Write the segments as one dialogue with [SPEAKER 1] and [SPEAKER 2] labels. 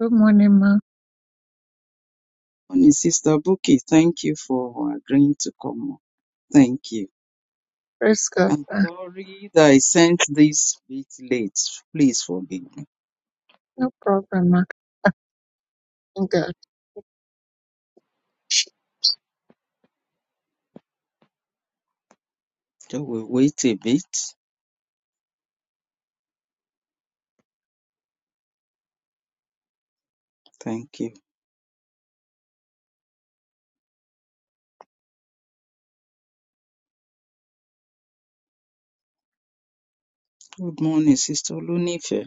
[SPEAKER 1] Good morning, ma.
[SPEAKER 2] Morning, Sister Buki. Thank you for agreeing to come. on. Thank you.
[SPEAKER 1] Praise God.
[SPEAKER 2] I'm
[SPEAKER 1] ma.
[SPEAKER 2] sorry that I sent this bit late. Please forgive me.
[SPEAKER 1] No problem, ma. Thank God.
[SPEAKER 2] So we wait a bit. Thank you. Good morning, Sister Lunife.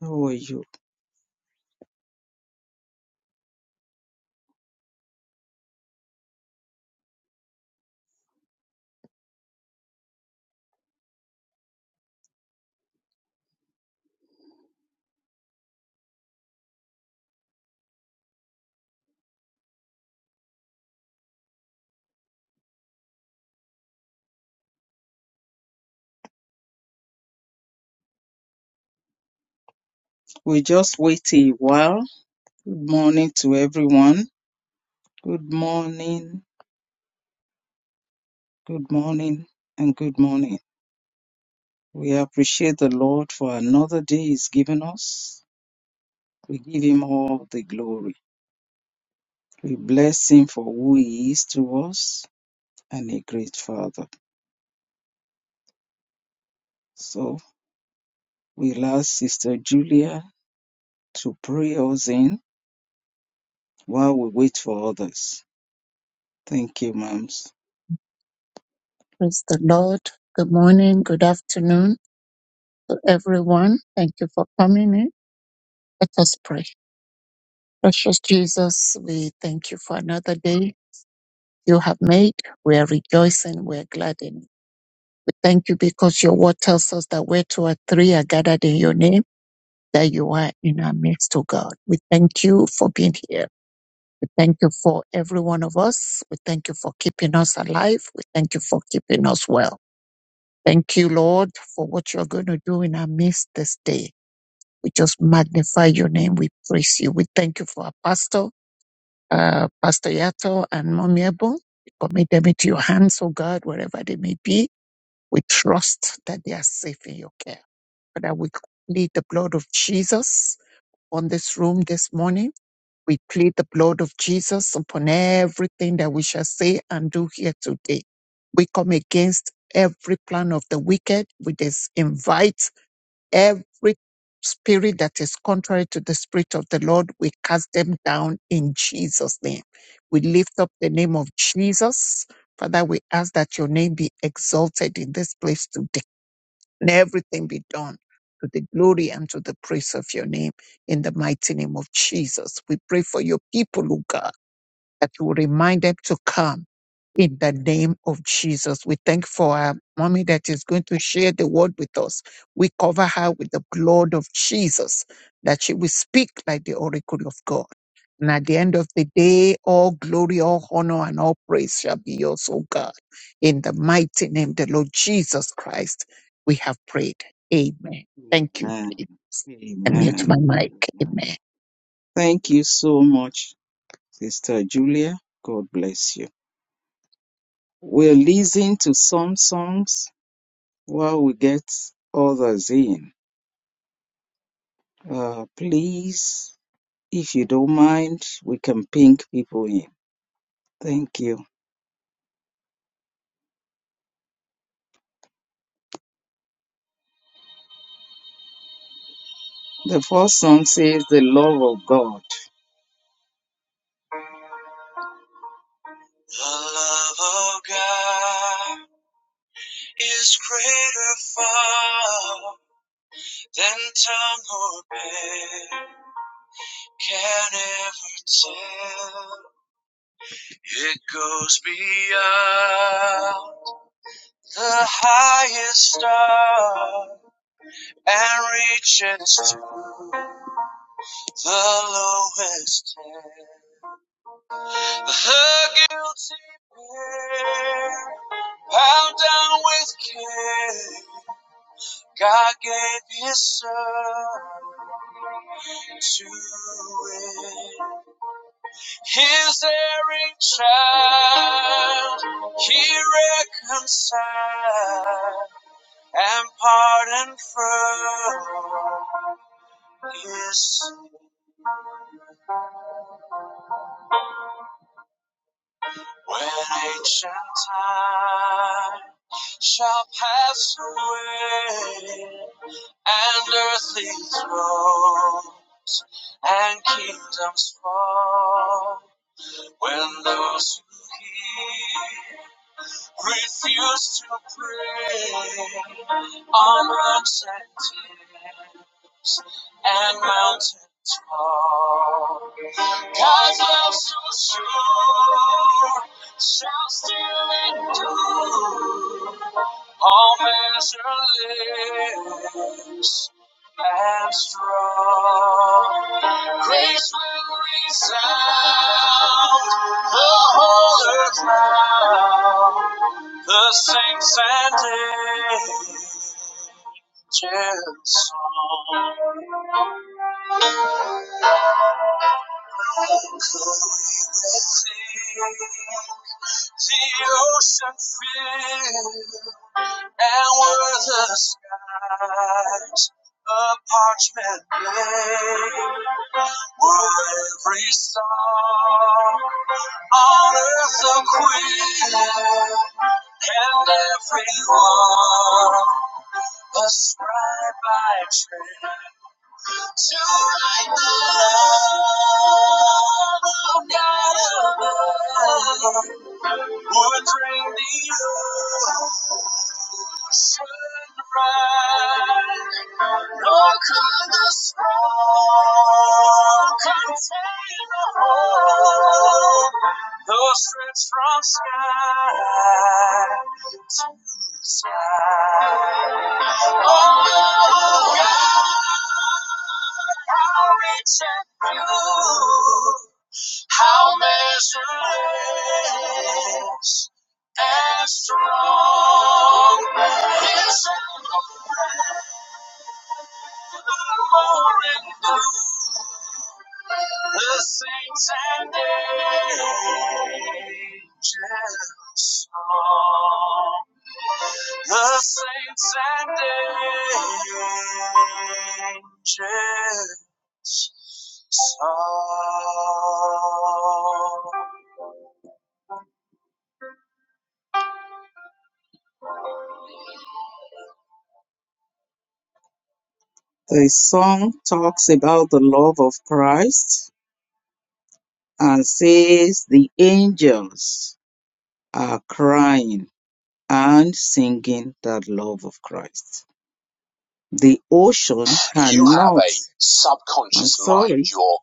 [SPEAKER 2] How are you? We just wait a while. Good morning to everyone. Good morning. Good morning and good morning. We appreciate the Lord for another day He's given us. We give Him all the glory. We bless him for who he is to us and a great father. So we'll ask Sister Julia to pray us in while we wait for others. Thank you, moms.
[SPEAKER 1] Praise the Lord. Good morning, good afternoon to everyone. Thank you for coming in. Let us pray. Precious Jesus, we thank you for another day you have made. We are rejoicing. We are glad in it. We thank you because your word tells us that where two or three are gathered in your name, that you are in our midst, O God. We thank you for being here. We thank you for every one of us. We thank you for keeping us alive. We thank you for keeping us well. Thank you, Lord, for what you're going to do in our midst this day. We just magnify your name. We praise you. We thank you for our pastor, uh, Pastor Yato and Mommy Ebo. We commit them into your hands, oh God, wherever they may be. We trust that they are safe in your care. Father, we plead the blood of Jesus on this room this morning. We plead the blood of Jesus upon everything that we shall say and do here today. We come against every plan of the wicked. We just invite every spirit that is contrary to the spirit of the Lord. We cast them down in Jesus' name. We lift up the name of Jesus. Father, we ask that your name be exalted in this place today and everything be done to the glory and to the praise of your name in the mighty name of Jesus. We pray for your people, O God that you will remind them to come in the name of Jesus. We thank for our mommy that is going to share the word with us. We cover her with the blood of Jesus, that she will speak like the oracle of God. And at the end of the day, all glory, all honor, and all praise shall be yours, O God. In the mighty name, the Lord Jesus Christ, we have prayed. Amen. Thank you.
[SPEAKER 2] Amen.
[SPEAKER 1] And mute my
[SPEAKER 2] Amen.
[SPEAKER 1] mic.
[SPEAKER 2] Amen.
[SPEAKER 1] Amen.
[SPEAKER 2] Thank you so much, Sister Julia. God bless you. We'll listen to some songs while we get others in. Uh, please, if you don't mind, we can ping people in. Thank you. The first song says, The love of God. The love of God is greater far than tongue or pen can ever tell. It goes beyond the highest star and reaches to the lowest hell. The guilty pair, bound down with care, God gave His Son to win. His erring child, He reconciled and pardoned from His sin. When ancient time shall pass away, and earthly throne and kingdoms fall, when those who hear refuse to pray on rocks and tears and mountain tall. God's love so sure shall still endure all measureless and strong. Grace will resound the whole earth round. The saints and angels song. Could we with thee, the ocean fill? and were the skies a parchment plain? Were every song on earth a queen, and everyone a scribe by trade? To write the love of God above would bring the earth the sunrise, nor could the storm contain the whole. though stretched from sky to sky. Oh, God, how rich and few. How measureless and strong is the the saints and angels song. The saints and angels the song talks about the love of Christ and says the angels are crying and singing that love of Christ. The ocean cannot. You have a subconscious mind, sorry, your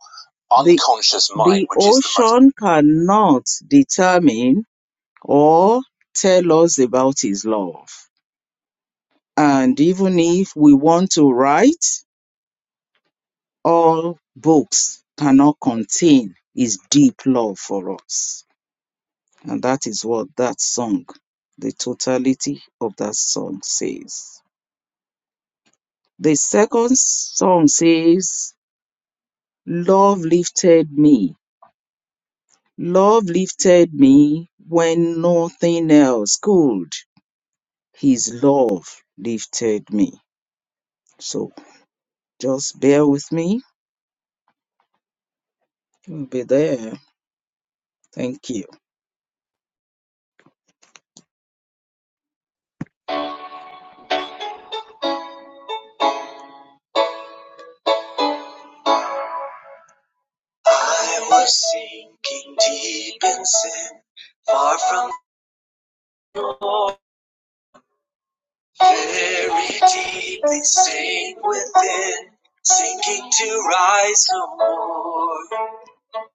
[SPEAKER 2] the, unconscious mind, the which is the ocean cannot determine or tell us about his love. And even if we want to write, all books cannot contain his deep love for us. And that is what that song, the totality of that song says. The second song says, Love lifted me. Love lifted me when nothing else could. His love lifted me. So just bear with me. You'll be there. Thank you. I was sinking deep in sin, far from very deeply stained within, sinking to rise no more.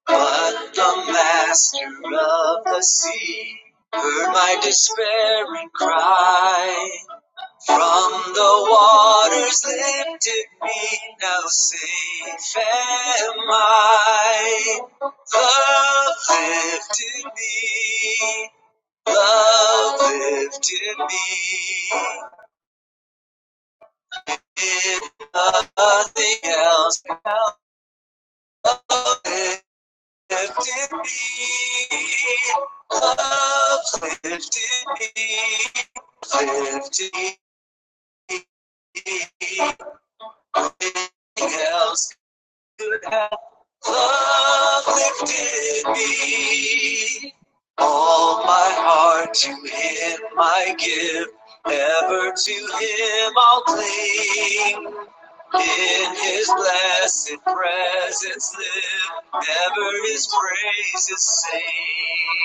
[SPEAKER 2] But the master of the sea heard my despairing cry. From the waters lifted me, now safe am I. Love lifted me. Love lifted me. If nothing else Love lifted me. Love lifted me. Lifted me. Nothing else could have. Love lifted me. All my heart to Him I give. Ever to Him I'll cling. In his blessed presence live, ever his praises sing.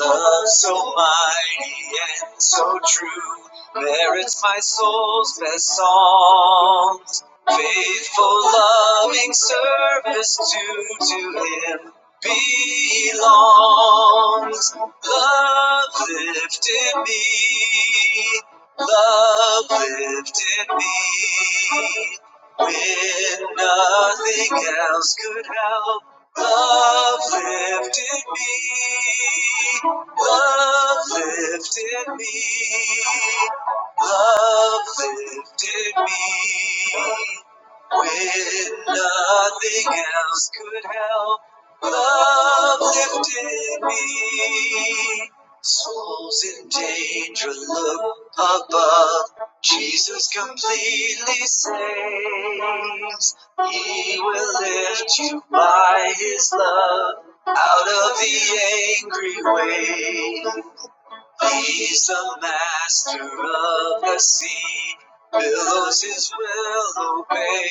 [SPEAKER 2] Love so mighty and so true merits my soul's best songs. Faithful, loving service due to Him belongs. Love lifted me. Love lifted me when nothing else could help. Love lifted me. Love lifted me. Love lifted me. When nothing else could help, love lifted me. Souls in danger look above. Jesus completely saves. He will lift you by his love out of the angry waves. He's the master of the sea, billows his will obey.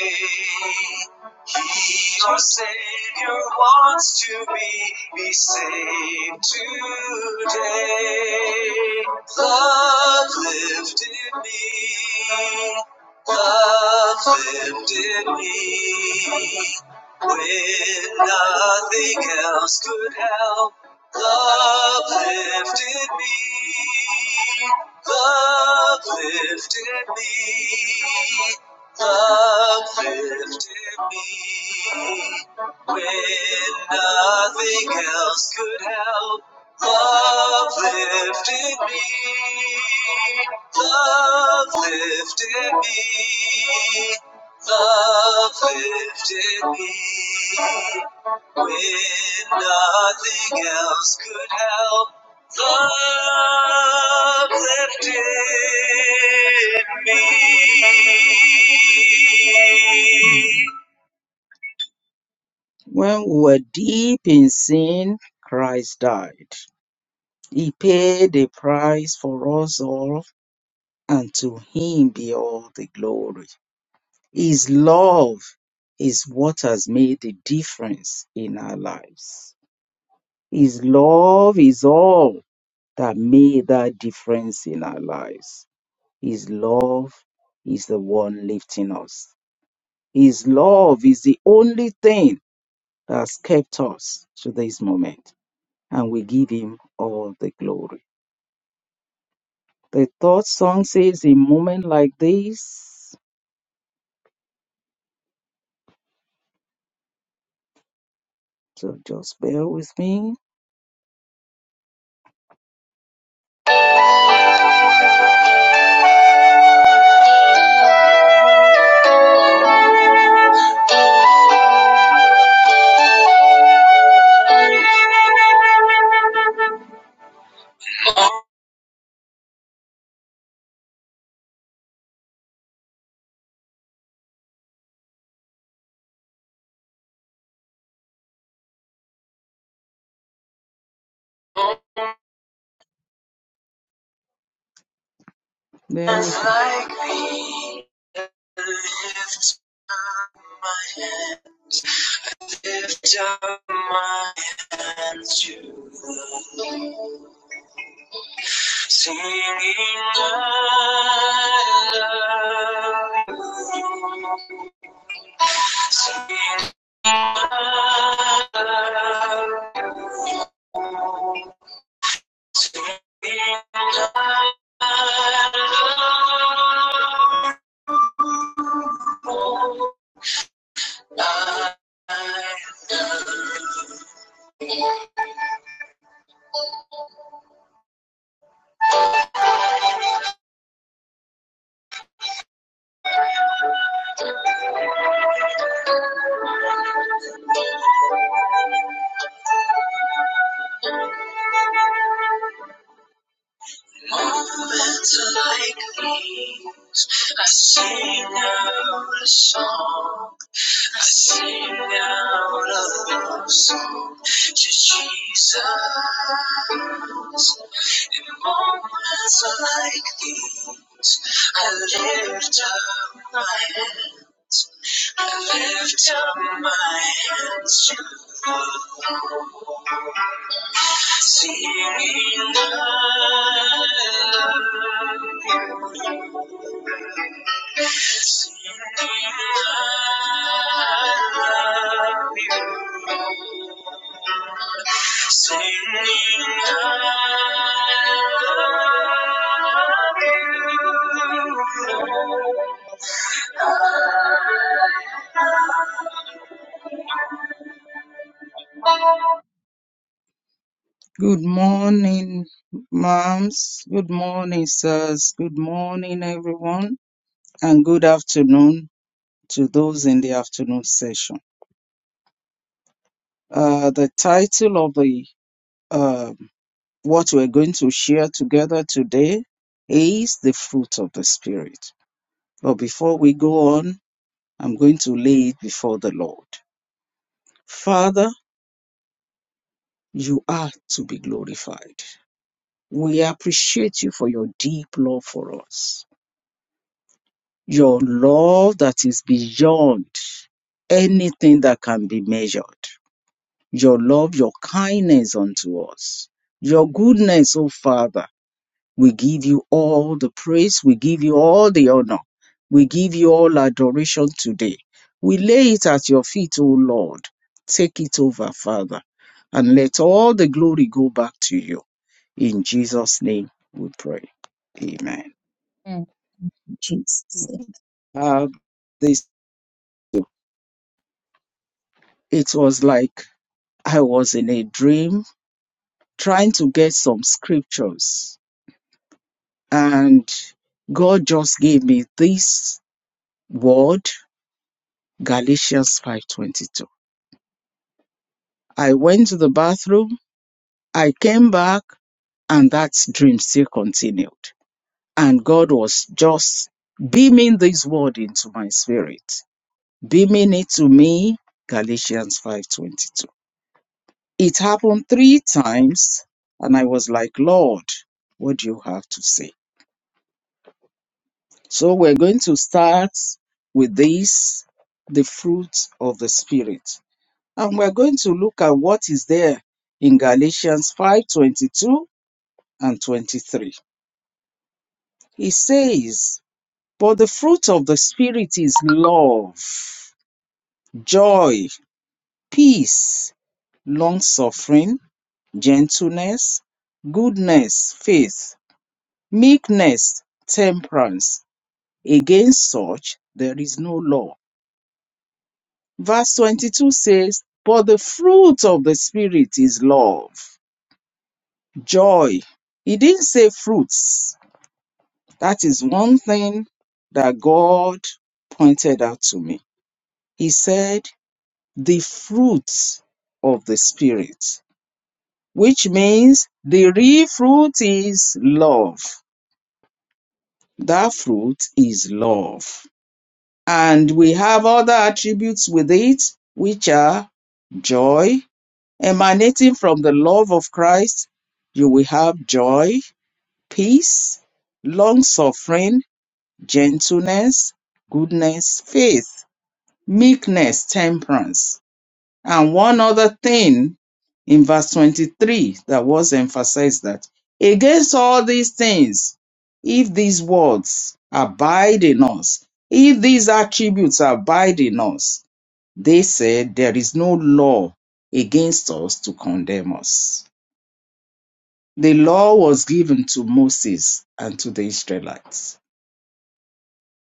[SPEAKER 2] He, our Savior, wants to be, be saved today. Love lifted me, uplifted me when nothing else could help. Love lifted me, Love lifted me, Love lifted me when nothing else could help. Love lifted me. Love lifted me. Love lifted me. When nothing else could help, love lifted me. When we were deep in sin, Christ died. He paid the price for us all, and to him be all the glory. His love is what has made the difference in our lives. His love is all that made that difference in our lives. His love is the one lifting us. His love is the only thing that's kept us to this moment, and we give him all the glory. The third song says, A moment like this. So just bear with me. Bear with me. Lift my hand, lift up my hands to the Singing, I love you. Singing, I love you. Singing, I love you. I love you. Moments like these, I sing out a song. I sing out a love song to Jesus. In moments like these, I lift up my hands. I lift up my hands to you. Seeing I love you. seeing I love you, singing I love you. Good morning, moms. Good morning, sirs. Good morning, everyone. And good afternoon to those in the afternoon session. Uh, the title of the uh, what we're going to share together today is the fruit of the spirit. But before we go on, I'm going to lay it before the Lord. Father, you are to be glorified. We appreciate you for your deep love for us, your love that is beyond anything that can be measured, your love, your kindness unto us, your goodness, O Father We give you all the praise. We give you all the honor. We give you all adoration today. We lay it at your feet, O Lord. Take it over, Father, and let all the glory go back to you. In Jesus' name we pray. Amen.
[SPEAKER 1] Amen. Jesus.
[SPEAKER 2] Uh, this it was like I was in a dream trying to get some scriptures, and God just gave me this word, Galatians 5:22 I went to the bathroom. I came back and that dream still continued. And God was just beaming this word into my spirit, beaming it to me, Galatians 5.22. It happened three times and I was like, Lord, what do you have to say? So we're going to start with this, the fruit of the spirit. And we're going to look at what is there in Galatians 5:22 and 23. He says, But the fruit of the Spirit is love, joy, peace, long suffering, gentleness, goodness, faith, meekness, temperance. Against such there is no law. Verse 22 says, But the fruit of the Spirit is love, joy. He didn't say fruits. That is one thing that God pointed out to me He said, the fruits of the Spirit, which means the real fruit is love. That fruit is love. And we have other attributes with it, which are joy, emanating from the love of Christ. You will have joy, peace, long suffering, gentleness, goodness, faith, meekness, temperance. And one other thing in verse 23 that was emphasized that against all these things, if these words abide in us, if these attributes abide in us, they said there is no law against us to condemn us. The law was given to Moses and to the Israelites.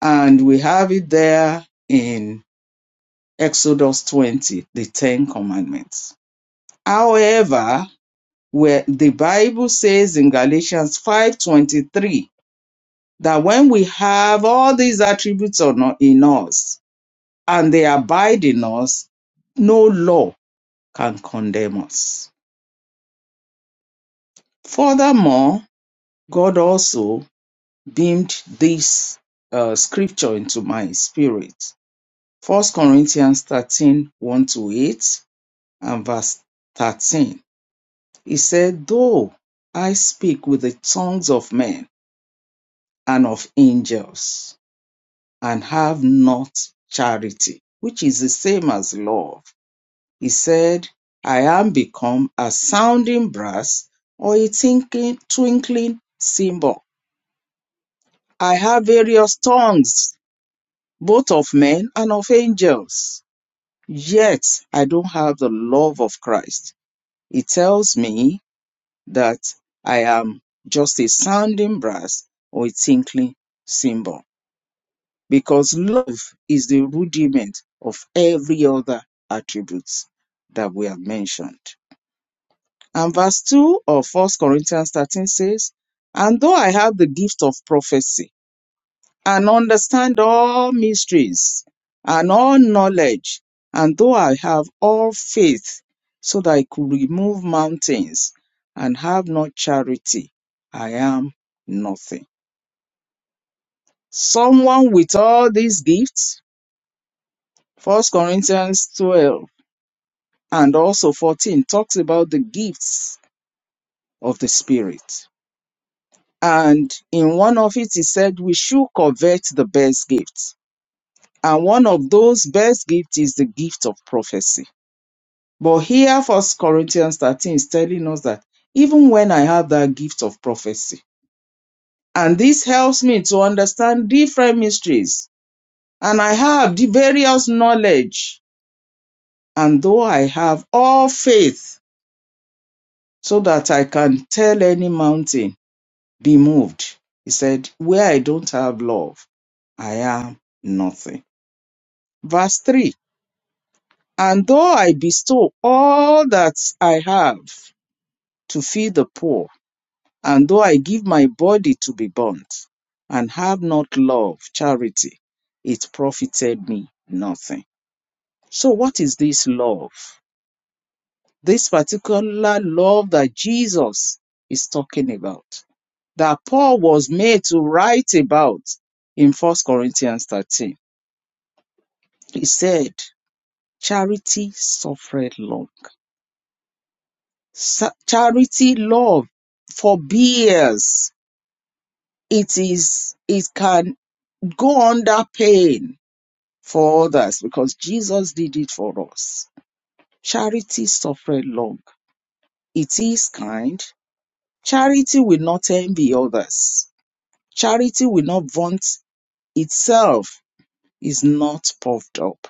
[SPEAKER 2] And we have it there in Exodus 20, the Ten Commandments. However, where the Bible says in Galatians 5:23 that when we have all these attributes on- in us and they abide in us, no law can condemn us. Furthermore, God also beamed this uh, scripture into my spirit. First Corinthians thirteen one to 8 and verse 13. He said, Though I speak with the tongues of men and of angels, and have not charity, which is the same as love. He said, I am become a sounding brass or a tinkling, twinkling cymbal. I have various tongues, both of men and of angels. Yet I don't have the love of Christ. It tells me that I am just a sounding brass or a tinkling cymbal. because love is the rudiment of every other attributes that we have mentioned. And verse 2 of First Corinthians 13 says, And though I have the gift of prophecy and understand all mysteries and all knowledge, and though I have all faith so that I could remove mountains and have not charity, I am nothing. Someone with all these gifts, First Corinthians 12 and also 14 talks about the gifts of the spirit and in one of it he said we should covet the best gifts and one of those best gifts is the gift of prophecy but here first corinthians 13 is telling us that even when i have that gift of prophecy and this helps me to understand different mysteries and i have the various knowledge and though i have all faith so that i can tell any mountain be moved. He said, Where I don't have love, I am nothing. Verse 3 And though I bestow all that I have to feed the poor, and though I give my body to be burnt, and have not love, charity, it profited me nothing. So, what is this love? This particular love that Jesus is talking about, that Paul was made to write about in First Corinthians 13 He said, Charity suffereth long. Sa- Charity love forbears. It is, it can go under pain for others because Jesus did it for us. Charity suffereth long. It is kind. Charity will not envy others. Charity will not vaunt itself. Is not puffed up.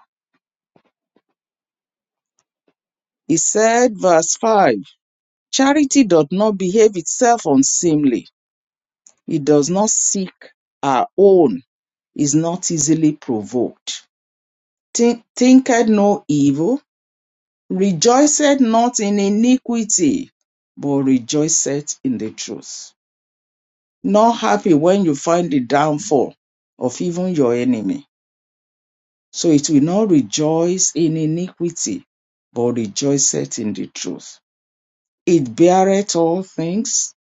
[SPEAKER 2] He said, verse 5 Charity doth not behave itself unseemly He does not seek our own, is not easily provoked, thi- thinketh no evil, rejoiceth not in iniquity, but rejoiceth in the truth. Not happy when you find the downfall of even your enemy. So it will not rejoice in iniquity, but rejoiceth in the truth. It beareth all things,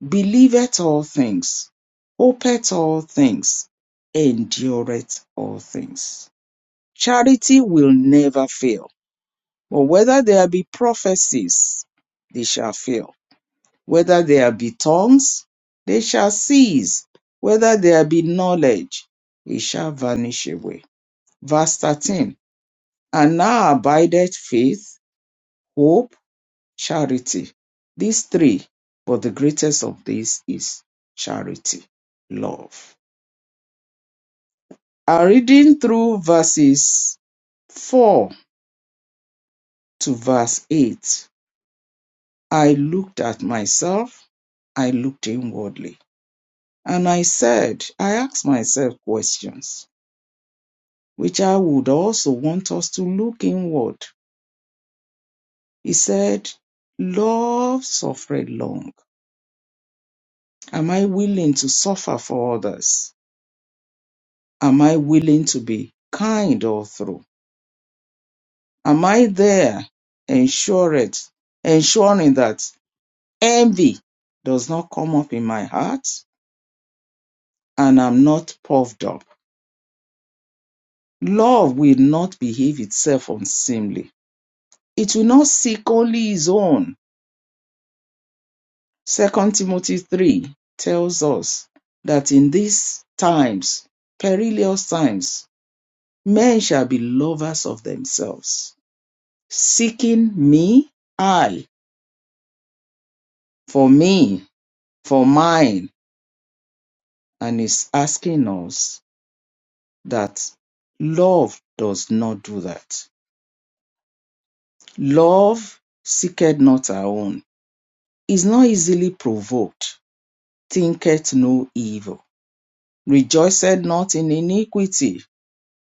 [SPEAKER 2] believeth all things, hopeth all things, endureth all things. Charity will never fail. But whether there be prophecies, they shall fail. Whether there be tongues, they shall cease. Whether there be knowledge, it shall vanish away. Verse 13. And now abideth faith, hope, charity. These three, but the greatest of these is charity, love. And reading through verses 4 to verse 8, I looked at myself, I looked inwardly, and I said, I asked myself questions, which I would also want us to look inward. He said, Love suffered long. Am I willing to suffer for others? Am I willing to be kind all through? Am I there ensuring, ensuring that Envy does not come up in my heart, and I'm not puffed up. Love will not behave itself unseemly. It will not seek only its own. Second Timothy 3 tells us that in these times, perilous times, men shall be lovers of themselves, seeking me, I, for me, for mine. And is asking us that love does not do that. Love seeketh not her own, is not easily provoked, thinketh no evil, rejoiceth not in iniquity,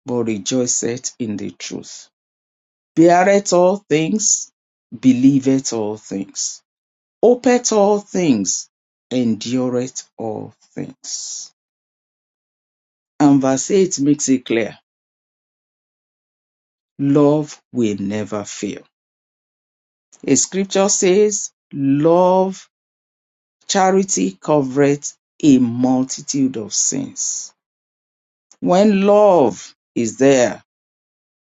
[SPEAKER 2] but rejoiceth in the truth, beareth all things, believeth all things, hopeth all things, endureth all things. And verse 8 makes it clear love will never fail. A scripture says, Love Charity covereth a multitude of sins. When love is there,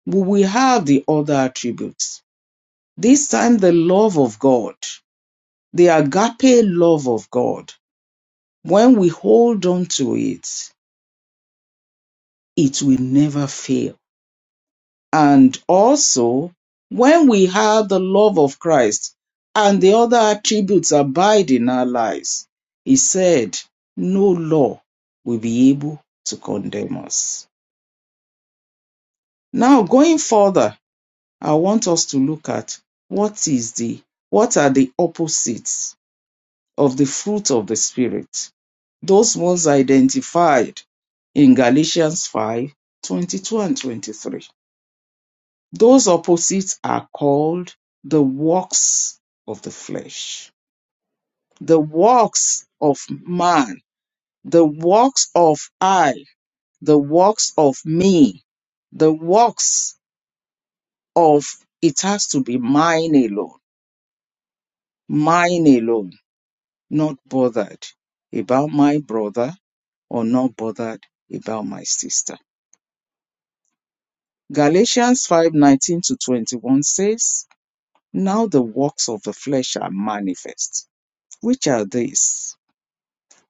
[SPEAKER 2] we will have the other attributes. This time, the love of God, the agape love of God, when we hold on to it, it will never fail. And also, when we have the love of Christ and the other attributes abide in our lives, he said, no law will be able to condemn us. Now going further, I want us to look at what is the what are the opposites of the fruit of the spirit? Those ones identified in Galatians 5 22 and 23. Those opposites are called the works of the flesh, the works of man, the works of I, the works of me, the works of it has to be mine alone Mine alone, not bothered about my brother or not bothered about my sister. Galatians 5 19 to 21 says, Now the works of the flesh are manifest, which are these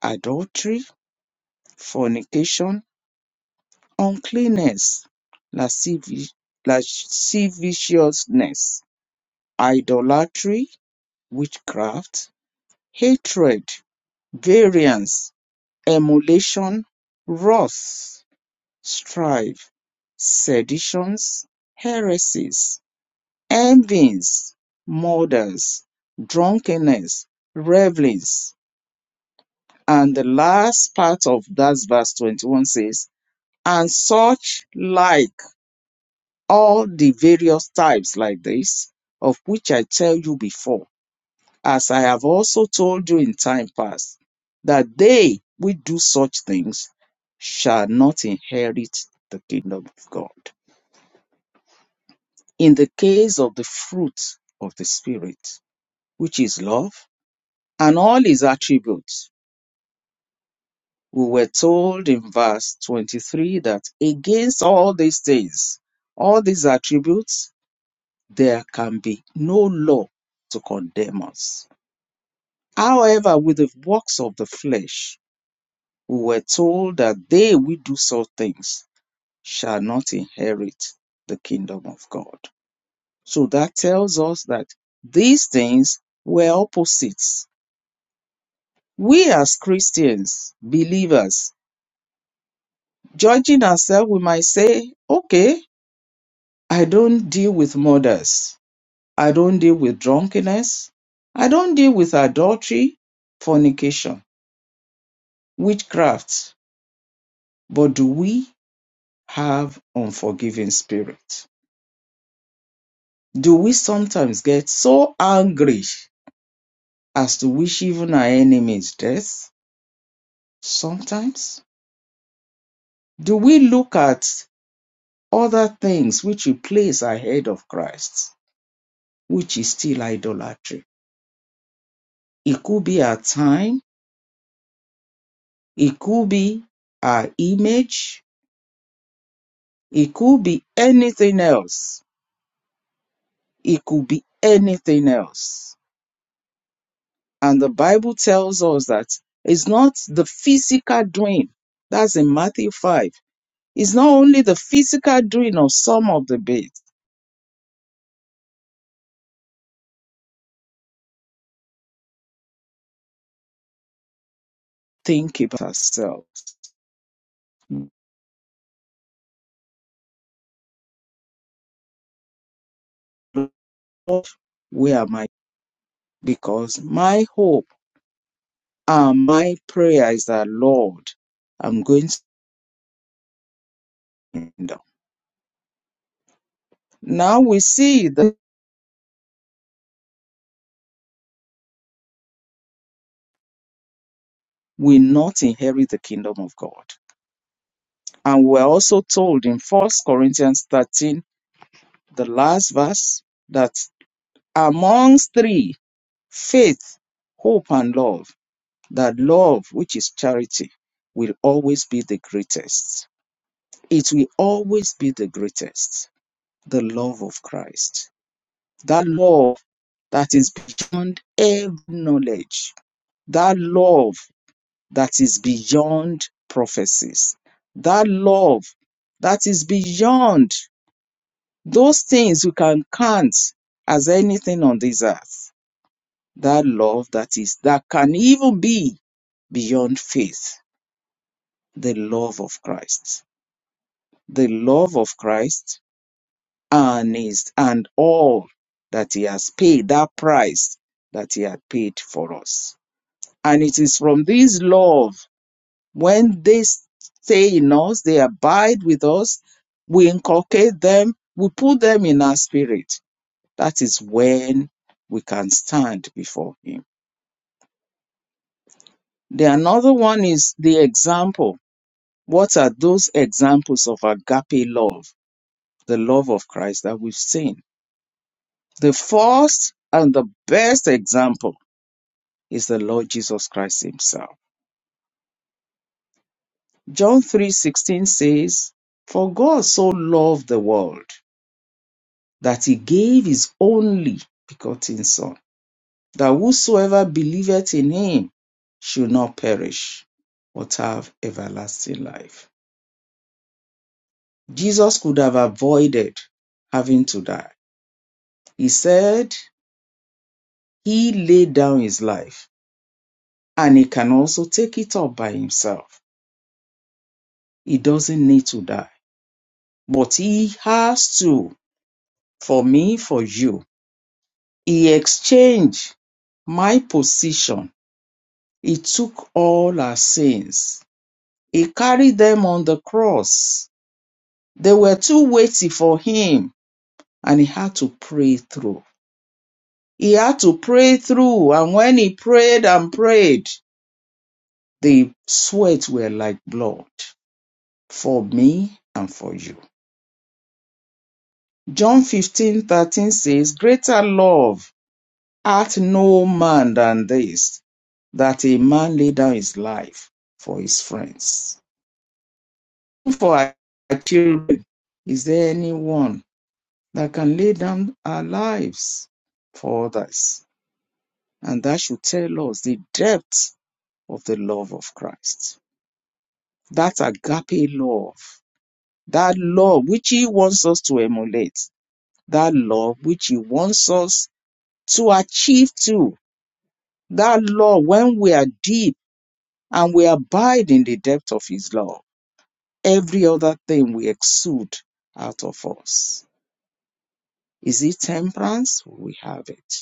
[SPEAKER 2] adultery, fornication, uncleanness, lascivi- lasciviousness, idolatry, witchcraft, hatred, variance, emulation, wrath strife, seditions, heresies, envies, murders, drunkenness, revelings. And the last part of that verse 21 says, and such like all the various types like this, of which I tell you before, as I have also told you in time past, that they which do such things shall not inherit the kingdom of God. in the case of the fruit of the Spirit, which is love and all his attributes. We were told in verse 23 that against all these things, all these attributes, there can be no law to condemn us. However, with the works of the flesh, we were told that they which do such things shall not inherit the kingdom of God. So that tells us that these things were opposites we as Christians, believers, judging ourselves, we might say, okay, I don't deal with murders. I don't deal with drunkenness. I don't deal with adultery, fornication, witchcraft. But do we have unforgiving spirit? Do we sometimes get so angry as to wish even our enemies death? Sometimes. Do we look at other things which we place ahead of Christ? which is still idolatry. It could be our time, it could be our image, it could be anything else. It could be anything else. And the Bible tells us that it's not the physical doing, that's in Matthew 5. It's not only the physical doing of some of the bits. Think about ourselves. Lord, where am I? Because my hope and my prayer is that, Lord, I'm going to kingdom. Now we see that we not inherit the kingdom of God. And we're also told in First Corinthians 13, the last verse, that amongst three, faith, hope, and love, that love, which is charity, will always be the greatest. It will always be the greatest, the love of Christ. That love that is beyond every knowledge. That love that is beyond prophecies. That love that is beyond those things you can count as anything on this earth. That love that is, that can even be beyond faith. The love of Christ. The love of Christ and his, and all that he has paid, that price that he had paid for us. And it is from this love When they stay in us, they abide with us, we inculcate them, we put them in our spirit. That is when we can stand before Him. The another one is the example. What are those examples of agape love, the love of Christ that we've seen? The first and the best example is the Lord Jesus Christ Himself. John 3:16 says, For God so loved the world that he gave his only begotten Son, that whosoever believeth in him should not perish, but have everlasting life. Jesus could have avoided having to die. He said he laid down his life and he can also take it up by himself. He doesn't need to die, but he has to for me, for you. He exchanged my position. He took all our sins He carried them on the cross. They were too weighty for him, and he had to pray through. He had to pray through, and when he prayed and prayed, the sweat were like blood for me and for you. John fifteen thirteen says, Greater love hath no man than this, that a man lay down his life for his friends. For our children, is there anyone that can lay down our lives for others. And that should tell us the depth of the love of Christ. That agape love, that love which He wants us to emulate, that love which He wants us to achieve too. that love when we are deep and we abide in the depth of His love, every other thing we exude out of us. Is it temperance? We have it.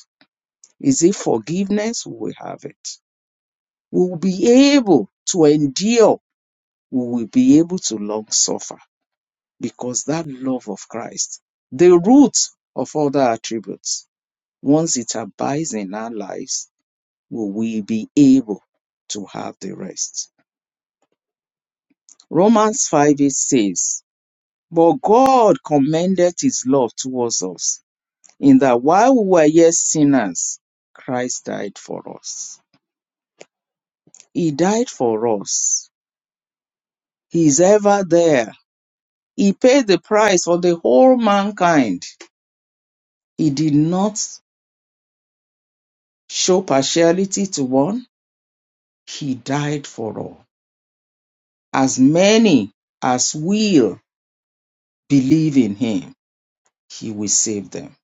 [SPEAKER 2] Is it forgiveness? We have it. we will be able to endure, we will be able to long suffer because that love of Christ, the root of other attributes, once it abides in our lives, will we be able to have the rest. Romans 5 8 says, But God commended his love towards us, in that while we were yet sinners, Christ died for us. He died for us. He is ever there He paid the price for the whole mankind. He did not show partiality to one. He died for all. As many as will believe in him, he will save them.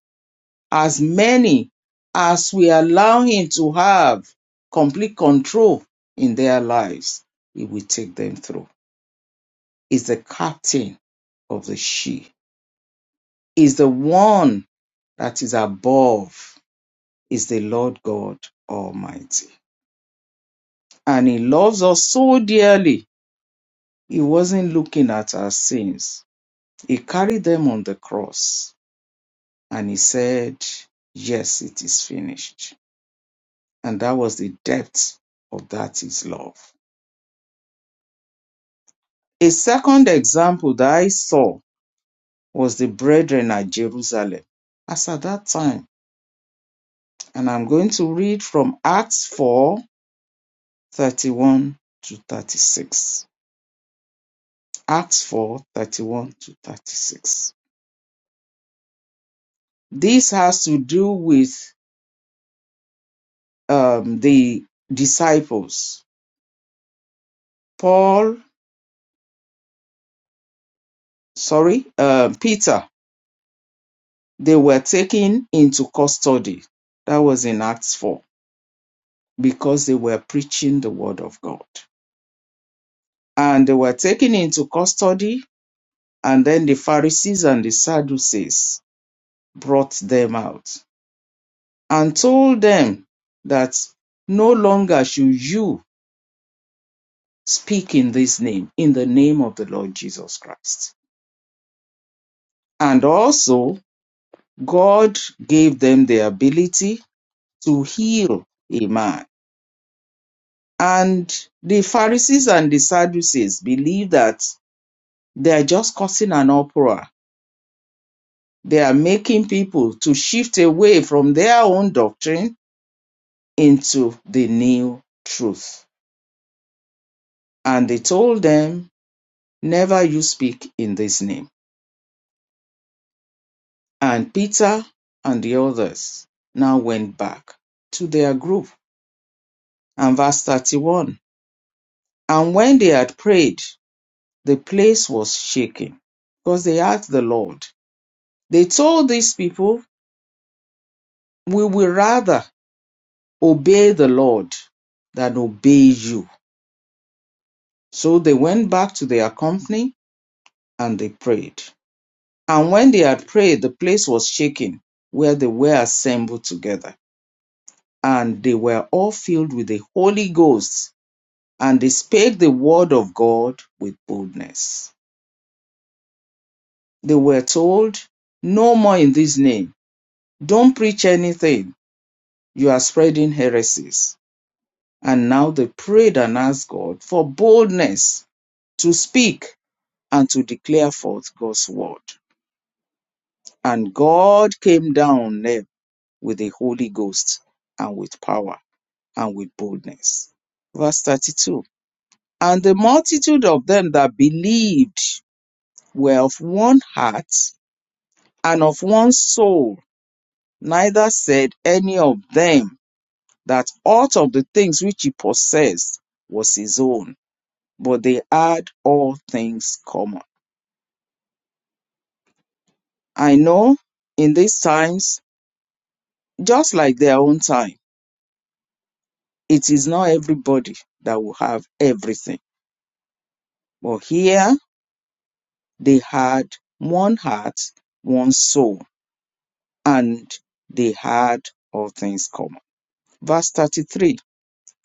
[SPEAKER 2] As many as we allow him to have complete control in their lives, he will take them through. He's the captain of the she. He's the one that is above. Is the Lord God Almighty. And he loves us so dearly. He wasn't looking at our sins. He carried them on the cross and he said, Yes, it is finished. And that was the depth of that his love. A second example that I saw was the brethren at Jerusalem. As at that time, and I'm going to read from Acts 4 31 to 36. Acts 4 31 to 36. This has to do with um, the disciples, Paul, sorry, uh, Peter, they were taken into custody. That was in Acts 4 because they were preaching the word of God. And they were taken into custody, and then the Pharisees and the Sadducees brought them out and told them that no longer should you speak in this name, in the name of the Lord Jesus Christ. And also God gave them the ability to heal a man. And the Pharisees and the Sadducees believe that they are just causing an uproar. They are making people to shift away from their own doctrine into the new truth. And they told them, Never you speak in this name. And Peter and the others now went back to their group. And verse 31 And when they had prayed, The place was shaking because they asked the Lord. They told these people, We will rather obey the Lord than obey you. So they went back to their company and they prayed. And when they had prayed, the place was shaken where they were assembled together. And they were all filled with the Holy Ghost, and they spake the word of God with boldness. They were told, No more in this name. Don't preach anything You are spreading heresies. And now they prayed and asked God for boldness to speak and to declare forth God's word. And God came down there with the Holy Ghost and with power and with boldness. Verse 32 And the multitude of them that believed were of one heart and of one soul. Neither said any of them that aught of the things which he possessed was his own but they had all things common. I know in these times, just like their own time, it is not everybody that will have everything. But here they had one heart, one soul, and they had all things common. Verse 33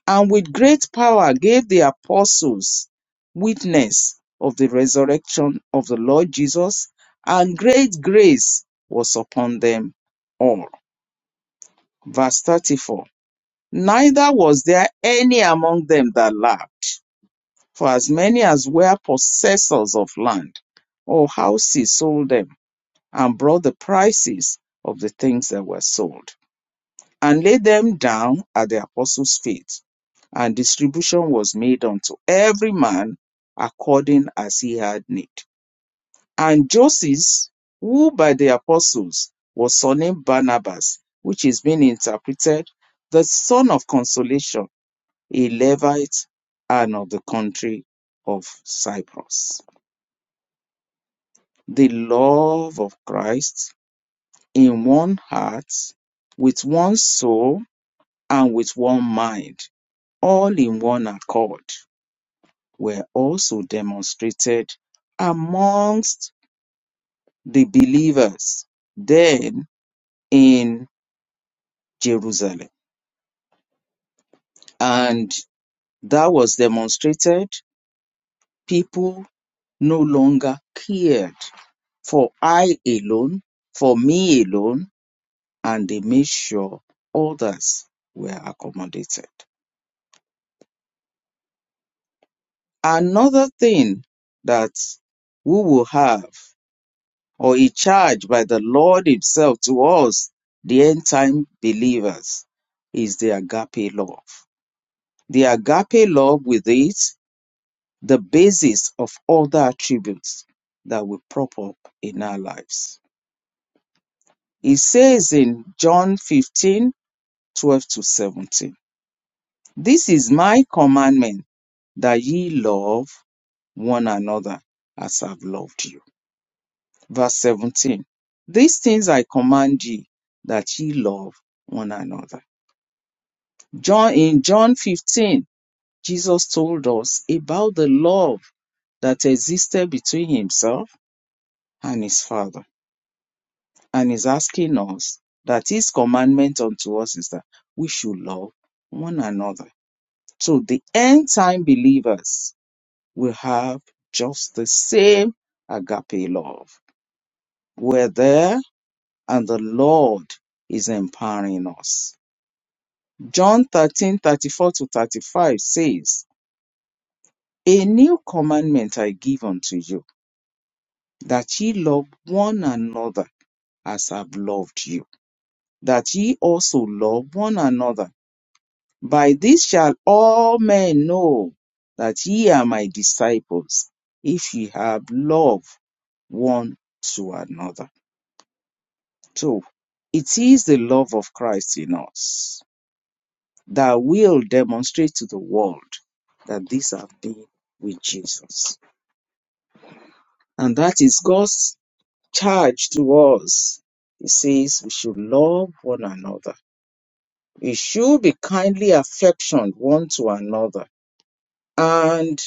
[SPEAKER 2] And with great power gave the apostles witness of the resurrection of the Lord Jesus, and great grace was upon them all. Verse 34 Neither was there any among them that lacked, for as many as were possessors of land or houses sold them and brought the prices of the things that were sold and laid them down at the apostles' feet. And distribution was made unto every man according as he had need. And Joses, who by the apostles was surnamed Barnabas, which is being interpreted, the son of consolation, a Levite and of the country of Cyprus. The love of Christ in one heart, with one soul, and with one mind, all in one accord, were also demonstrated amongst the believers. Then, in Jerusalem. And that was demonstrated. People no longer cared for I alone, for me alone, and they made sure others were accommodated. Another thing that we will have, or a charge by the Lord Himself to us, the end time believers, is the agape love. The agape love with it the basis of all the attributes that we prop up in our lives. He says in John 15 12 to 17, This is my commandment that ye love one another as I've loved you. Verse 17, These things I command ye that ye love one another. John in John 15, Jesus told us about the love that existed between himself and his father and is asking us that his commandment unto us is that we should love one another. So the end time believers will have just the same agape love. We're there and the Lord is empowering us. John 13 34 to 35 says, A new commandment I give unto you, that ye love one another as I've loved you, that ye also love one another. By this shall all men know that ye are my disciples, if ye have love one to another. So it is the love of Christ in us that will demonstrate to the world that these have been with Jesus. And that is God's charge to us. He says we should love one another. We should be kindly affectioned one to another And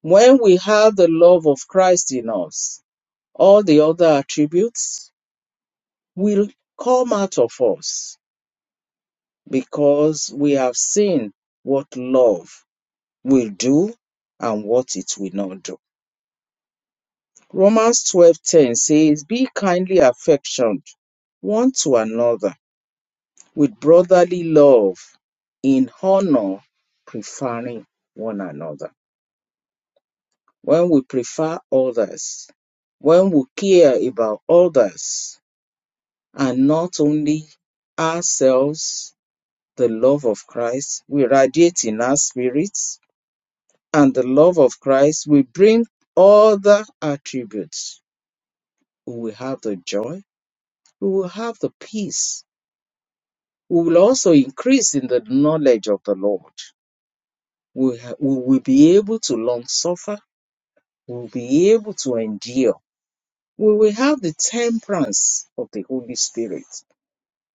[SPEAKER 2] when we have the love of Christ in us, all the other attributes will come out of us because we have seen what love will do and what it will not do. Romans 12:10 says, "Be kindly affectioned one to another with brotherly love, in honor preferring one another." when we prefer others, when we care about others and not only ourselves, the love of Christ will radiate in our spirits, and the love of Christ will bring other attributes. We will have the joy, we will have the peace, we will also increase in the knowledge of the Lord. We, ha- we will be able to long suffer, we will be able to endure we will have the temperance of the Holy Spirit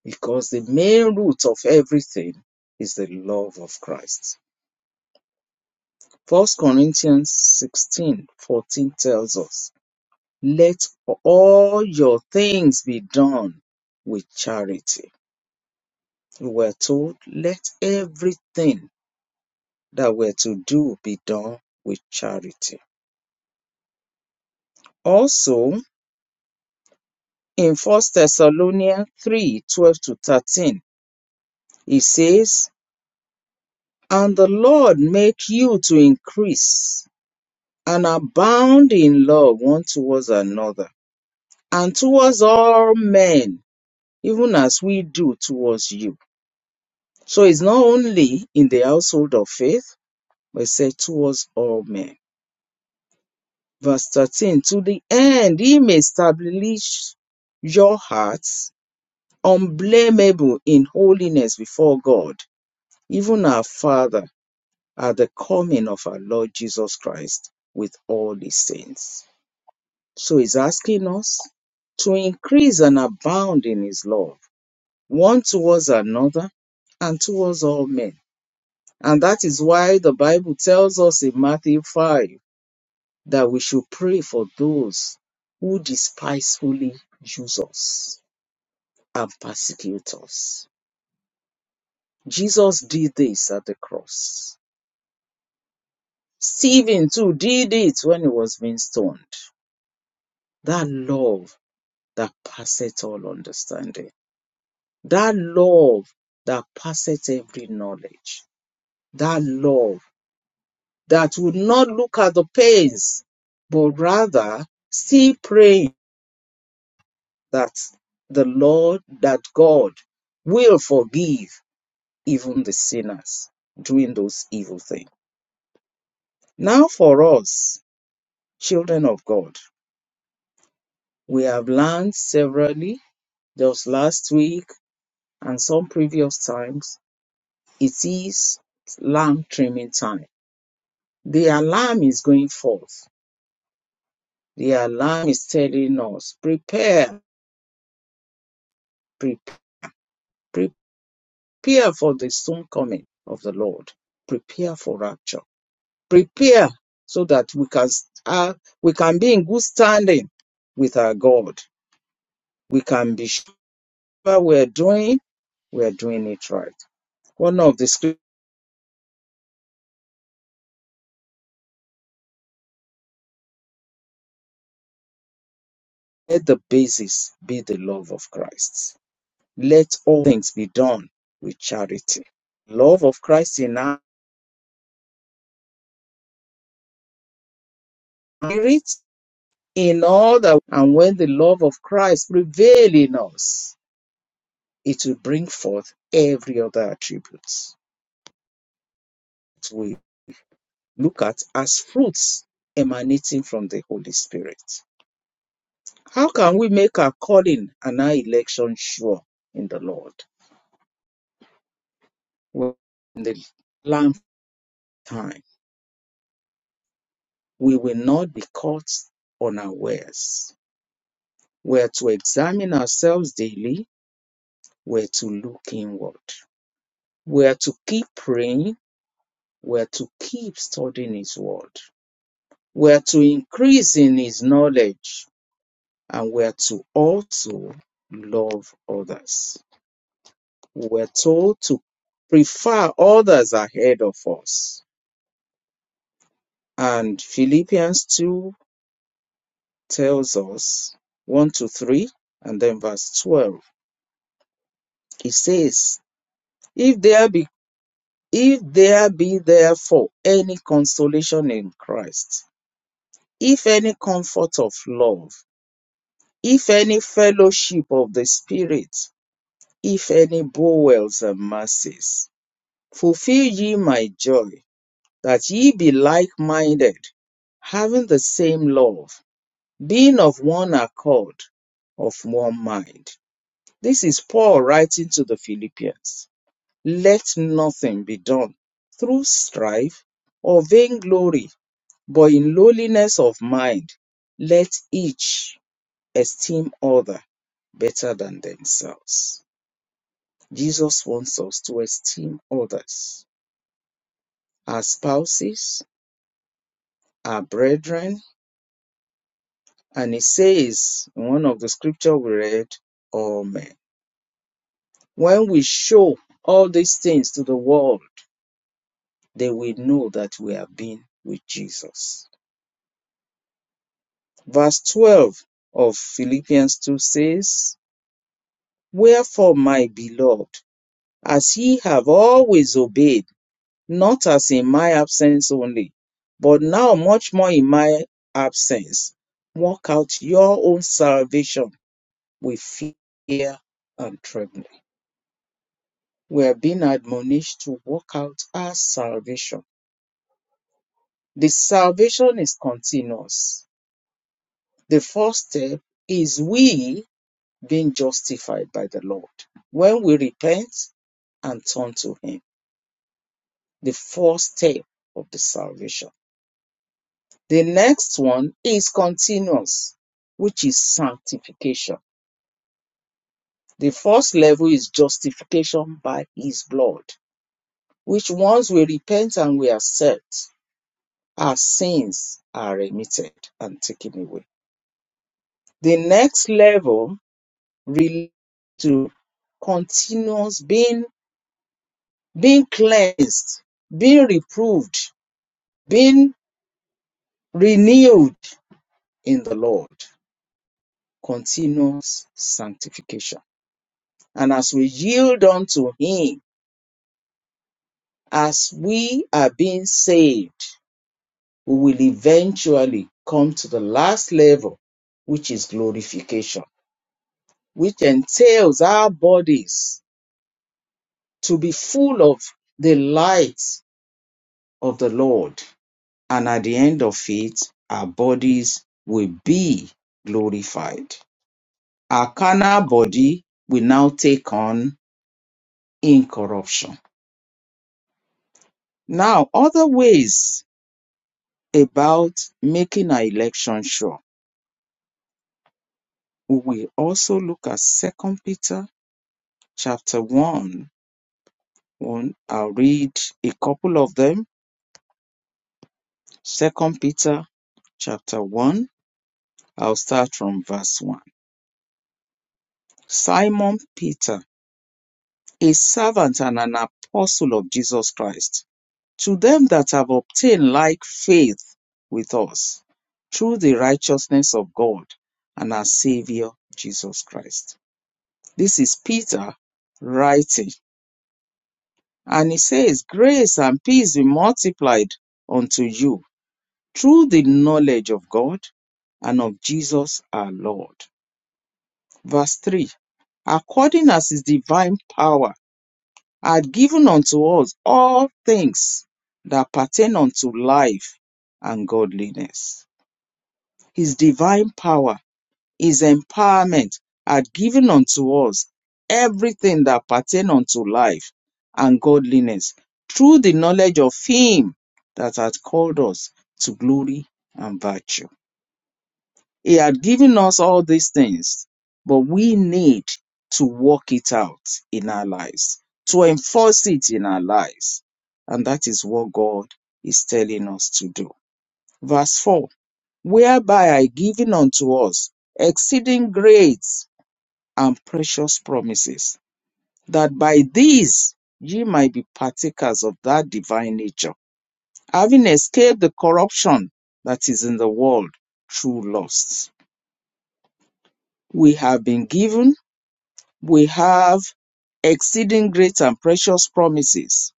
[SPEAKER 2] because the main root of everything is the love of Christ. First Corinthians 16 14 tells us, Let all your things be done with charity. We're told, Let everything that we're to do be done with charity. Also, in First Thessalonians 3 12 to 13, it says, And the Lord make you to increase and abound in love one towards another and towards all men, even as we do towards you. So it's not only in the household of faith, but it said towards all men. Verse 13, to the end he may establish your hearts unblameable in holiness before God, even our Father at the coming of our Lord Jesus Christ with all the saints. So he's asking us to increase and abound in his love, one towards another and towards all men. And that is why the Bible tells us in Matthew 5 that we should pray for those who despisefully use us and persecute us. Jesus did this at the cross. Stephen too did it when he was being stoned. that love that passeth all understanding, that love that passeth every knowledge, that love that would not look at the pains, but rather still praying that the Lord, that God will forgive even the sinners doing those evil things. Now, for us, children of God, we have learned severally just last week and some previous times It is lamp trimming time. The alarm is going forth. The alarm is telling us, prepare, pre- prepare for the soon coming of the Lord. Prepare for rapture. Prepare so that we can uh, we can be in good standing with our God. We can be sure we're doing we're doing it right. One of the scriptures, let the basis be the love of Christ Let all things be done with charity. Love of Christ in our spirit, in all that, and when the love of Christ prevail in us, it will bring forth every other attribute. We look at as fruits emanating from the Holy Spirit. How can we make our calling and our election sure in the Lord? Well, in the lamp time, we will not be caught unawares. We're to examine ourselves daily. We're to look inward. We're to keep praying. We're to keep studying His Word. We're to increase in His knowledge. And we're to also love others. We're told to prefer others ahead of us. And Philippians 2 tells us 1 to 3 and then verse 12. It says, "If there be If there be therefore any consolation in Christ, if any comfort of love, if any fellowship of the Spirit, if any bowels and mercies, fulfill ye my joy, that ye be like minded, having the same love, being of one accord, of one mind. This is Paul writing to the Philippians. Let nothing be done through strife or vainglory But in lowliness of mind, let each esteem other better than themselves. Jesus wants us to esteem others, our spouses, our brethren, and he says in one of the scripture we read, all men. When we show all these things to the world, they will know that we have been with Jesus. Verse 12 of Philippians 2 says, Wherefore, my beloved, as ye have always obeyed, not as in my absence only, but now much more in my absence. Work out your own salvation with fear and trembling. We are being admonished to work out our salvation. The salvation is continuous. The first step is we being justified by the Lord. When we repent and turn to Him, the first step of the salvation. The next one is continuous, which is sanctification. The first level is justification by his blood, which once we repent and we accept, our sins are remitted and taken away. The next level relates to continuous being, being cleansed, being reproved, being renewed in the Lord. Continuous sanctification And as we yield unto Him, as we are being saved, we will eventually come to the last level, which is glorification, which entails our bodies to be full of the light of the Lord. And at the end of it, our bodies will be glorified. Our carnal body will now take on incorruption. Now, other ways About making our election sure, we will also look at Second Peter chapter 1. 1. I'll read a couple of them. Second Peter chapter 1. I'll start from verse 1. Simon Peter, a servant and an apostle of Jesus Christ, to them that have obtained like faith with us through the righteousness of God and our Savior Jesus Christ. This is Peter writing And he says, Grace and peace be multiplied unto you through the knowledge of God and of Jesus our Lord. Verse 3 According as his divine power had given unto us all things that pertain unto life and godliness. His divine power his empowerment had given unto us everything that pertain unto life and godliness through the knowledge of him that hath called us to glory and virtue. He had given us all these things, but we need to work it out in our lives, to enforce it in our lives. And that is what God is telling us to do. Verse 4 Whereby are given unto us exceeding great and precious promises, that by these ye might be partakers of that divine nature, having escaped the corruption that is in the world through lusts. We have been given, we have exceeding great and precious promises.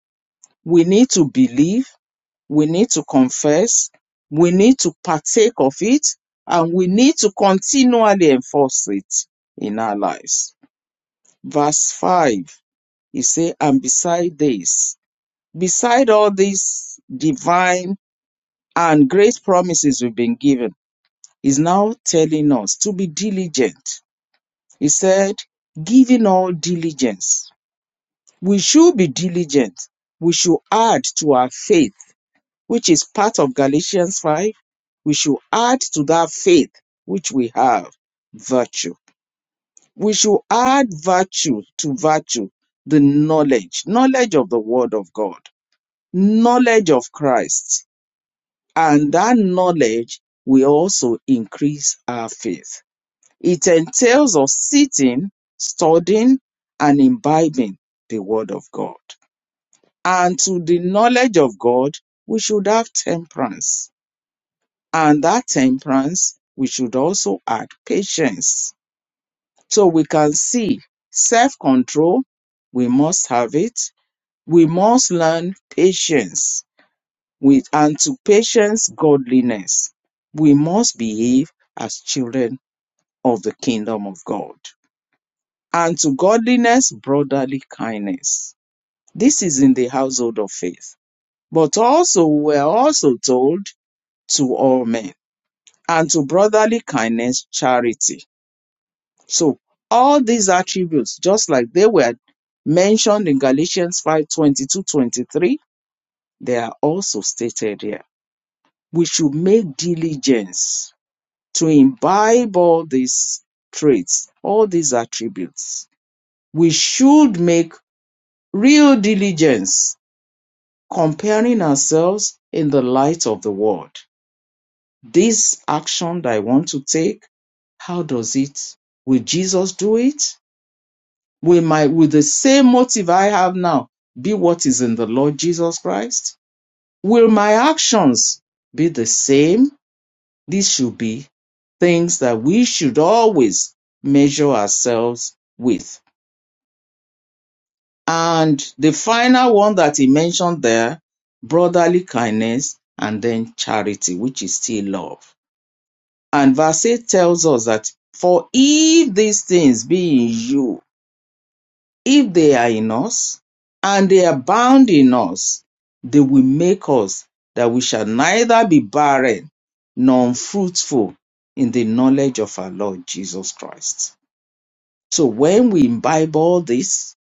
[SPEAKER 2] We need to believe, we need to confess, we need to partake of it, and we need to continually enforce it in our lives. Verse 5 He said, and beside this, beside all these divine and great promises we've been given, he's now telling us to be diligent. He said, giving all diligence. We should be diligent. We should add to our faith, which is part of Galatians 5. We should add to that faith which we have virtue. We should add virtue to virtue, the knowledge, knowledge of the Word of God knowledge of Christ. And that knowledge will also increase our faith. It entails us sitting, studying, and imbibing the Word of God. And to the knowledge of God, we should have temperance. And that temperance, we should also add patience. So we can see self control, we must have it. We must learn patience with and to patience godliness we must behave as children of the kingdom of god and to godliness brotherly kindness this is in the household of faith but also we are also told to all men and to brotherly kindness charity so all these attributes just like they were mentioned in galatians 5 22 23, they are also stated here we should make diligence to imbibe all these traits, all these attributes, we should make real diligence comparing ourselves in the light of the word. This action that I want to take, how does it? Will Jesus do it? Will my will the same motive I have now be what is in the Lord Jesus Christ? Will my actions be the same? These should be things that we should always measure ourselves with. And the final one that he mentioned there, brotherly kindness and then charity, which is still love. And verse 8 tells us that, for if these things be in you, If they are in us, and they abound in us, they will make us that we shall neither be barren nor unfruitful in the knowledge of our Lord Jesus Christ. So when we imbibe all this,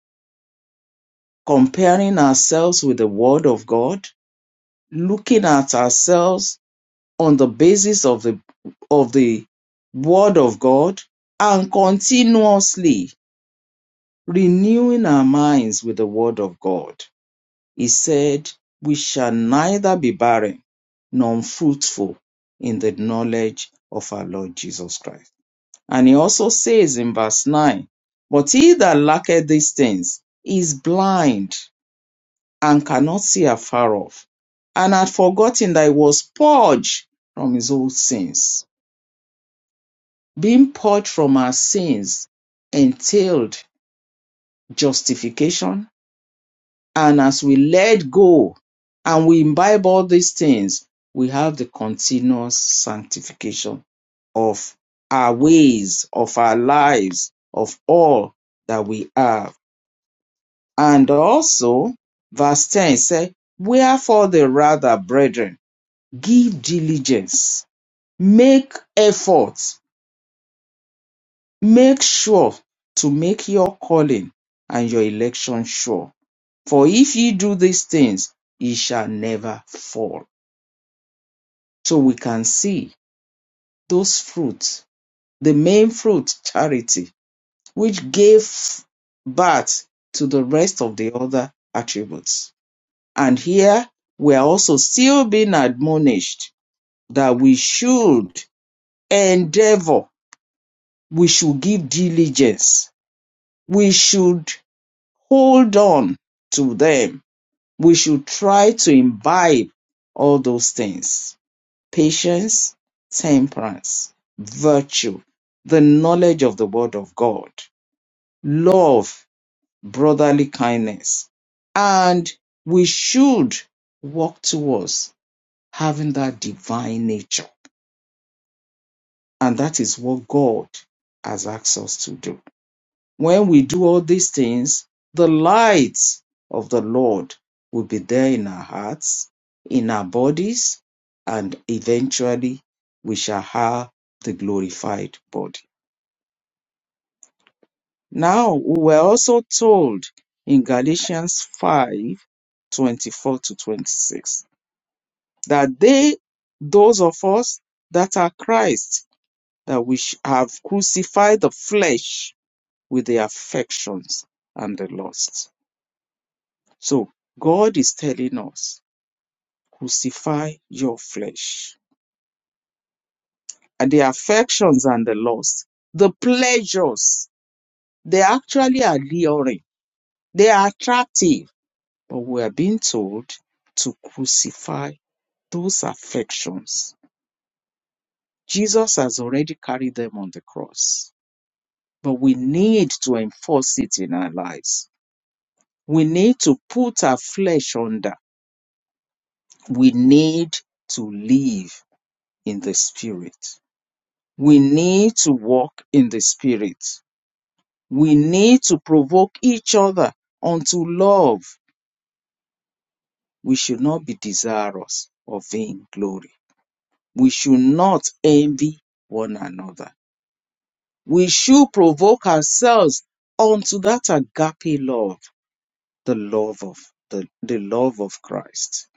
[SPEAKER 2] comparing ourselves with the Word of God, looking at ourselves on the basis of the of the Word of God, and continuously renewing our minds with the Word of God He said, We shall neither be barren nor unfruitful in the knowledge of our Lord Jesus Christ. And he also says in verse 9, But he that lacketh these things is blind and cannot see afar off, and had forgotten that he was purged from his old sins. Being purged from our sins entailed justification And as we let go and we imbibe all these things, we have the continuous sanctification of our ways, of our lives, of all that we have. And also, verse 10 says, Wherefore the rather, brethren, give diligence, make efforts, make sure to make your calling and your election sure. For if ye do these things, ye shall never fall. So we can see those fruits, the main fruit, charity, which gave birth to the rest of the other attributes. And here we are also still being admonished that we should endeavor, we should give diligence, we should hold on to them, we should try to imbibe all those things patience, temperance, virtue, the knowledge of the word of God, love, brotherly kindness. And we should walk towards having that divine nature. And that is what God has asked us to do. When we do all these things, the light of the Lord will be there in our hearts, in our bodies, and eventually we shall have the glorified body. Now we were also told in Galatians 5 24 to 26 that they, those of us that are Christ, that we sh- have crucified the flesh with the affections and the lusts. So God is telling us, crucify your flesh. And the affections and the lust, the pleasures, they actually are luring. They are attractive. But we are being told to crucify those affections. Jesus has already carried them on the cross. But we need to enforce it in our lives. We need to put our flesh under. We need to live in the spirit. We need to walk in the Spirit. We need to provoke each other unto love. We should not be desirous of vain glory. We should not envy one another. We should provoke ourselves unto that agape love, the love of the, the love of Christ.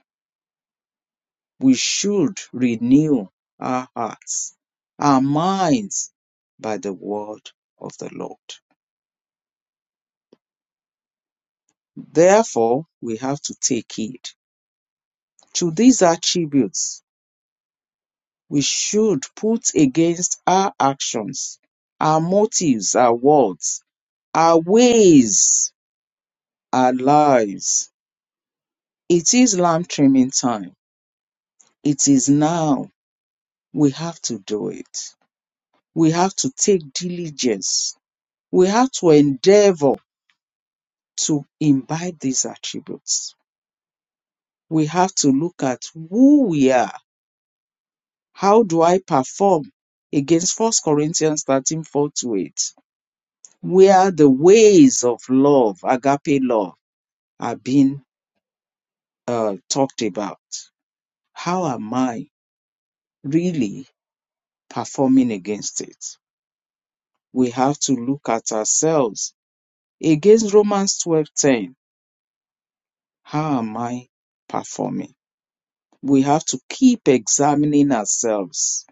[SPEAKER 2] We should renew our hearts, our minds by the word of the Lord. Therefore, we have to take heed to these attributes we should put against our actions, our motives, our words, our ways, our lives. It is lamb trimming time. It is now. We have to do it. We have to take diligence. We have to endeavor to imbibe these attributes. We have to look at who we are how do I perform against First Corinthians 13 4 to 8, where the ways of love, agape love, are being uh, talked about? How am I really performing against it? We have to look at ourselves against Romans twelve ten. How am I performing? We have to keep examining ourselves.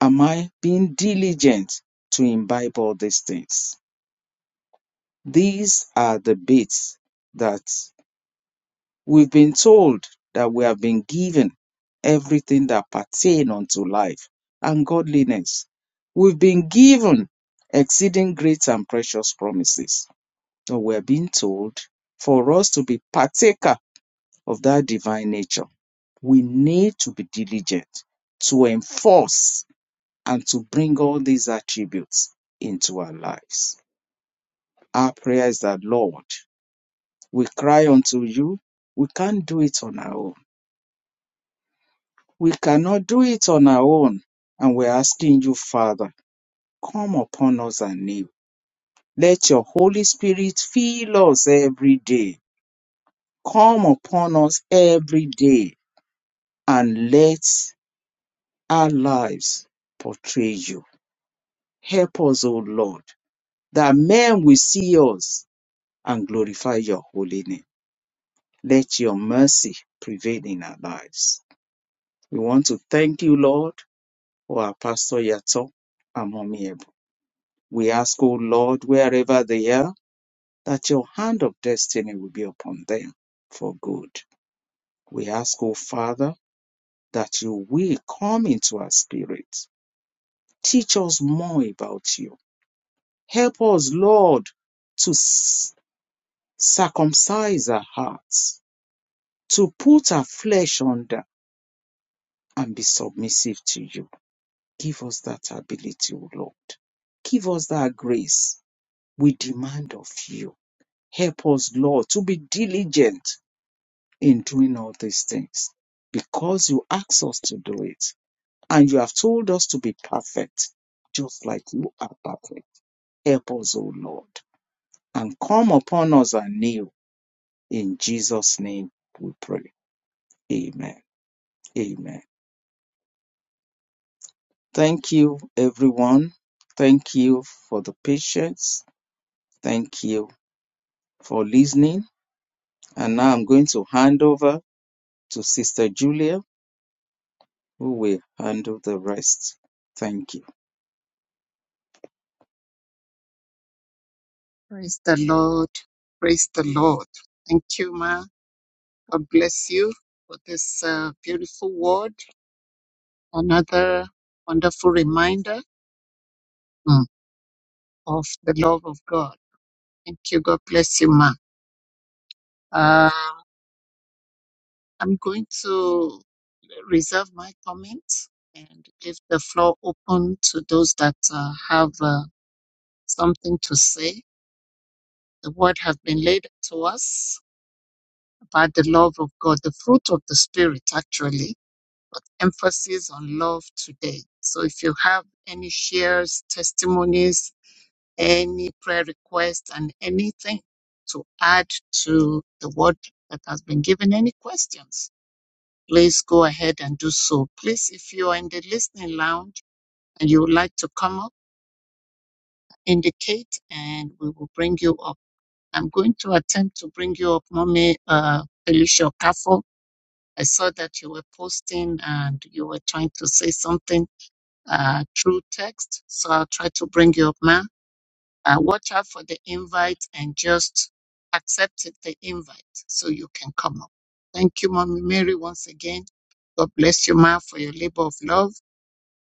[SPEAKER 2] Am I being diligent to imbibe all these things? These are the bits that we've been told that we have been given everything that pertain unto life and godliness. We've been given exceeding great and precious promises. So we're being told for us to be partaker of that divine nature, we need to be diligent to enforce and to bring all these attributes into our lives. Our prayer is that, Lord, We cry unto you. We can't do it on our own. We cannot do it on our own. And we're asking you, Father, come upon us anew. Let your Holy Spirit fill us every day. Come upon us every day and let our lives portray you. Help us, O Lord, that men will see us and glorify your holy name. Let your mercy prevail in our lives. We want to thank you, Lord for our pastor Yato and mommy Ebu. We ask, O Lord, wherever they are, that your hand of destiny will be upon them for good. We ask, O Father, that you will come into our spirit. Teach us more about you. Help us, Lord, to s- circumcise our hearts, to put our flesh under and be submissive to you. Give us that ability, O Lord. Give us that grace we demand of you Help us, Lord, to be diligent in doing all these things because you asked us to do it and you have told us to be perfect, just like you are perfect. Help us, O Lord, and come upon us anew. In Jesus' name we pray. Amen. Amen. Thank you, everyone. Thank you for the patience. Thank you for listening. And now I'm going to hand over to Sister Julia who will handle the rest. Thank you.
[SPEAKER 1] Praise the Lord. Praise the Lord. Thank you, Ma. God bless you for this uh, beautiful word. Another wonderful reminder mm, of the love of God. Thank you. God bless you, Ma. Uh, I'm going to reserve my comments and leave the floor open to those that uh, have uh, something to say. The word has been laid to us about the love of God, the fruit of the Spirit, actually. emphasis on love today. So if you have any shares, testimonies, any prayer requests, and anything to add to the word that has been given, any questions, please go ahead and do so. Please, if you are in the listening lounge and you would like to come up, indicate and we will bring you up. I'm going to attempt to bring you up, Mommy uh, Felicia Kafo. I saw that you were posting and you were trying to say something uh, through text. So I'll try to bring you up, ma. Uh, watch out for the invite and just accept it, the invite so you can come up. Thank you, Mommy Mary, once again. God bless you, ma, for your labor of love,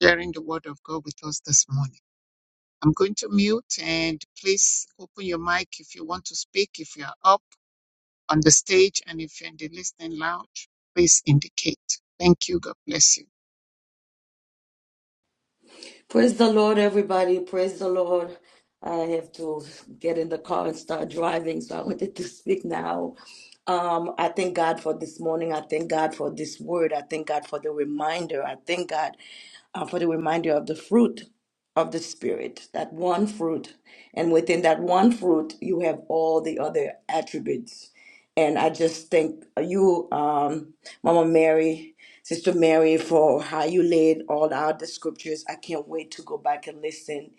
[SPEAKER 1] sharing the word of God with us this morning. I'm going to mute and please open your mic if you want to speak, if you're up on the stage and if you're in the listening lounge, please indicate. Thank you. God bless you.
[SPEAKER 3] Praise the Lord, everybody. Praise the Lord. I have to get in the car and start driving, so I wanted to speak now. Um, I thank God for this morning. I thank God for this word. I thank God for the reminder. I thank God uh, for the reminder of the fruit of the Spirit, that one fruit. And within that one fruit, you have all the other attributes and I just thank you, um, Mama Mary, Sister Mary, for how you laid all out the scriptures. I can't wait to go back and listen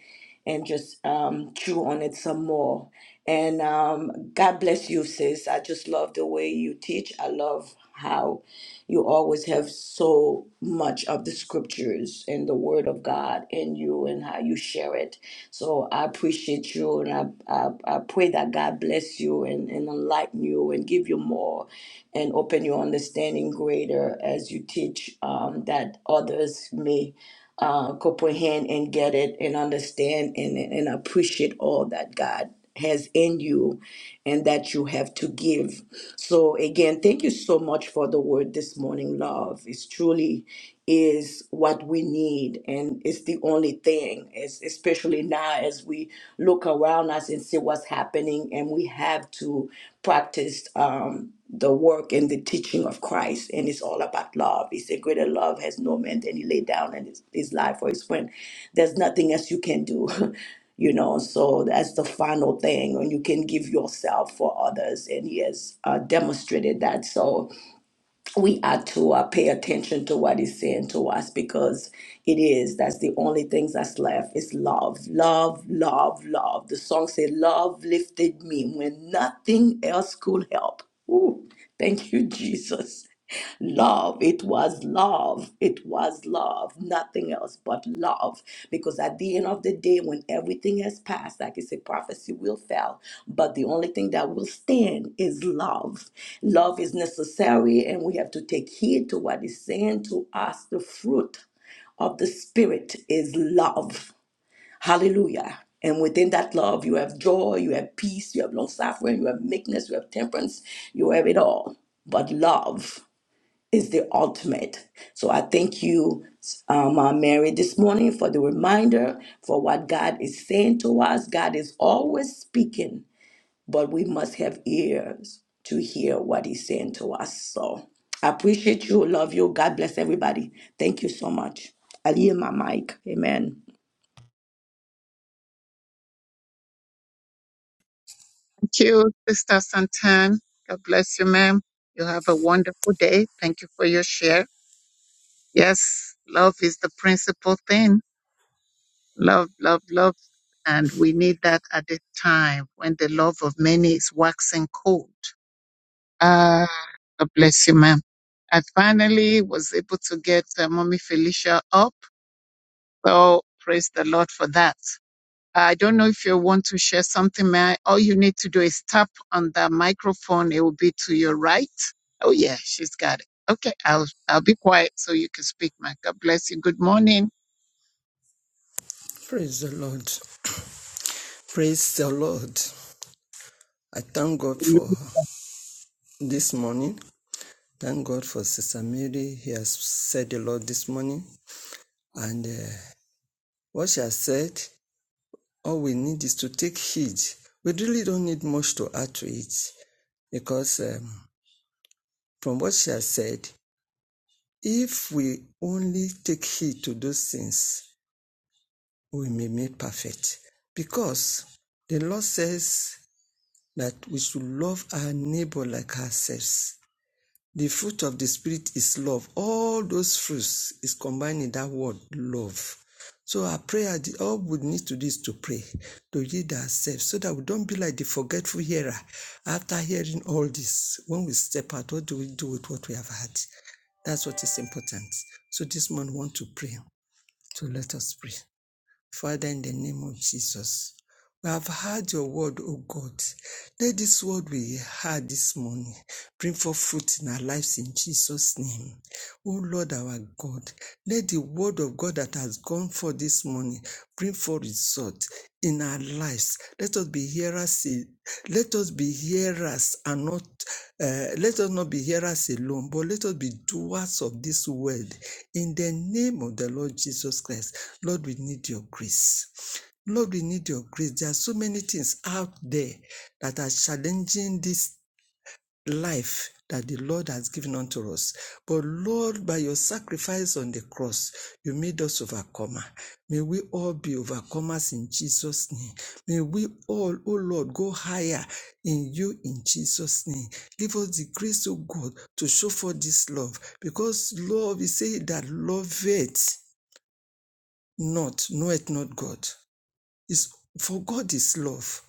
[SPEAKER 3] and just um, chew on it some more. And um, God bless you, sis. I just love the way you teach. I love how you always have so much of the scriptures and the word of God in you and how you share it. So I appreciate you and I, I, I pray that God bless you and, and enlighten you and give you more and open your understanding greater as you teach um, that others may uh, comprehend and get it and understand and, and appreciate all that God has in you and that you have to give. So again, thank you so much for the word this morning, love. It's truly is what we need and it's the only thing, es- especially now as we look around us see what's happening, and we have to practice um, the work and the teaching of Christ. And it's all about love. He said, Greater love has no man than he laid down in his, his life for his friend. There's nothing else you can do. You know, so that's the final thing, and you can give yourself for others, and he has uh, demonstrated that. So, we ought to uh, pay attention to what he's saying to us because it is that's the only thing that's left is love love love love the song said love lifted me when nothing else could help Ooh, thank you jesus Love. It was love. It was love. Nothing else but love. Because at the end of the day, when everything has passed, like I said, prophecy will fail. But the only thing that will stand is love. Love is necessary, and we have to take heed to what is saying to us. The fruit of the Spirit is love. Hallelujah. And within that love, you have joy, you have peace, you have long suffering, you have meekness, you have temperance, you have it all. But love is the ultimate. So I thank you, um, uh, Mary, this morning for the reminder for what God is saying to us. God is always speaking, but we must have ears to hear what He's saying to us. So I appreciate you, love you. God bless everybody. Thank you so much. I yield my mic. Amen.
[SPEAKER 1] Thank you, Sister Santan. God bless you, ma'am. You have a wonderful day. Thank you for your share. Yes, love is the principal thing. Love, love, love. And we need that at a time when the love of many is waxing cold. Ah, God bless you, ma'am. I finally was able to get uh, Mommy Felicia up. So praise the Lord for that. I don't know if you want to share something, man. All you need to do is tap on the microphone. It will be to your right. Oh yeah, she's got it. Okay, I'll I'll be quiet so you can speak, man. God bless you. Good morning.
[SPEAKER 4] Praise the Lord. Praise the Lord. I thank God for
[SPEAKER 1] Amen.
[SPEAKER 4] this morning. Thank God for Sister Mary. He has said a lot this morning. And uh, what she has said, all we need is to take heed. We really don't need much to add to it because um, from what she has said, if we only take heed to those things, we may be perfect. Because the Lord says that we should love our neighbor like ourselves. The fruit of the Spirit is love. All those fruits is combined in that word, love. So our prayer, all we need to do is to pray, to yield ourselves, so that we don't be like the forgetful hearer. After hearing all this, when we step out, what do we do with what we have had? That's what is important. So this morning, we want to pray. So let us pray. Father, in the name of Jesus. We have heard your word, O God. Let this word we heard this morning bring forth fruit in our lives in Jesus' name. O Lord our God, let the word of God that has gone forth this morning bring forth result in our lives. Let us be hearers. Let us be hearers and not. Uh, let us not be hearers alone, but let us be doers of this word. In the name of the Lord Jesus Christ, Lord, we need your grace. Lord, we need your grace. There are so many things out there that are challenging this life that the Lord has given unto us. But Lord, by your sacrifice on the cross, you made us overcomer. May we all be overcomers in Jesus' name. May we all, oh Lord, go higher in you in Jesus' name. Give us the grace, oh God, to show forth this love. Because Lord, we say that love it not, knoweth not God. Is for God is love.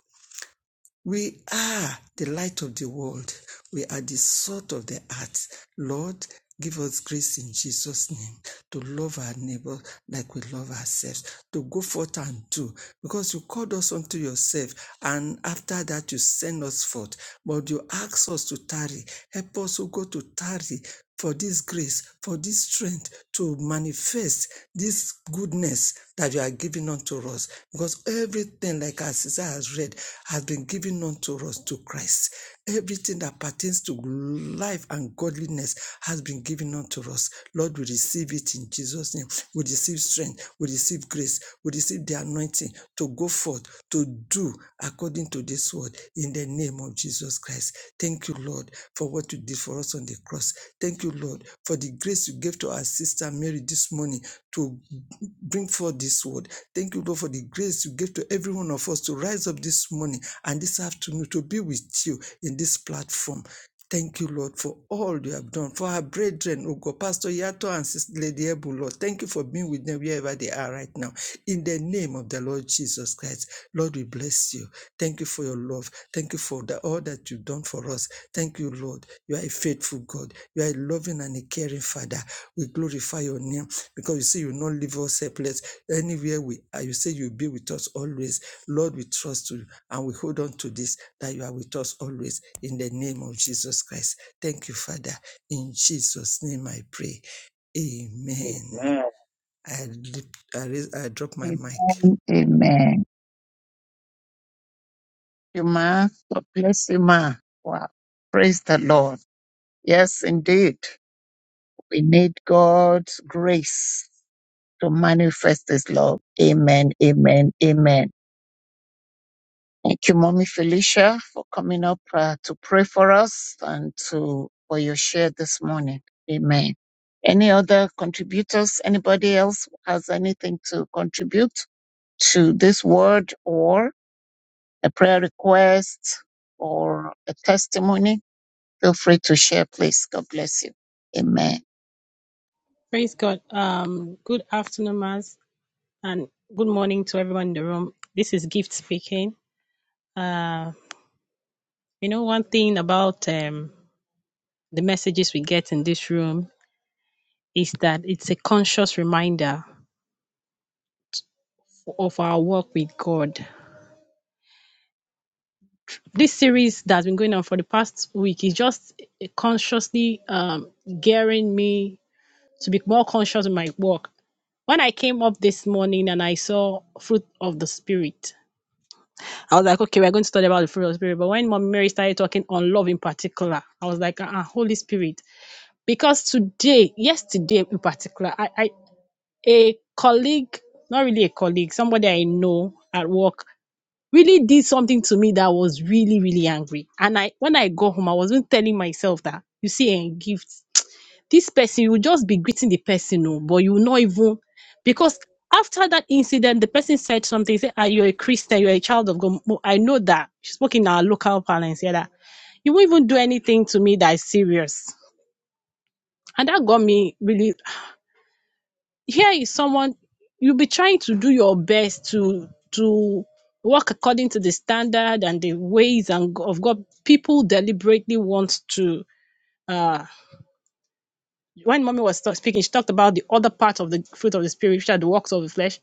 [SPEAKER 4] We are the light of the world. We are the salt of the earth. Lord, give us grace in Jesus' name to love our neighbor like we love ourselves, to go forth and do. Because you called us unto yourself, and after that you send us forth. But you ask us to tarry. Help us to go to tarry for this grace, for this strength to manifest this goodness that you are giving unto us. Because everything, like our sister has read, has been given unto us to Christ. Everything that pertains to life and godliness has been given unto us. Lord, we receive it in Jesus' name. We receive strength. We receive grace. We receive receive the anointing to go forth, to do according to this word in the name of Jesus Christ. Thank you, Lord, for what you did for us on the cross. Thank you, Lord, for the grace you gave to our sister Mary this morning to bring forth this word. Thank you, Lord, for the grace you gave to every one of us to rise up this morning and this afternoon to be with you in this platform. Thank you, Lord, for all you have done for our brethren, oh God, Pastor Yato and Sister Lady Ebu, Lord. Thank you for being with them wherever they are right now. In the name of the Lord Jesus Christ, Lord, we bless you. Thank you for your love. Thank you for the, all that you've done for us. Thank you, Lord. You are a faithful God. You are a loving and a caring Father. We glorify your name because you say you will not leave us helpless. Anywhere we are, you say you'll be with us always. Lord, we trust you and we hold on to this that you are with us always in the name of Jesus Christ. Thank you, Father. In Jesus' name I pray. Amen.
[SPEAKER 2] Amen.
[SPEAKER 4] I, lift- I, raise- I drop my mic.
[SPEAKER 1] Amen. You ma. God bless you, ma. Wow. Praise the Lord. Yes, indeed. We need God's grace to manifest His love. Amen. Amen. Amen. Thank you, Mommy Felicia, for coming up uh, to pray for us and to for your share this morning. Amen. Any other contributors? Anybody else has anything to contribute to this word or a prayer request or a testimony? Feel free to share, please. God bless you. Amen.
[SPEAKER 5] Praise God. Um, good afternoon, Mass, and good morning to everyone in the room. This is Gift speaking. Uh, you know, one thing about um, the messages we get in this room is that it's a conscious reminder of our work with God. This series that's been going on for the past week is just consciously um, gearing me to be more conscious in my work. When I came up this morning and I saw fruit of the spirit, I was like, okay, we're going to study about the fruit of the spirit. But when Mom Mary started talking on love in particular, I was like, uh-uh, Holy Spirit. Because today, yesterday in particular, I, I a colleague, not really a colleague, somebody I know at work really did something to me that was really, really angry. And I when I go home, I wasn't telling myself that you see a gift this person you will just be greeting the person oh, but you will not even because after that incident the person said something he said ah, you're a christian you're a child of god Mo- i know that she spoke in our local parlance yeah that you won't even do anything to me that is serious and that got me really here is someone you'll be trying to do your best to to work according to the standard and the ways and g- of god people deliberately want to uh when mommy was speaking, she talked about the other part of the fruit of the spirit, which are the works of the flesh.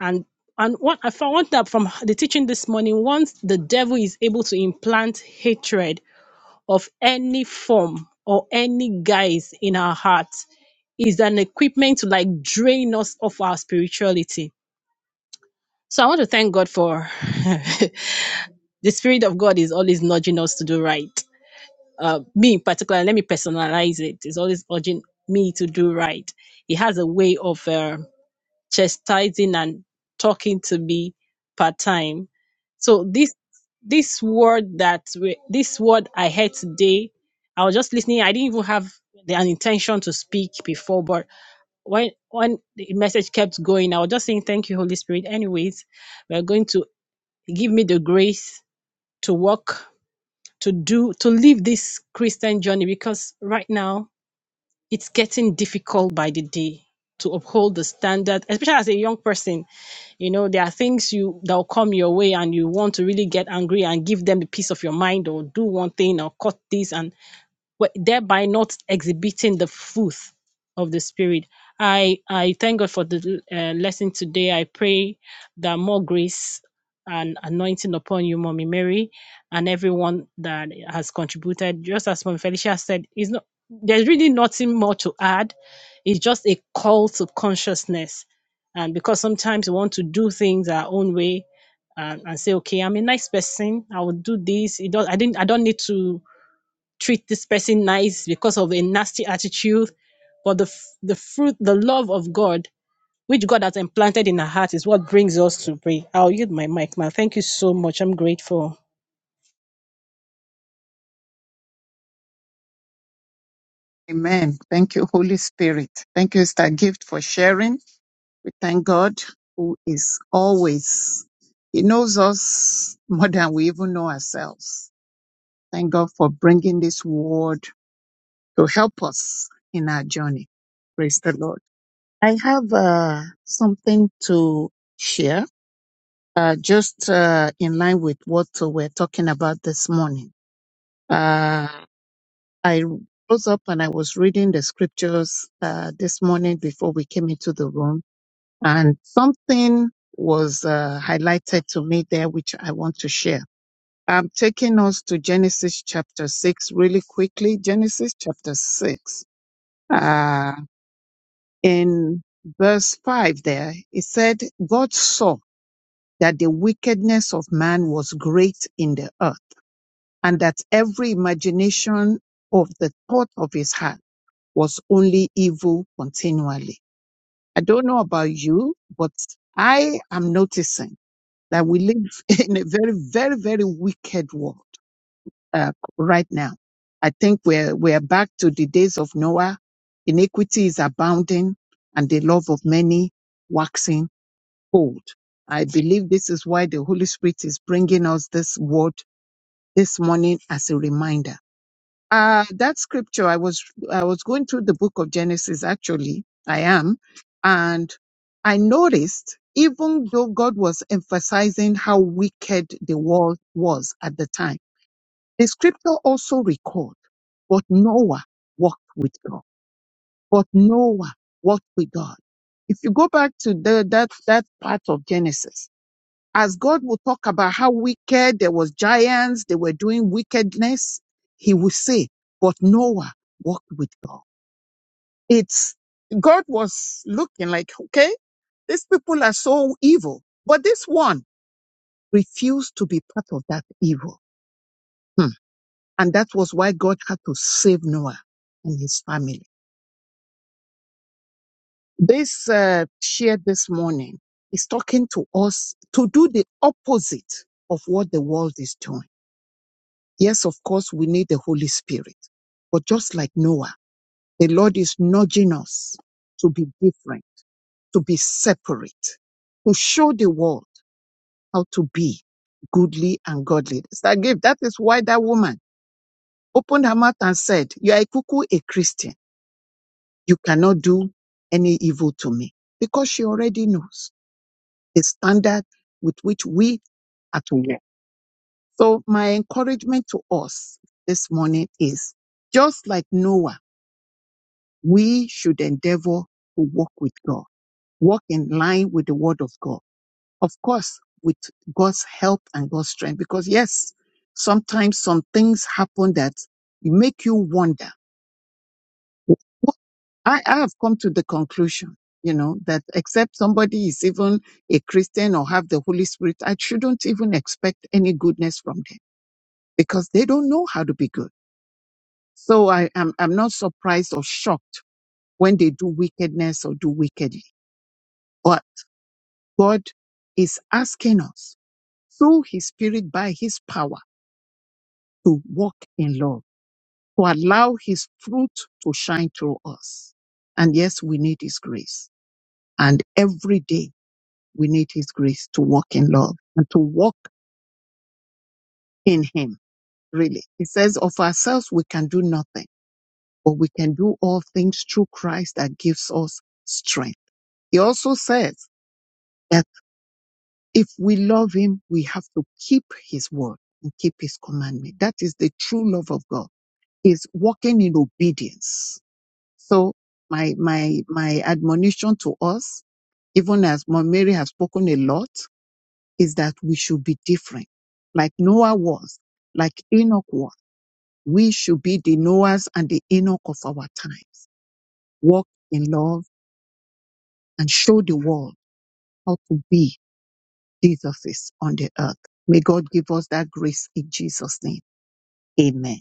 [SPEAKER 5] And and what I found one that from the teaching this morning, once the devil is able to implant hatred of any form or any guise in our hearts, is an equipment to like drain us of our spirituality. So I want to thank God for the spirit of God is always nudging us to do right. uh, me in particular, let me personalize it. it, is always urging me to do right. He has a way of uh, chastising and talking to me part time. So this this word that we, this word I heard today, I was just listening. I didn't even have the, an intention to speak before, but when when the message kept going, I was just saying thank you, Holy Spirit. Anyways, we're going to give me the grace to walk to do to live this Christian journey because right now it's getting difficult by the day to uphold the standard, especially as a young person. You know, there are things you that will come your way and you want to really get angry and give them a piece of your mind or do one thing or cut this and wh- thereby not exhibiting the fruit of the spirit. I I thank God for the uh, lesson today. I pray that more grace and anointing upon you, Mommy Mary, and everyone that has contributed. Just as Mommy Felicia said, it's not there's really nothing more to add. It's just a call to consciousness, and because sometimes we want to do things our own way. And, and say, okay, I'm a nice person. I will do this. It does, I didn't. I don't need to treat this person nice because of a nasty attitude. But the, f- the fruit, the love of God, which God has implanted in our heart, is what brings us to pray. I'll yield my mic now. Thank you so much. I'm grateful.
[SPEAKER 1] Amen. Thank you, Holy Spirit. Thank you, Star Gift, for sharing. We thank God who is always, He knows us more than we even know ourselves. Thank God for bringing this word to help us in our journey. Praise the Lord. I have uh, something to share, uh, just uh, in line with what uh, we're talking about this morning. Uh, I rose up and I was reading the scriptures uh, this morning before we came into the room And something was uh, highlighted to me there, which I want to share. I'm taking us to Genesis chapter 6 really quickly. Genesis chapter 6. Uh, in verse 5 there, it said, God saw that the wickedness of man was great in the earth and that every imagination of the thought of his heart was only evil continually. I don't know about you, but I am noticing that we live in a very, very, very wicked world uh, right now. I think we're we're back to the days of Noah. Iniquity is abounding, and the love of many waxing old. I believe this is why the Holy Spirit is bringing us this word this morning as a reminder uh, that scripture, I was I was going through the book of Genesis. Actually, I am, and I noticed even though God was emphasizing how wicked the world was at the time, the scripture also record, but Noah walked with God. But Noah walked with God. If you go back to the, that that part of Genesis, as God will talk about how wicked there was giants, they were doing wickedness, he will say, but Noah walked with God. It's God was looking like, okay, these people are so evil, but this one refused to be part of that evil. Hmm. And that was why God had to save Noah and his family. This uh, share this morning is talking to us to do the opposite of what the world is doing Yes, of course, we need the Holy Spirit. But just like Noah, the Lord is nudging us to be different, to be separate, to show the world how to be goodly and godly. Sister Gabe, that is why that woman opened her mouth and said, You are a cuckoo, a Christian. You cannot do any evil to me. Because she already knows the standard with which we are to walk. So my encouragement to us this morning is just like Noah. we should endeavor to walk with God, walk in line with the word of God. Of course, with God's help and God's strength, because yes, sometimes some things happen that make you wonder. What- I, I have come to the conclusion, you know, that except somebody is even a Christian or have the Holy Spirit, I shouldn't even expect any goodness from them because they don't know how to be good. So I am, I'm not surprised or shocked when they do wickedness or do wickedly God is asking us through His Spirit by His power to walk in love, to allow His truth to shine through us. And yes, we need His grace. And every day we need His grace to walk in love and to walk in Him, really. He says of ourselves, we can do nothing, but we can do all things through Christ that gives us strength. He also says, that. If we love him, we have to keep his word and keep his commandment. That is the true love of God is walking in obedience. So my, my, my admonition to us, even as Mom Mary has spoken a lot, is that we should be different. Like Noah was, like Enoch was. We should be the Noahs and the Enoch of our times. Walk in love and show the world how to be Jesus on the earth. May God give us that grace in Jesus' name. Amen.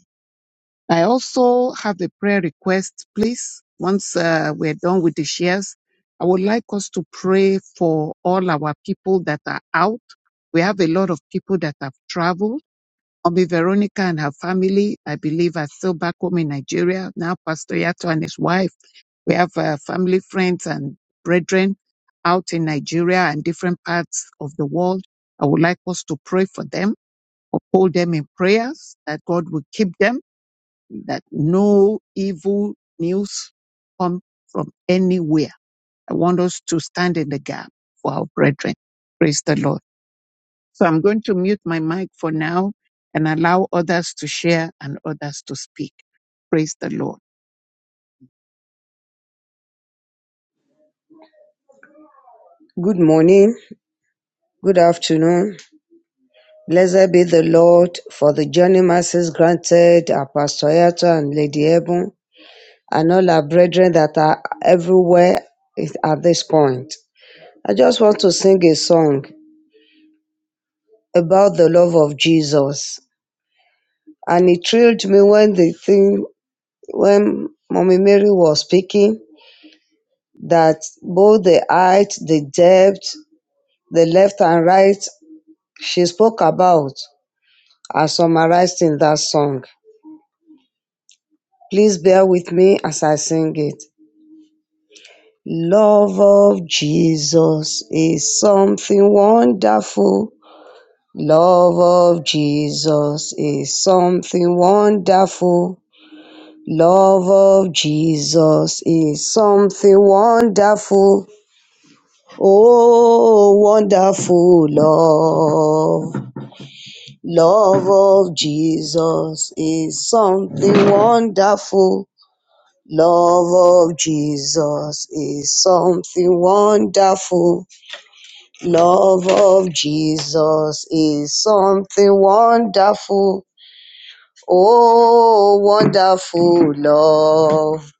[SPEAKER 1] I also have a prayer request, please. Once uh, we're done with the shares, I would like us to pray for all our people that are out. We have a lot of people that have traveled. Omi Veronica and her family, I believe, are still back home in Nigeria. Now, Pastor Yato and his wife. We have uh, family, friends, and brethren out in Nigeria and different parts of the world. I would like us to pray for them, uphold them in prayers, that God will keep them that no evil news come from anywhere. I want us to stand in the gap for our brethren. Praise the Lord. So I'm going to mute my mic for now and allow others to share and others to speak. Praise the Lord.
[SPEAKER 6] Good morning, good afternoon. Blessed be the Lord for the journey mercies granted our Pastor Yato and Lady Ebun, and all our brethren that are everywhere at this point. I just want to sing a song about the love of Jesus. And it thrilled me when the thing, when Mommy Mary was speaking, that both the height, the depth, the left and right, she spoke about are summarized in that song. Please bear with me as I sing it. Love of Jesus is something wonderful. Love of Jesus is something wonderful. Love of Jesus is something wonderful. Oh, wonderful love. Love of Jesus is something wonderful. Love of Jesus is something wonderful. Love of Jesus is something wonderful. Oh, wonderful love.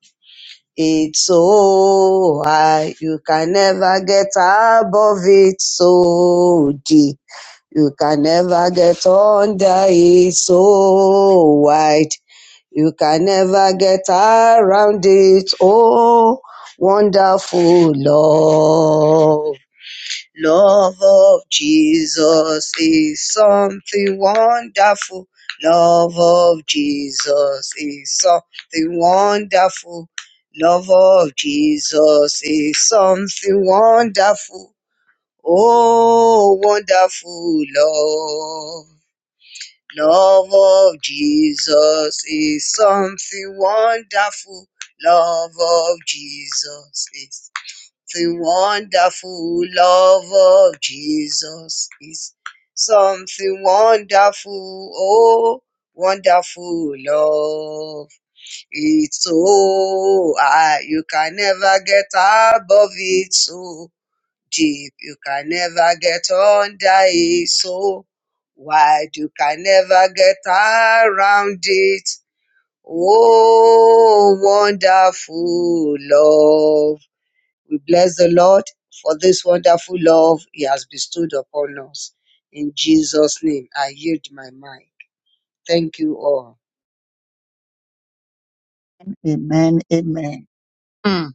[SPEAKER 6] It's so high. You can never get above it. So deep. You can never get under it. So wide. You can never get around it. Oh, wonderful love. Love of Jesus is something wonderful. Love of Jesus is something wonderful. Love of Jesus is something wonderful. Oh, wonderful love. Love of Jesus is something wonderful. Love of Jesus is something wonderful. Love of Jesus is something wonderful. Oh, wonderful love. It's so high. You can never get above it. So deep. You can never get under it so wide. You can never get around it. Oh, wonderful love. We bless the Lord for this wonderful love He has bestowed upon us. In Jesus' name, I yield my mind. Thank you all.
[SPEAKER 1] Amen. Amen. Mm.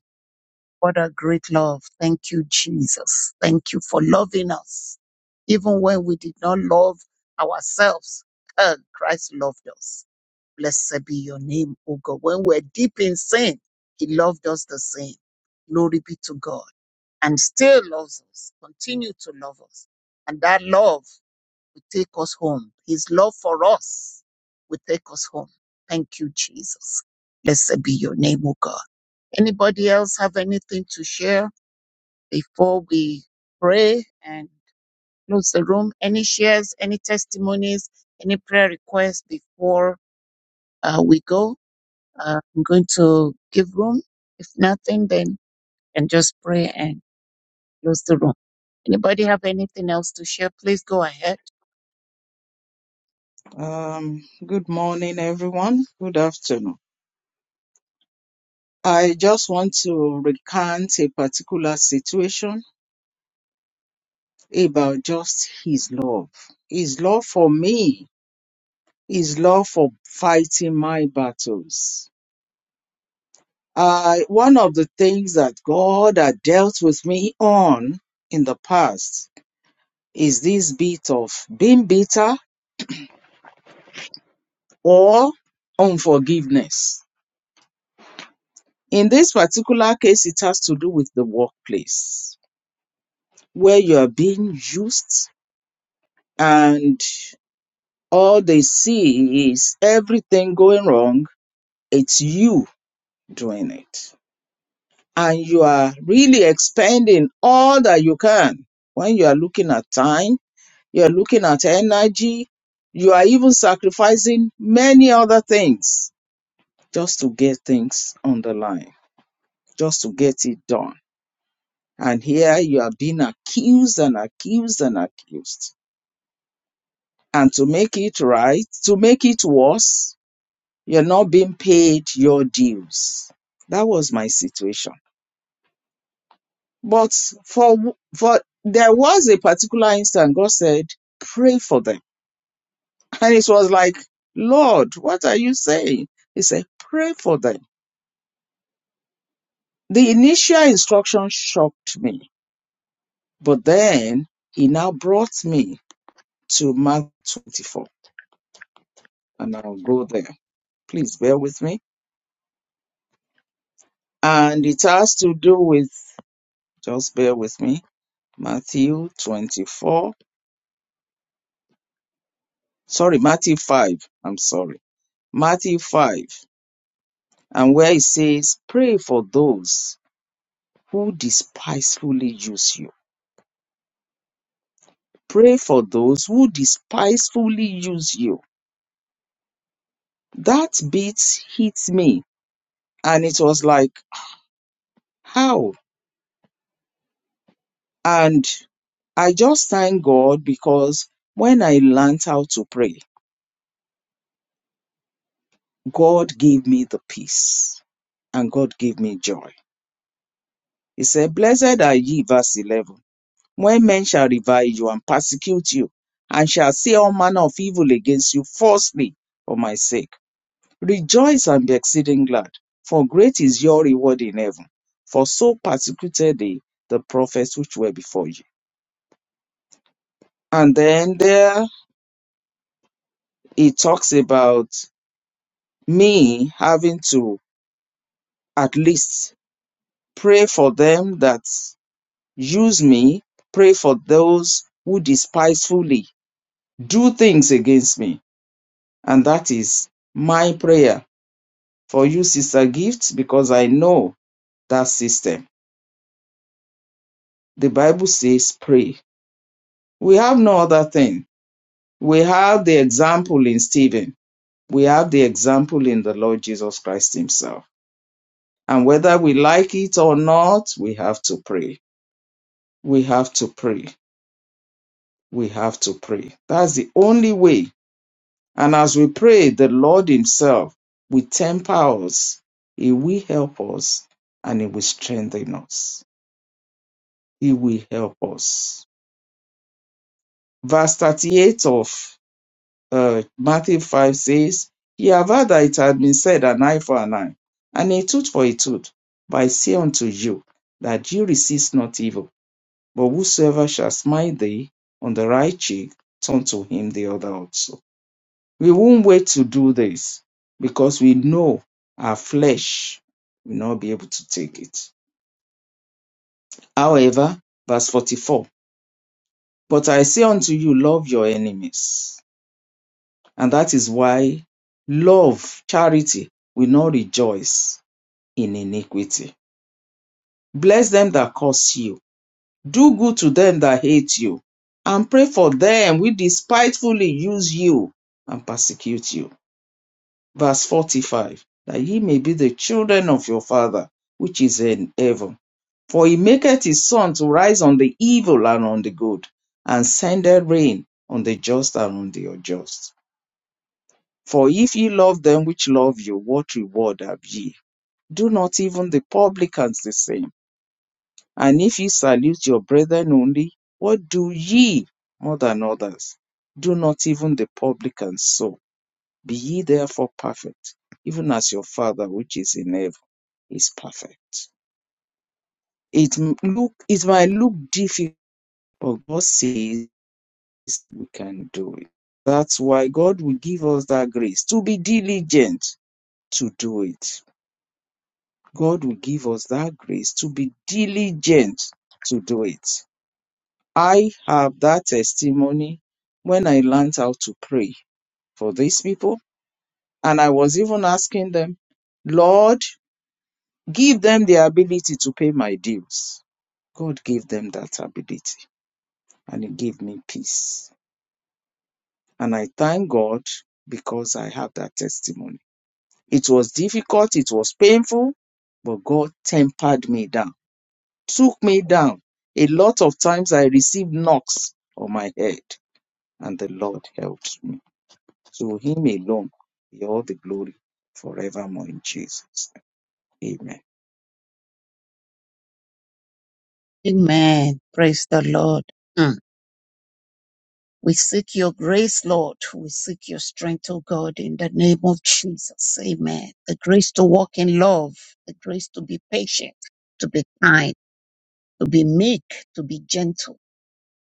[SPEAKER 1] What a great love. Thank you, Jesus. Thank you for loving us. Even when we did not love ourselves, uh, Christ loved us. Blessed be your name, O God. When we're deep in sin, He loved us the same. Glory be to God. And still loves us, continue to love us. And that love will take us home. His love for us will take us home. Thank you, Jesus. Blessed be your name, O God. Anybody else have anything to share? before we pray and close the room. Any shares, any testimonies, any prayer requests before uh, we go? Uh, I'm going to give room. If nothing, then and just pray and close the room. Anybody have anything else to share? Please go ahead.
[SPEAKER 2] Um, good morning, everyone. Good afternoon. I just want to recount a particular situation about just his love. His love for me, his love for fighting my battles. I, one of the things that God had dealt with me on in the past is this bit of being bitter or unforgiveness In this particular case, it has to do with the workplace where you are being used and all they see is everything going wrong. It's you doing it. And you are really expending all that you can when you are looking at time, you are looking at energy, you are even sacrificing many other things just to get things on the line, just to get it done And here you are being accused and accused and accused. And to make it right, to make it worse, you're not being paid your dues. That was my situation. But for for there was a particular instance. God said, pray for them. And it was like, Lord, what are you saying? He said, pray for them. The initial instruction shocked me, but then he now brought me to Mark 24, and I'll go there. Please bear with me. And it has to do with, just bear with me, Matthew 24. Sorry, Matthew 5. I'm sorry. Matthew 5. And where it says, Pray for those who despisefully use you. Pray for those who despisefully use you. That bit hit me. And it was like, How? And I just thank God because when I learned how to pray, God gave me the peace and God gave me joy. He said, Blessed are ye, verse 11, when men shall revile you and persecute you, and shall say all manner of evil against you falsely for my sake. Rejoice and be exceeding glad, for great is your reward in heaven. For so persecuted they the prophets which were before you. And then there he talks about me having to at least pray for them that Use me. Pray for those who despisefully do things against me. And that is my prayer for you, Sister Gift, because I know that system. The Bible says, pray. We have no other thing. We have the example in Stephen, we have the example in the Lord Jesus Christ Himself. And whether we like it or not, we have to pray. We have to pray. We have to pray. That's the only way And as we pray, the Lord Himself will temper us. He will help us and He will strengthen us. He will help us. Verse 38 of uh, Matthew 5 says, Ye have heard that it had been said, an eye for an eye, and a tooth for a tooth. But I say unto you, that you resist not evil, but whosoever shall smite thee on the right cheek, turn to him the other also We won't wait to do this because we know our flesh will not be able to take it. However, verse 44 But I say unto you, love your enemies. And that is why love, charity, will not rejoice in iniquity. Bless them that curse you, do good to them that hate you, and pray for them which despitefully use you and persecute you verse 45 that ye may be the children of your father which is in heaven for he maketh his sun to rise on the evil and on the good and sendeth rain on the just and on the unjust for if ye love them which love you what reward have ye do not even the publicans the same and if ye salute your brethren only what do ye more than others do not even the publicans so be ye therefore perfect even as your father which is in heaven is perfect. It m- look it might look difficult, but God says we can do it. That's why God will give us that grace to be diligent to do it. God will give us that grace to be diligent to do it. I have that testimony when I learned how to pray for these people, and I was even asking them, Lord, give them the ability to pay my dues. God gave them that ability and it gave me peace. And I thank God because I have that testimony. It was difficult, it was painful, but God tempered me down, took me down. A lot of times I received knocks on my head, and the Lord helped me. So Him alone be all the glory forevermore in Jesus. Amen.
[SPEAKER 1] Amen. Praise the Lord. Mm. We seek your grace, Lord. We seek your strength, O God, in the name of Jesus. Amen. The grace to walk in love, the grace to be patient, to be kind to be meek, to be gentle.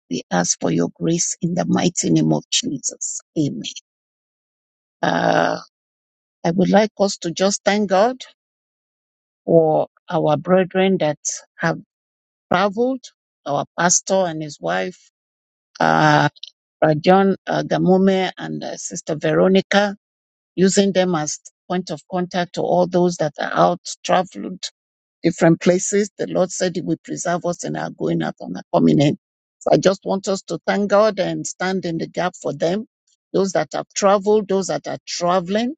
[SPEAKER 1] We ask for your grace in the mighty name of Jesus. Amen. Uh, I would like us to just thank God for our brethren that have traveled, our pastor and his wife, uh, Rajon uh, Gamome and uh, Sister Veronica, using them as point of contact to all those that are out traveling different places. The Lord said He will preserve us in our going out and our coming in. So I just want us to thank God and stand in the gap for them, those that have traveled, those that are traveling,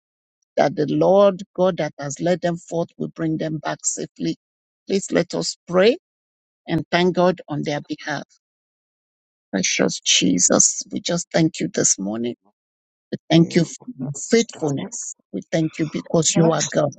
[SPEAKER 1] that the Lord God that has led them forth will bring them back safely. Please let us pray and thank God on their behalf. Precious Jesus, we just thank you this morning. We thank you
[SPEAKER 2] Well,
[SPEAKER 1] for your
[SPEAKER 2] Gustavo,
[SPEAKER 1] faithfulness. We thank you because
[SPEAKER 2] You're
[SPEAKER 1] you are God.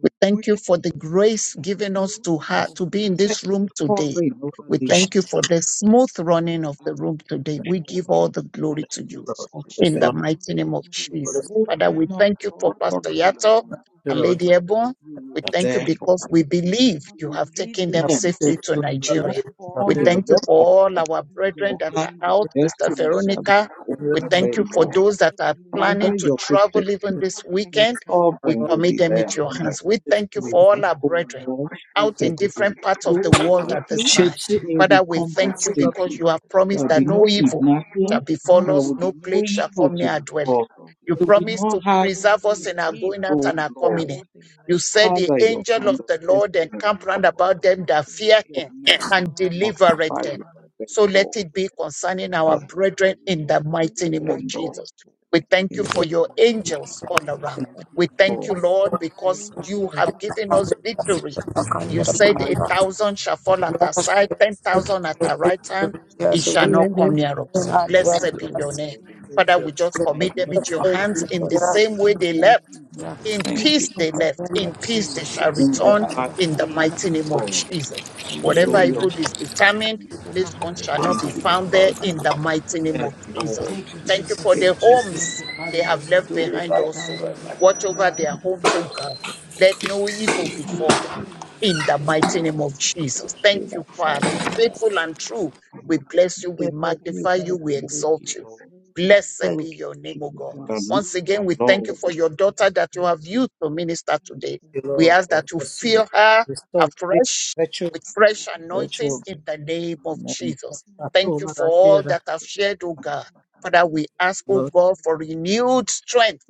[SPEAKER 1] We thank you for the
[SPEAKER 2] good.
[SPEAKER 1] grace
[SPEAKER 2] Thank
[SPEAKER 1] given us
[SPEAKER 2] you.
[SPEAKER 1] to ha-
[SPEAKER 2] for
[SPEAKER 1] to be in this room
[SPEAKER 2] protective
[SPEAKER 1] today.
[SPEAKER 2] covering over
[SPEAKER 1] We
[SPEAKER 7] Precious
[SPEAKER 2] this
[SPEAKER 1] thank you for the smooth
[SPEAKER 8] Yes,
[SPEAKER 1] running
[SPEAKER 2] We
[SPEAKER 1] of the
[SPEAKER 2] ask
[SPEAKER 1] room
[SPEAKER 2] you,
[SPEAKER 1] today. We give
[SPEAKER 2] Lord,
[SPEAKER 1] all the
[SPEAKER 2] that
[SPEAKER 1] glory to
[SPEAKER 2] you
[SPEAKER 1] you
[SPEAKER 2] will
[SPEAKER 8] Great
[SPEAKER 7] Lord,
[SPEAKER 2] touch
[SPEAKER 7] yes,
[SPEAKER 1] in
[SPEAKER 2] them,
[SPEAKER 1] the
[SPEAKER 7] Lord,
[SPEAKER 8] all
[SPEAKER 1] mighty name of
[SPEAKER 2] that
[SPEAKER 8] with
[SPEAKER 2] you will
[SPEAKER 1] Jesus.
[SPEAKER 7] yes,
[SPEAKER 8] coming
[SPEAKER 2] hold
[SPEAKER 1] Father, we
[SPEAKER 2] them
[SPEAKER 8] God,
[SPEAKER 2] up,
[SPEAKER 1] thank you for
[SPEAKER 2] Lord,
[SPEAKER 1] Pastor
[SPEAKER 2] under your
[SPEAKER 8] worship
[SPEAKER 2] wings,
[SPEAKER 1] Yato
[SPEAKER 8] before the
[SPEAKER 1] and
[SPEAKER 2] Lord.
[SPEAKER 7] Lord,
[SPEAKER 1] Lady
[SPEAKER 8] God,
[SPEAKER 1] Ebon.
[SPEAKER 2] You will
[SPEAKER 1] We
[SPEAKER 8] God,
[SPEAKER 2] be
[SPEAKER 7] that you
[SPEAKER 1] thank you
[SPEAKER 2] there for
[SPEAKER 1] because
[SPEAKER 2] them.
[SPEAKER 1] we
[SPEAKER 8] for the
[SPEAKER 1] believe
[SPEAKER 2] You
[SPEAKER 1] you
[SPEAKER 8] trouble
[SPEAKER 2] will
[SPEAKER 1] have
[SPEAKER 2] lead
[SPEAKER 1] taken them
[SPEAKER 2] them.
[SPEAKER 7] thank
[SPEAKER 1] safely to
[SPEAKER 7] you,
[SPEAKER 2] They
[SPEAKER 8] and for
[SPEAKER 2] will
[SPEAKER 7] Father,
[SPEAKER 2] not
[SPEAKER 7] we
[SPEAKER 1] Nigeria.
[SPEAKER 7] are
[SPEAKER 8] perpetual
[SPEAKER 1] We
[SPEAKER 2] fall, they
[SPEAKER 7] here,
[SPEAKER 2] will
[SPEAKER 1] thank you
[SPEAKER 7] Lord.
[SPEAKER 2] not
[SPEAKER 8] spirit of
[SPEAKER 1] for all
[SPEAKER 2] falter.
[SPEAKER 1] our brethren
[SPEAKER 2] Your
[SPEAKER 8] everything that
[SPEAKER 1] that are
[SPEAKER 2] hand of
[SPEAKER 1] out,
[SPEAKER 8] started.
[SPEAKER 1] Sister
[SPEAKER 2] destiny
[SPEAKER 8] Lord,
[SPEAKER 2] shall
[SPEAKER 8] I
[SPEAKER 2] be
[SPEAKER 1] Veronica.
[SPEAKER 7] Thank
[SPEAKER 8] hear
[SPEAKER 7] you,
[SPEAKER 1] We
[SPEAKER 2] over
[SPEAKER 8] them
[SPEAKER 7] Lord,
[SPEAKER 1] thank you
[SPEAKER 8] and
[SPEAKER 2] them,
[SPEAKER 1] for
[SPEAKER 8] have
[SPEAKER 2] Lord.
[SPEAKER 1] those that
[SPEAKER 8] occurred
[SPEAKER 1] are
[SPEAKER 8] you with
[SPEAKER 1] planning
[SPEAKER 8] your
[SPEAKER 2] Father,
[SPEAKER 1] to
[SPEAKER 2] your
[SPEAKER 1] travel
[SPEAKER 8] activity.
[SPEAKER 1] even
[SPEAKER 7] thank
[SPEAKER 2] protecting
[SPEAKER 1] this
[SPEAKER 8] Thank
[SPEAKER 7] you,
[SPEAKER 8] you,
[SPEAKER 1] weekend.
[SPEAKER 8] God, for
[SPEAKER 1] We
[SPEAKER 2] covering
[SPEAKER 7] Lord,
[SPEAKER 8] keeping
[SPEAKER 2] will
[SPEAKER 8] them
[SPEAKER 1] commit
[SPEAKER 2] be
[SPEAKER 1] them
[SPEAKER 2] there
[SPEAKER 1] into
[SPEAKER 8] safe
[SPEAKER 1] your
[SPEAKER 2] for them.
[SPEAKER 8] as they
[SPEAKER 1] hands. We
[SPEAKER 8] compare
[SPEAKER 1] thank you
[SPEAKER 8] to
[SPEAKER 2] We
[SPEAKER 8] the
[SPEAKER 1] for all
[SPEAKER 2] ask,
[SPEAKER 1] our
[SPEAKER 2] O
[SPEAKER 8] population
[SPEAKER 1] brethren
[SPEAKER 8] of
[SPEAKER 2] Lord,
[SPEAKER 7] thank
[SPEAKER 1] out
[SPEAKER 8] Jesus.
[SPEAKER 7] you.
[SPEAKER 2] that
[SPEAKER 1] in
[SPEAKER 2] they will
[SPEAKER 1] different
[SPEAKER 8] That is
[SPEAKER 1] parts
[SPEAKER 8] the
[SPEAKER 1] of the
[SPEAKER 2] go
[SPEAKER 8] money of
[SPEAKER 1] world at
[SPEAKER 8] God,
[SPEAKER 2] safely,
[SPEAKER 1] this time.
[SPEAKER 7] Appreciate you,
[SPEAKER 8] just
[SPEAKER 2] they
[SPEAKER 8] the
[SPEAKER 2] will
[SPEAKER 1] Father,
[SPEAKER 8] money
[SPEAKER 1] we
[SPEAKER 8] of
[SPEAKER 2] come back
[SPEAKER 1] thank
[SPEAKER 7] appreciate
[SPEAKER 8] heaven,
[SPEAKER 1] you
[SPEAKER 7] you,
[SPEAKER 8] there's,
[SPEAKER 7] Baba,
[SPEAKER 1] because
[SPEAKER 2] safely.
[SPEAKER 8] you
[SPEAKER 1] you
[SPEAKER 8] know,
[SPEAKER 1] have
[SPEAKER 8] there's
[SPEAKER 2] There
[SPEAKER 8] so
[SPEAKER 1] promised
[SPEAKER 2] will be
[SPEAKER 1] that
[SPEAKER 8] many
[SPEAKER 2] no
[SPEAKER 1] no
[SPEAKER 8] things
[SPEAKER 1] evil
[SPEAKER 8] going on
[SPEAKER 7] Lord,
[SPEAKER 1] shall
[SPEAKER 2] kidnapping,
[SPEAKER 1] befall
[SPEAKER 2] there
[SPEAKER 1] us,
[SPEAKER 2] will
[SPEAKER 8] Lord,
[SPEAKER 2] be
[SPEAKER 1] no
[SPEAKER 8] that you
[SPEAKER 2] no
[SPEAKER 1] plague
[SPEAKER 8] would
[SPEAKER 1] shall
[SPEAKER 2] evil
[SPEAKER 1] come
[SPEAKER 8] have
[SPEAKER 2] to
[SPEAKER 1] near
[SPEAKER 8] your
[SPEAKER 1] our
[SPEAKER 2] the
[SPEAKER 8] way. You
[SPEAKER 1] dwelling.
[SPEAKER 2] cause.
[SPEAKER 8] will go
[SPEAKER 1] You
[SPEAKER 2] There will
[SPEAKER 8] before
[SPEAKER 2] be
[SPEAKER 8] them.
[SPEAKER 1] promised
[SPEAKER 2] no
[SPEAKER 1] to
[SPEAKER 2] hard
[SPEAKER 1] preserve
[SPEAKER 8] Every
[SPEAKER 1] us in
[SPEAKER 8] visit
[SPEAKER 1] our
[SPEAKER 2] disease,
[SPEAKER 8] that
[SPEAKER 1] going
[SPEAKER 8] they
[SPEAKER 1] out
[SPEAKER 8] will
[SPEAKER 1] and
[SPEAKER 2] O
[SPEAKER 8] go
[SPEAKER 1] our
[SPEAKER 2] Lord.
[SPEAKER 1] coming in.
[SPEAKER 8] smoothly in the
[SPEAKER 1] You
[SPEAKER 8] mighty name
[SPEAKER 1] said the
[SPEAKER 8] of
[SPEAKER 2] Father, your
[SPEAKER 1] angel
[SPEAKER 2] hand
[SPEAKER 1] of
[SPEAKER 8] Jesus,
[SPEAKER 2] of
[SPEAKER 1] the
[SPEAKER 8] God.
[SPEAKER 1] Lord
[SPEAKER 2] destiny will
[SPEAKER 1] encamp
[SPEAKER 2] be
[SPEAKER 8] That
[SPEAKER 1] round
[SPEAKER 8] you
[SPEAKER 2] upon
[SPEAKER 1] about them
[SPEAKER 8] bless
[SPEAKER 1] that
[SPEAKER 8] their
[SPEAKER 1] fear
[SPEAKER 2] them.
[SPEAKER 8] way.
[SPEAKER 2] Your
[SPEAKER 1] him
[SPEAKER 8] and We
[SPEAKER 2] mercy
[SPEAKER 1] and
[SPEAKER 8] will
[SPEAKER 2] to
[SPEAKER 8] eye will look
[SPEAKER 1] delivereth
[SPEAKER 2] multiply
[SPEAKER 8] upon
[SPEAKER 1] them.
[SPEAKER 2] with
[SPEAKER 8] them in the
[SPEAKER 2] them,
[SPEAKER 1] So
[SPEAKER 8] mighty
[SPEAKER 1] let
[SPEAKER 8] name
[SPEAKER 2] Lord.
[SPEAKER 8] of
[SPEAKER 1] it be
[SPEAKER 8] Jesus. They
[SPEAKER 1] concerning
[SPEAKER 8] will
[SPEAKER 1] our
[SPEAKER 2] Father,
[SPEAKER 8] get
[SPEAKER 1] brethren
[SPEAKER 8] there
[SPEAKER 2] we will
[SPEAKER 1] in
[SPEAKER 2] be
[SPEAKER 1] the
[SPEAKER 8] safely
[SPEAKER 1] mighty
[SPEAKER 8] and
[SPEAKER 2] with
[SPEAKER 1] name of
[SPEAKER 2] them,
[SPEAKER 8] return
[SPEAKER 2] Lord.
[SPEAKER 1] Jesus.
[SPEAKER 8] safely in the
[SPEAKER 1] We
[SPEAKER 8] mighty
[SPEAKER 1] thank
[SPEAKER 8] name
[SPEAKER 1] you
[SPEAKER 2] In
[SPEAKER 8] of
[SPEAKER 2] the
[SPEAKER 8] Jesus.
[SPEAKER 1] for your
[SPEAKER 2] name.
[SPEAKER 8] Those that
[SPEAKER 1] angels
[SPEAKER 8] are
[SPEAKER 1] all
[SPEAKER 8] already
[SPEAKER 1] around.
[SPEAKER 2] Thank
[SPEAKER 8] there and
[SPEAKER 2] you,
[SPEAKER 1] We
[SPEAKER 8] are
[SPEAKER 1] thank you,
[SPEAKER 8] traveling
[SPEAKER 2] Lord.
[SPEAKER 1] Lord,
[SPEAKER 8] back
[SPEAKER 2] Thank
[SPEAKER 1] because
[SPEAKER 8] soon,
[SPEAKER 2] you,
[SPEAKER 1] you
[SPEAKER 2] thank
[SPEAKER 1] have
[SPEAKER 8] God will
[SPEAKER 1] given
[SPEAKER 8] be
[SPEAKER 1] us
[SPEAKER 8] with them in
[SPEAKER 1] victory.
[SPEAKER 8] the mighty
[SPEAKER 1] You
[SPEAKER 8] name
[SPEAKER 2] you,
[SPEAKER 8] of
[SPEAKER 1] said
[SPEAKER 2] Father.
[SPEAKER 1] a
[SPEAKER 8] Jesus.
[SPEAKER 1] thousand shall fall at
[SPEAKER 8] Father,
[SPEAKER 1] our side,
[SPEAKER 8] thank you
[SPEAKER 1] ten
[SPEAKER 8] so much.
[SPEAKER 1] thousand at our
[SPEAKER 8] God. We
[SPEAKER 1] right
[SPEAKER 8] give
[SPEAKER 1] hand
[SPEAKER 8] you
[SPEAKER 1] it
[SPEAKER 8] glory
[SPEAKER 2] Thank
[SPEAKER 1] shall
[SPEAKER 2] you,
[SPEAKER 8] and
[SPEAKER 1] not
[SPEAKER 2] Lord.
[SPEAKER 1] come
[SPEAKER 8] honor.
[SPEAKER 2] Thank you,
[SPEAKER 1] near
[SPEAKER 2] Father.
[SPEAKER 1] us.
[SPEAKER 8] Thank you,
[SPEAKER 2] Glory be
[SPEAKER 8] God,
[SPEAKER 1] Blessed
[SPEAKER 8] for your
[SPEAKER 1] be
[SPEAKER 2] to your
[SPEAKER 1] your name.
[SPEAKER 2] holy
[SPEAKER 8] mercy and
[SPEAKER 2] name.
[SPEAKER 8] your
[SPEAKER 7] thank
[SPEAKER 1] Father, we
[SPEAKER 7] you,
[SPEAKER 8] grace.
[SPEAKER 1] just
[SPEAKER 2] Thank
[SPEAKER 8] Lord,
[SPEAKER 1] commit
[SPEAKER 8] we
[SPEAKER 1] them
[SPEAKER 2] you,
[SPEAKER 7] Lord.
[SPEAKER 1] into
[SPEAKER 8] thank you
[SPEAKER 1] your
[SPEAKER 8] for
[SPEAKER 2] Father.
[SPEAKER 1] hands in the same way
[SPEAKER 2] Thank
[SPEAKER 1] they
[SPEAKER 2] you,
[SPEAKER 8] Lord,
[SPEAKER 1] left.
[SPEAKER 8] we
[SPEAKER 2] Jesus.
[SPEAKER 8] thank
[SPEAKER 1] In
[SPEAKER 8] you,
[SPEAKER 2] Thank you,
[SPEAKER 8] God.
[SPEAKER 1] peace they
[SPEAKER 2] Father.
[SPEAKER 1] left. In
[SPEAKER 8] Thank
[SPEAKER 1] peace
[SPEAKER 2] You
[SPEAKER 8] you,
[SPEAKER 1] they
[SPEAKER 2] will
[SPEAKER 1] shall
[SPEAKER 8] God,
[SPEAKER 2] bring
[SPEAKER 8] for
[SPEAKER 2] them
[SPEAKER 8] the
[SPEAKER 1] return
[SPEAKER 2] back
[SPEAKER 8] grace,
[SPEAKER 1] in
[SPEAKER 7] Amen.
[SPEAKER 1] the
[SPEAKER 8] Lord.
[SPEAKER 1] mighty
[SPEAKER 2] safely,
[SPEAKER 1] name of
[SPEAKER 8] Because
[SPEAKER 2] Lord,
[SPEAKER 1] Jesus.
[SPEAKER 8] nothing but
[SPEAKER 2] to the
[SPEAKER 7] Thank
[SPEAKER 1] Whatever
[SPEAKER 8] joy
[SPEAKER 2] glory of
[SPEAKER 1] evil
[SPEAKER 8] and
[SPEAKER 1] is
[SPEAKER 2] your holy
[SPEAKER 1] determined,
[SPEAKER 8] glory
[SPEAKER 2] name.
[SPEAKER 8] to
[SPEAKER 1] this
[SPEAKER 8] give
[SPEAKER 1] one shall not
[SPEAKER 2] Thank
[SPEAKER 1] be
[SPEAKER 2] you,
[SPEAKER 8] praise
[SPEAKER 1] found
[SPEAKER 8] and
[SPEAKER 1] there
[SPEAKER 2] Father.
[SPEAKER 8] to
[SPEAKER 1] in
[SPEAKER 8] you,
[SPEAKER 1] the mighty name
[SPEAKER 2] Yes,
[SPEAKER 1] of Jesus.
[SPEAKER 2] Lord,
[SPEAKER 8] Jesus.
[SPEAKER 2] you
[SPEAKER 1] Thank
[SPEAKER 2] will
[SPEAKER 1] you for
[SPEAKER 2] take
[SPEAKER 1] their
[SPEAKER 2] them
[SPEAKER 8] Father,
[SPEAKER 2] down.
[SPEAKER 1] homes
[SPEAKER 8] Lord,
[SPEAKER 1] they
[SPEAKER 8] we
[SPEAKER 1] have left
[SPEAKER 8] thank you.
[SPEAKER 1] behind also. Watch
[SPEAKER 8] Father,
[SPEAKER 1] over
[SPEAKER 8] we
[SPEAKER 1] their
[SPEAKER 8] thank you
[SPEAKER 1] homes, O
[SPEAKER 8] for
[SPEAKER 1] God.
[SPEAKER 8] your right
[SPEAKER 1] Let
[SPEAKER 8] as a
[SPEAKER 1] no
[SPEAKER 8] prayer
[SPEAKER 1] evil
[SPEAKER 8] request.
[SPEAKER 1] befall them
[SPEAKER 8] Thank you.
[SPEAKER 1] in the
[SPEAKER 8] Bishop.
[SPEAKER 1] mighty name of Jesus. Thank
[SPEAKER 8] Thank
[SPEAKER 1] you,
[SPEAKER 8] you.
[SPEAKER 1] Father. Faithful and true
[SPEAKER 8] Wonderful
[SPEAKER 1] we
[SPEAKER 8] Father you are.
[SPEAKER 1] bless you. We
[SPEAKER 8] Thank
[SPEAKER 1] magnify
[SPEAKER 8] you,
[SPEAKER 1] you.
[SPEAKER 8] God.
[SPEAKER 1] We
[SPEAKER 2] Thank
[SPEAKER 8] Everything
[SPEAKER 1] exalt
[SPEAKER 2] you,
[SPEAKER 1] you.
[SPEAKER 2] Lord.
[SPEAKER 8] concerns the Lord.
[SPEAKER 1] Blessed be
[SPEAKER 6] Thank
[SPEAKER 1] your
[SPEAKER 6] you,
[SPEAKER 1] name, O God.
[SPEAKER 8] Bless you.
[SPEAKER 6] Jesus.
[SPEAKER 1] Once
[SPEAKER 2] Hallelujah,
[SPEAKER 1] again, we thank
[SPEAKER 8] Hallelujah.
[SPEAKER 1] you
[SPEAKER 8] In
[SPEAKER 2] Lord.
[SPEAKER 1] for your
[SPEAKER 8] Jesus' name
[SPEAKER 1] daughter
[SPEAKER 8] we
[SPEAKER 1] that you
[SPEAKER 8] pray.
[SPEAKER 1] have used to minister
[SPEAKER 8] Thank
[SPEAKER 1] today.
[SPEAKER 8] you,
[SPEAKER 7] you,
[SPEAKER 8] Lord.
[SPEAKER 1] We
[SPEAKER 7] Lord.
[SPEAKER 1] ask that you
[SPEAKER 7] Yes, Lord.
[SPEAKER 8] Thank
[SPEAKER 1] fill
[SPEAKER 8] you,
[SPEAKER 1] her
[SPEAKER 8] Father
[SPEAKER 7] Restore
[SPEAKER 8] God.
[SPEAKER 7] victory,
[SPEAKER 1] afresh
[SPEAKER 7] virtue,
[SPEAKER 1] with fresh
[SPEAKER 8] Thank you,
[SPEAKER 1] anointing
[SPEAKER 7] virtue,
[SPEAKER 8] Father.
[SPEAKER 2] Jesus.
[SPEAKER 1] in the
[SPEAKER 8] Thank
[SPEAKER 1] name
[SPEAKER 8] you,
[SPEAKER 1] of
[SPEAKER 7] amen.
[SPEAKER 1] Jesus.
[SPEAKER 8] Father
[SPEAKER 7] That's
[SPEAKER 1] Thank
[SPEAKER 8] God.
[SPEAKER 7] all
[SPEAKER 8] for
[SPEAKER 1] you
[SPEAKER 7] that
[SPEAKER 8] you.
[SPEAKER 7] I
[SPEAKER 1] for
[SPEAKER 7] hear,
[SPEAKER 1] all
[SPEAKER 7] that,
[SPEAKER 1] that have
[SPEAKER 8] Thank you,
[SPEAKER 1] shared, O God. Father, we ask, O
[SPEAKER 7] Lord.
[SPEAKER 8] God,
[SPEAKER 1] God,
[SPEAKER 8] for your
[SPEAKER 1] for
[SPEAKER 8] wonderful
[SPEAKER 1] renewed
[SPEAKER 8] word.
[SPEAKER 1] strength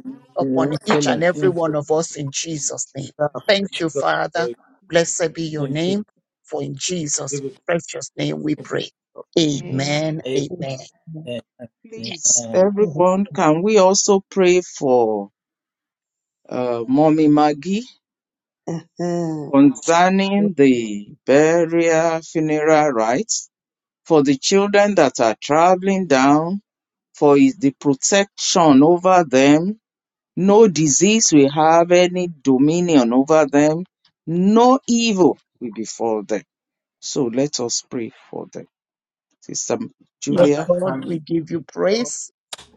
[SPEAKER 8] Thank
[SPEAKER 1] upon each and
[SPEAKER 7] Infilling,
[SPEAKER 8] you, Spirit.
[SPEAKER 1] every one
[SPEAKER 7] infilling,
[SPEAKER 1] of
[SPEAKER 8] Hallelujah.
[SPEAKER 1] us in
[SPEAKER 8] Father God.
[SPEAKER 1] Jesus' name.
[SPEAKER 8] Thank you,
[SPEAKER 7] God,
[SPEAKER 8] Father
[SPEAKER 1] Thank
[SPEAKER 7] fresh,
[SPEAKER 1] you, Father.
[SPEAKER 7] God.
[SPEAKER 1] Blessed be your
[SPEAKER 7] Thank you.
[SPEAKER 1] name, for in Jesus'
[SPEAKER 7] Give it,
[SPEAKER 1] precious name we
[SPEAKER 7] to us,
[SPEAKER 1] pray.
[SPEAKER 8] Amen.
[SPEAKER 1] Amen.
[SPEAKER 7] Lord.
[SPEAKER 8] Amen.
[SPEAKER 1] Amen.
[SPEAKER 2] Please,
[SPEAKER 7] Amen.
[SPEAKER 2] everyone, can we also pray for uh, Mommy Maggie?
[SPEAKER 6] Uh-huh. Your
[SPEAKER 2] concerning the burial funeral rites for the children that are traveling down for is the protection over them no disease will have any dominion over them no evil will befall them so let us pray for them sister
[SPEAKER 1] Yes,
[SPEAKER 2] julia
[SPEAKER 1] Lord,
[SPEAKER 7] Amen.
[SPEAKER 1] we give you
[SPEAKER 7] Thank you,
[SPEAKER 1] praise.